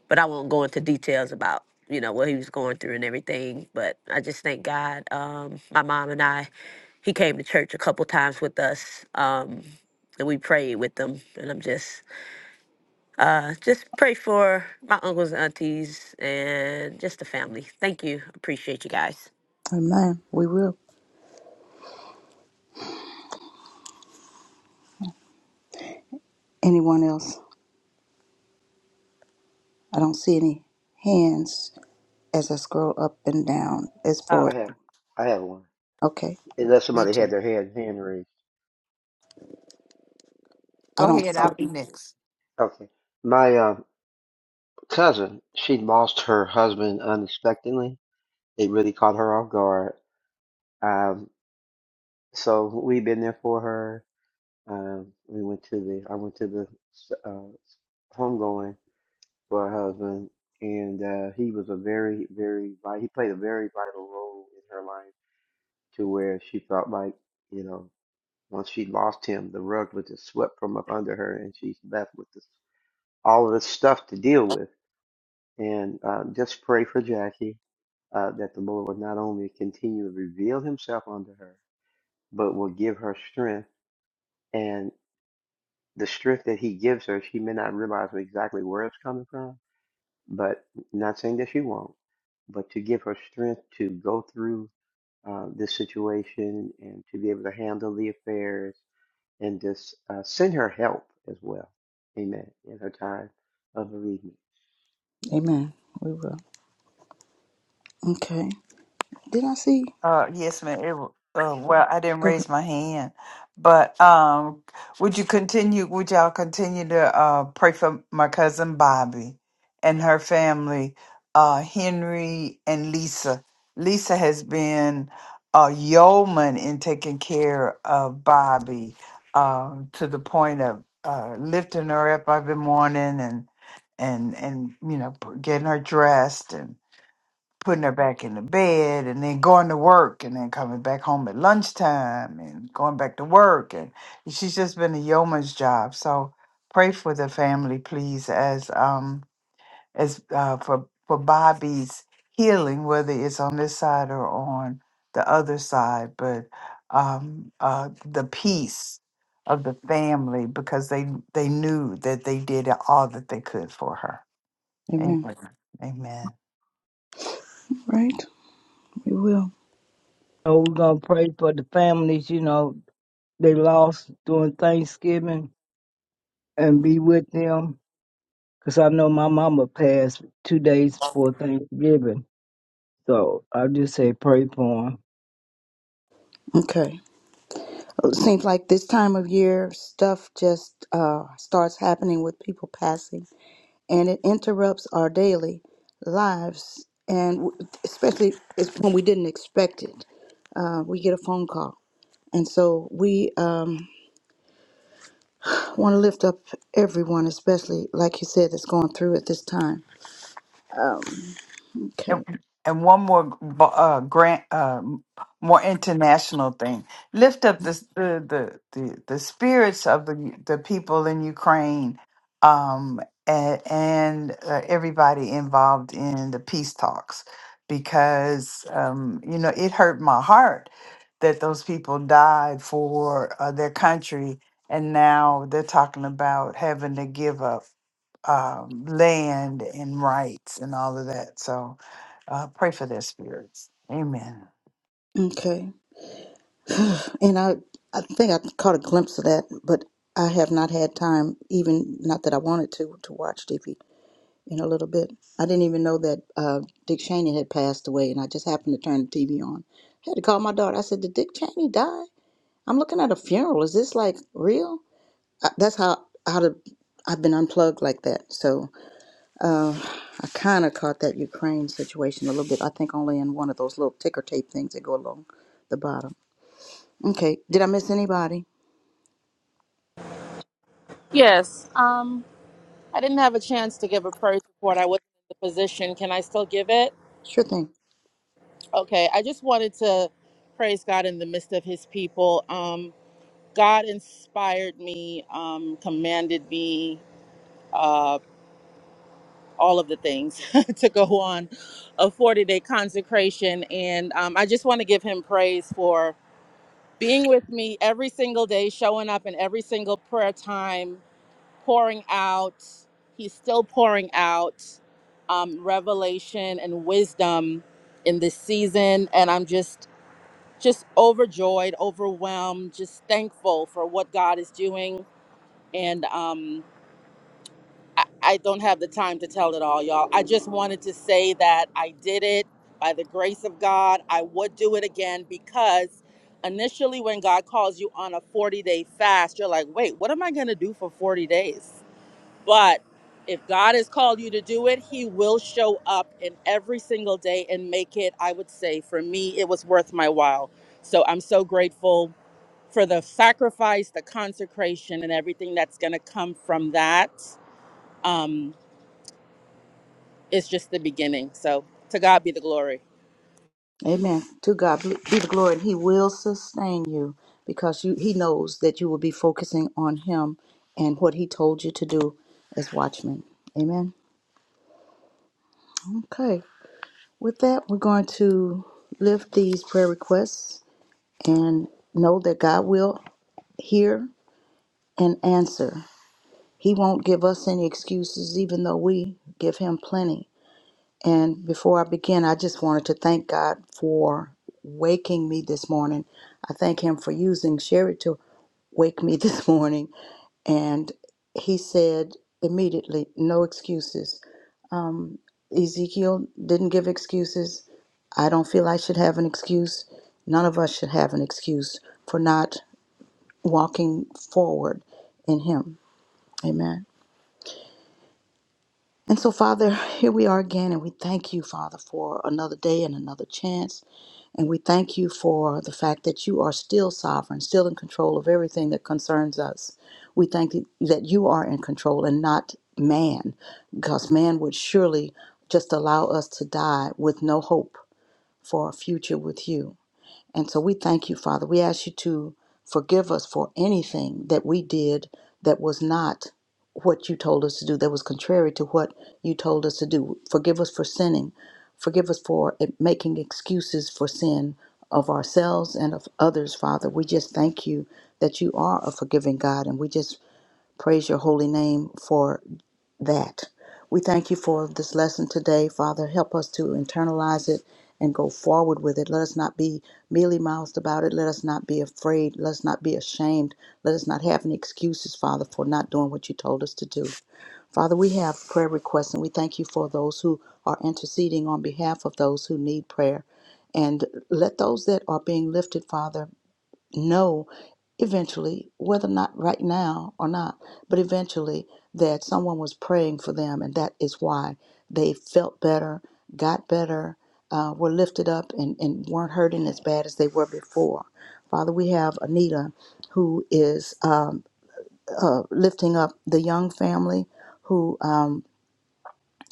S19: but I won't go into details about you know what he was going through and everything. But I just thank God. Um, my mom and I, he came to church a couple times with us, um, and we prayed with them. And I'm just uh, just pray for my uncles and aunties and just the family. Thank you. Appreciate you guys.
S10: Amen. We will. Anyone else? I don't see any hands. as I scroll up and down is
S9: Oh,
S10: for
S14: I have, I have one.
S10: okay.
S14: Unless
S9: me
S14: somebody had
S9: too.
S14: their hand hand raised.
S10: I
S9: Go
S10: don't
S9: ahead,
S10: see.
S14: Uh,
S9: I'll be next.
S14: okay. My uh, cousin, she lost her husband unexpectedly. It really caught her off guard. Um, so we've been there for her. Um, we went to the, I went to the uh, homegoing for her husband, and uh, he was a very, very, vi- he played a very vital role in her life to where she felt like, you know, once she lost him, the rug was just swept from up under her, and she's left with this, all of this stuff to deal with And uh, just pray for Jackie uh, that the Lord will not only continue to reveal himself unto her, but will give her strength. And the strength that he gives her, she may not realize exactly where it's coming from, but not saying that she won't, but to give her strength to go through uh, this situation and to be able to handle the affairs and just uh, send her help as well. Amen. In her time of bereavement. Amen.
S10: Amen. We will. Okay. Did I see?
S9: Uh, yes, ma'am. It, w- uh, well, I didn't
S10: Go ahead.
S9: raise my hand, but um, would you continue? Would y'all continue to uh, pray for my cousin Bobby and her family, uh, Henry and Lisa? Lisa has been a yeoman in taking care of Bobby um, to the point of uh, lifting her up every morning and and and you know p- getting her dressed putting her back in the bed and then going to work and then coming back home at lunchtime and going back to work and she's just been a yeoman's job so pray for the family please as um as uh, for for bobby's healing whether it's on this side or on the other side but um uh the peace of the family because they they knew that they did all that they could for her
S10: Amen.
S9: amen amen
S10: Right. We will.
S1: So we're gonna pray for the families. You know they lost during Thanksgiving and be with them. Cause I know my mama passed two days before Thanksgiving So I just say pray for him.
S10: Okay. It seems like this time of year, stuff just uh, starts happening with people passing, and it interrupts our daily lives, and w- especially it's when we didn't expect it. Uh, we get a phone call, and so we. Um, I want to lift up everyone, especially like you said, that's going through at this time. Um,
S9: And
S10: okay,
S9: and one more uh, grant, uh, more international thing. Lift up the the the, the, the spirits of the the people in Ukraine, um, and, and uh, everybody involved in the peace talks, because um, you know it hurt my heart that those people died for uh, their country, and now they're talking about having to give up um, land and rights and all of that. So uh, pray for their spirits. Amen.
S10: okay, and I, I think I caught a glimpse of that, but I have not had time, even not that I wanted to, to watch TV in a little bit. I didn't even know that uh, Dick Cheney had passed away, and I just happened to turn the TV on. I had to call my daughter. I said, "Did Dick Cheney die?" I'm looking at a funeral. Is this like real? I, that's how how to I've been unplugged like that. So Uh, I kind of caught that Ukraine situation a little bit. I think only in one of those little ticker tape things that go along the bottom. Okay, did I miss anybody?
S3: Yes. Um, I didn't have a chance to give a praise report. I wasn't in the position. Can I still give it?
S10: Sure thing.
S3: Okay. I just wanted to praise God in the midst of His people. Um, God inspired me, um, commanded me, uh, all of the things to go on a 40 day consecration. And um, I just want to give him praise for being with me every single day, showing up in every single prayer time, pouring out. He's still pouring out um, revelation and wisdom in this season. And I'm just, just overjoyed, overwhelmed, just thankful for what God is doing and um, I, I don't have the time to tell it all, y'all. I just wanted to say that I did it by the grace of God. I would do it again because initially, when God calls you on a 40 day fast, you're like, wait, what am I going to do for 40 days? But if God has called you to do it, He will show up in every single day and make it, I would say, for me, it was worth my while. So I'm so grateful for the sacrifice, the consecration, and everything that's going to come from that it's just the beginning. So to God be the glory.
S10: Amen. To God be the glory, and He will sustain you because you, He knows that you will be focusing on Him and what He told you to do as watchmen. Amen. Okay. With that, we're going to lift these prayer requests and know that God will hear and answer. He won't give us any excuses, even though we give Him plenty. And before I begin, I just wanted to thank God for waking me this morning. I thank Him for using Sherry to wake me this morning. And He said immediately, no excuses. Ezekiel didn't give excuses. I don't feel I should have an excuse. None of us should have an excuse for not walking forward in Him. Amen. And so, Father, here we are again, and we thank you, Father, for another day and another chance And we thank you for the fact that you are still sovereign, still in control of everything that concerns us. We thank you that you are in control and not man, because man would surely just allow us to die with no hope for a future with you. And so we thank you, Father. We ask you to forgive us for anything that we did that was not what you told us to do, that was contrary to what you told us to do. Forgive us for sinning. Forgive us for eh, making excuses for sin of ourselves and of others, Father. We just thank you that you are a forgiving God, and we just praise your holy name for that. We thank you for this lesson today, Father. Help us to internalize it and go forward with it. Let us not be mealy mouthed about it. Let us not be afraid. Let us not be ashamed. Let us not have any excuses, Father, for not doing what you told us to do. Father, we have prayer requests and we thank you for those who are interceding on behalf of those who need prayer. And let those that are being lifted, Father, know eventually, whether or not right now or not, but eventually that someone was praying for them, and that is why they felt better, got better, uh, were lifted up, and, and weren't hurting as bad as they were before. Father, we have Anita who is um, uh, lifting up the young family who. um,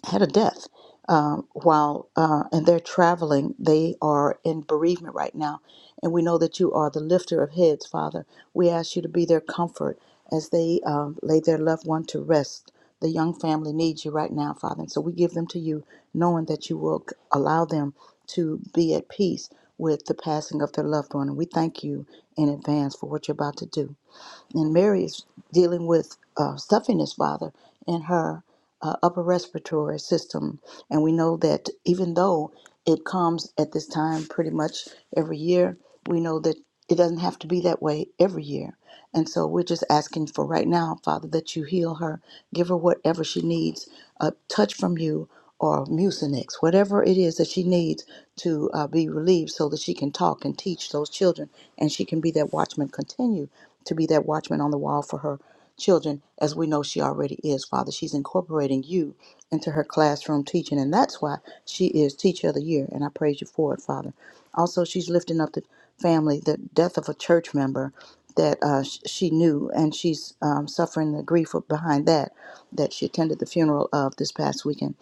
S10: had a death um, while uh, and they're traveling they are in bereavement right now and we know that you are the lifter of heads father we ask you to be their comfort as they um, lay their loved one to rest the young family needs you right now father and so we give them to you knowing that you will c- allow them to be at peace with the passing of their loved one and we thank you in advance for what you're about to do and Mary is dealing with uh, stuffiness, Father, in her uh, upper respiratory system. And we know that even though it comes at this time pretty much every year, we know that it doesn't have to be that way every year. And so we're just asking for right now, Father, that you heal her, give her whatever she needs, a touch from you or mucinex, whatever it is that she needs to uh, be relieved so that she can talk and teach those children and she can be that watchman, continue to be that watchman on the wall for her children as we know she already is, Father. She's incorporating you into her classroom teaching, and that's why she is Teacher of the Year, and I praise you for it, Father. Also, she's lifting up the family, the death of a church member that uh, sh- she knew, and she's um, suffering the grief behind that, that she attended the funeral of this past weekend.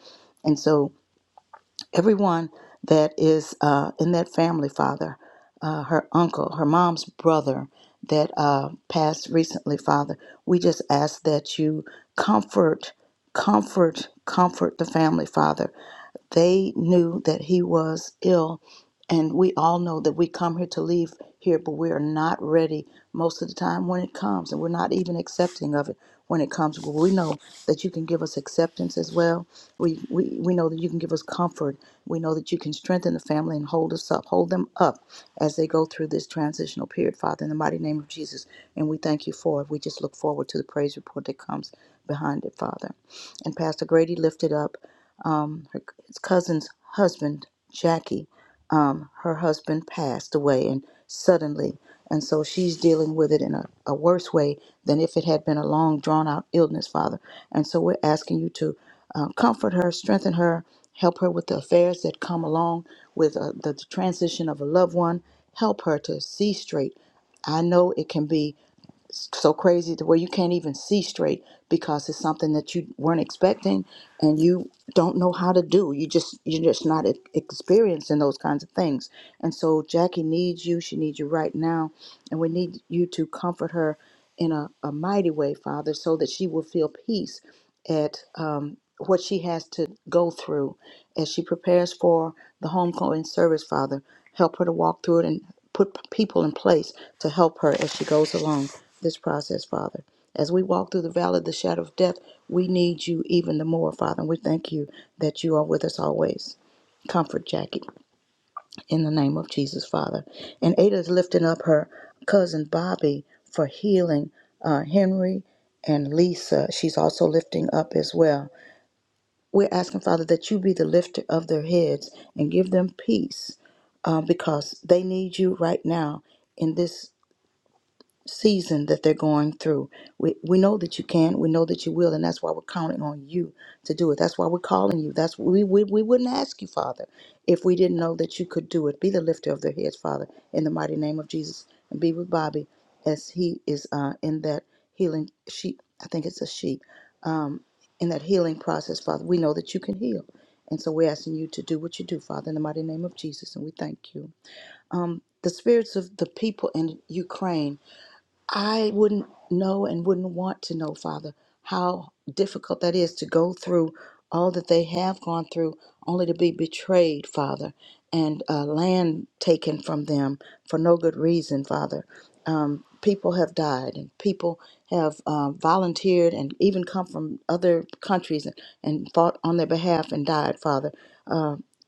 S10: And so, everyone that is uh, in that family, Father, uh, her uncle, her mom's brother that uh, passed recently, Father, we just ask that you comfort, comfort, comfort the family, Father. They knew that he was ill and we all know that we come here to leave here, but we are not ready most of the time when it comes, and we're not even accepting of it when it comes. But we know that you can give us acceptance as well. We, we we know that you can give us comfort. We know that you can strengthen the family and hold us up, hold them up as they go through this transitional period, Father, in the mighty name of Jesus. And we thank you for it. We just look forward to the praise report that comes behind it, Father. And Pastor Grady lifted up um, her c- cousin's husband, Jackie, um, her husband passed away and suddenly. And so she's dealing with it in a, a worse way than if it had been a long, drawn out illness, Father. And so we're asking you to uh, comfort her, strengthen her, help her with the affairs that come along with uh, the the transition of a loved one. Help her to see straight. I know it can be so crazy to where you can't even see straight because it's something that you weren't expecting and you don't know how to do. You just you're just not e- experiencing those kinds of things. And so Jackie needs you. She needs you right now, and we need you to comfort her in a, a mighty way, Father, so that she will feel peace at um, what she has to go through as she prepares for the homecoming service, Father help her to walk through it and put people in place to help her as she goes along this process, Father. As we walk through the valley of the shadow of death, we need you even the more, Father. And we thank you that you are with us always. Comfort Jackie in the name of Jesus, Father. And Ada is lifting up her cousin Bobby for healing uh, Henry and Lisa. She's also lifting up as well we're asking, Father, that you be the lifter of their heads and give them peace uh, because they need you right now in this season that they're going through. We, we know that you can. We know that you will. And that's why we're counting on you to do it. That's why we're calling you. That's we, we, we wouldn't ask you, Father, if we didn't know that you could do it. Be the lifter of their heads, Father, in the mighty name of Jesus. And be with Bobby as he is uh, in that healing sheep. I think it's a sheep. Um, in that healing process, Father, we know that you can heal. And so we're asking you to do what you do, Father, in the mighty name of Jesus. And we thank you. Um, the spirits of the people in Ukraine I wouldn't know and wouldn't want to know, Father, how difficult that is to go through all that they have gone through, only to be betrayed, Father, and uh, land taken from them for no good reason, Father. Um, people have died, and people have uh, volunteered and even come from other countries and, and fought on their behalf and died, Father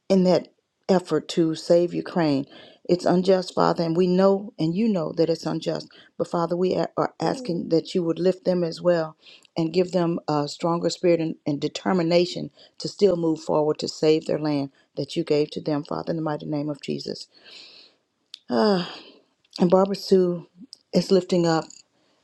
S10: in that effort to save Ukraine. It's unjust, Father, and we know and you know that it's unjust. But Father, we a- are asking that you would lift them as well and give them a stronger spirit and, and determination to still move forward to save their land that you gave to them, Father, in the mighty name of Jesus. And Barbara Sue is lifting up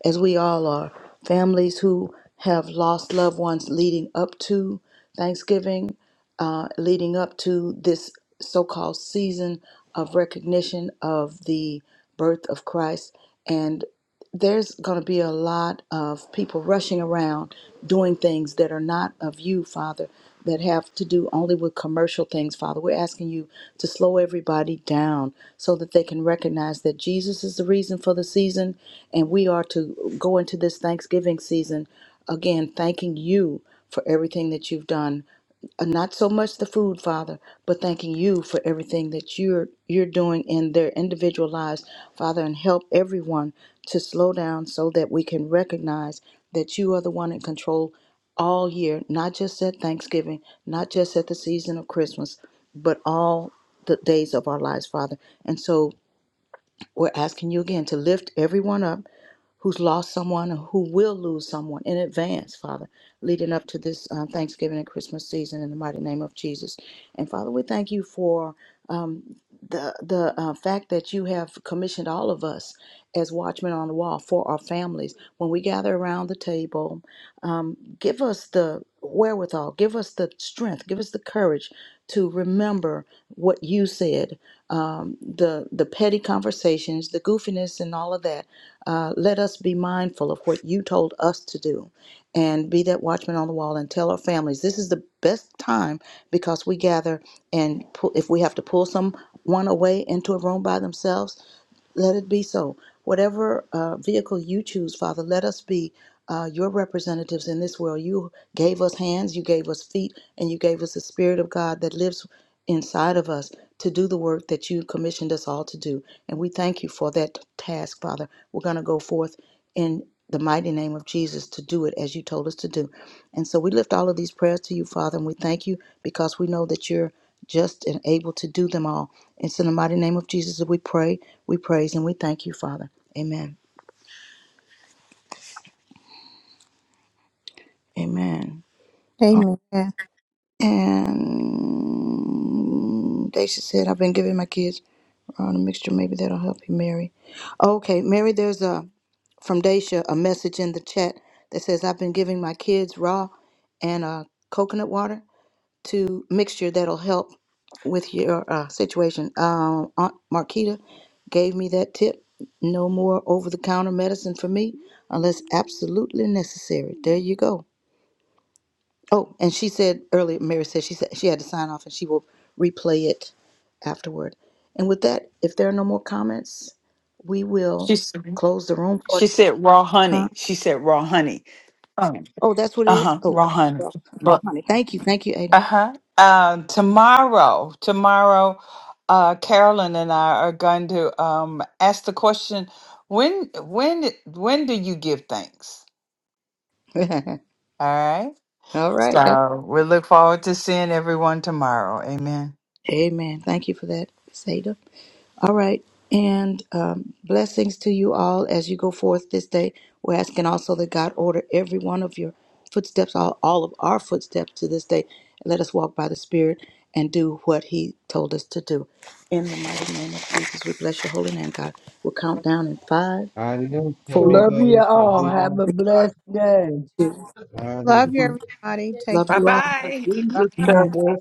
S10: as we all are. Families who have lost loved ones leading up to Thanksgiving, uh, leading up to this so called season of recognition of the birth of Christ. And there's going to be a lot of people rushing around doing things that are not of you, Father that have to do only with commercial things, Father. We're asking you to slow everybody down so that they can recognize that Jesus is the reason for the season, and we are to go into this Thanksgiving season again, thanking you for everything that you've done uh, not so much the food, Father, but thanking you for everything that you're you're doing in their individual lives, Father, and help everyone to slow down so that we can recognize that you are the one in control all year, not just at Thanksgiving, not just at the season of Christmas, but all the days of our lives, Father. And so we're asking you again to lift everyone up who's lost someone or who will lose someone in advance, Father, leading up to this uh, Thanksgiving and Christmas season in the mighty name of Jesus. And Father, we thank you for um, the the uh, fact that you have commissioned all of us as watchmen on the wall for our families when we gather around the table. Um, give us the wherewithal, give us the strength, give us the courage to remember what you said, um, the the petty conversations, the goofiness, and all of that uh, let us be mindful of what you told us to do and be that watchman on the wall and tell our families this is the best time because we gather and pull, if we have to pull someone away into a room by themselves, let it be so. Whatever uh, vehicle you choose, Father, let us be uh, your representatives in this world. You gave us hands, you gave us feet, and you gave us the Spirit of God that lives inside of us to do the work that you commissioned us all to do. And we thank you for that task, Father. We're going to go forth in the mighty name of Jesus to do it as you told us to do. And so we lift all of these prayers to you, Father, and we thank you because we know that you're just and able to do them all. It's in the mighty name of Jesus that we pray, we praise, and we thank you, Father. Amen. Amen.
S2: Amen.
S10: And Daisy said, I've been giving my kids on a mixture. Maybe that'll help you, Mary. Okay, Mary, there's a from Daisha a message in the chat that says, I've been giving my kids raw and uh, coconut water to mixture that'll help with your uh, situation. Uh, Aunt Marquita gave me that tip. No more over the counter medicine for me unless absolutely necessary. There you go. Oh, and she said earlier, Mary said she said she had to sign off and she will replay it afterward. And with that, if there are no more comments, we
S9: She
S10: will
S9: s-
S10: close the room
S9: she
S10: for
S9: said raw
S10: huh?
S9: honey. She said raw honey. Um,
S10: Oh, that's what it
S9: Uh
S10: is.
S9: huh.
S10: Oh,
S9: Raw honey.
S10: raw, raw
S9: But
S10: honey. Thank you, thank you,
S9: uh huh. Um, tomorrow, tomorrow, uh, Carolyn and I are going to um ask the question when when when do you give thanks?
S10: Ada.
S9: All right.
S10: All right. that-
S9: So we look forward to seeing everyone tomorrow. Amen.
S10: Amen. Thank you for that, Sada. All right. And um, blessings to you all as you go forth this day. We're asking also that God order every one of your footsteps, all, all of our footsteps to this day. Let us walk by the Spirit and do what He told us to do. In the mighty name of Jesus, we bless your holy name, God. We'll count down in five,
S6: Adios,
S10: four,
S1: Love you
S6: amigos,
S1: all. Have a blessed day.
S10: two,
S2: Love
S6: amigos.
S2: you,
S10: one.
S2: everybody. Take
S10: Love
S17: Bye
S2: care.
S10: you all.
S11: But
S17: bye.
S2: Bye.
S11: Jesus
S10: Amen.
S11: tells us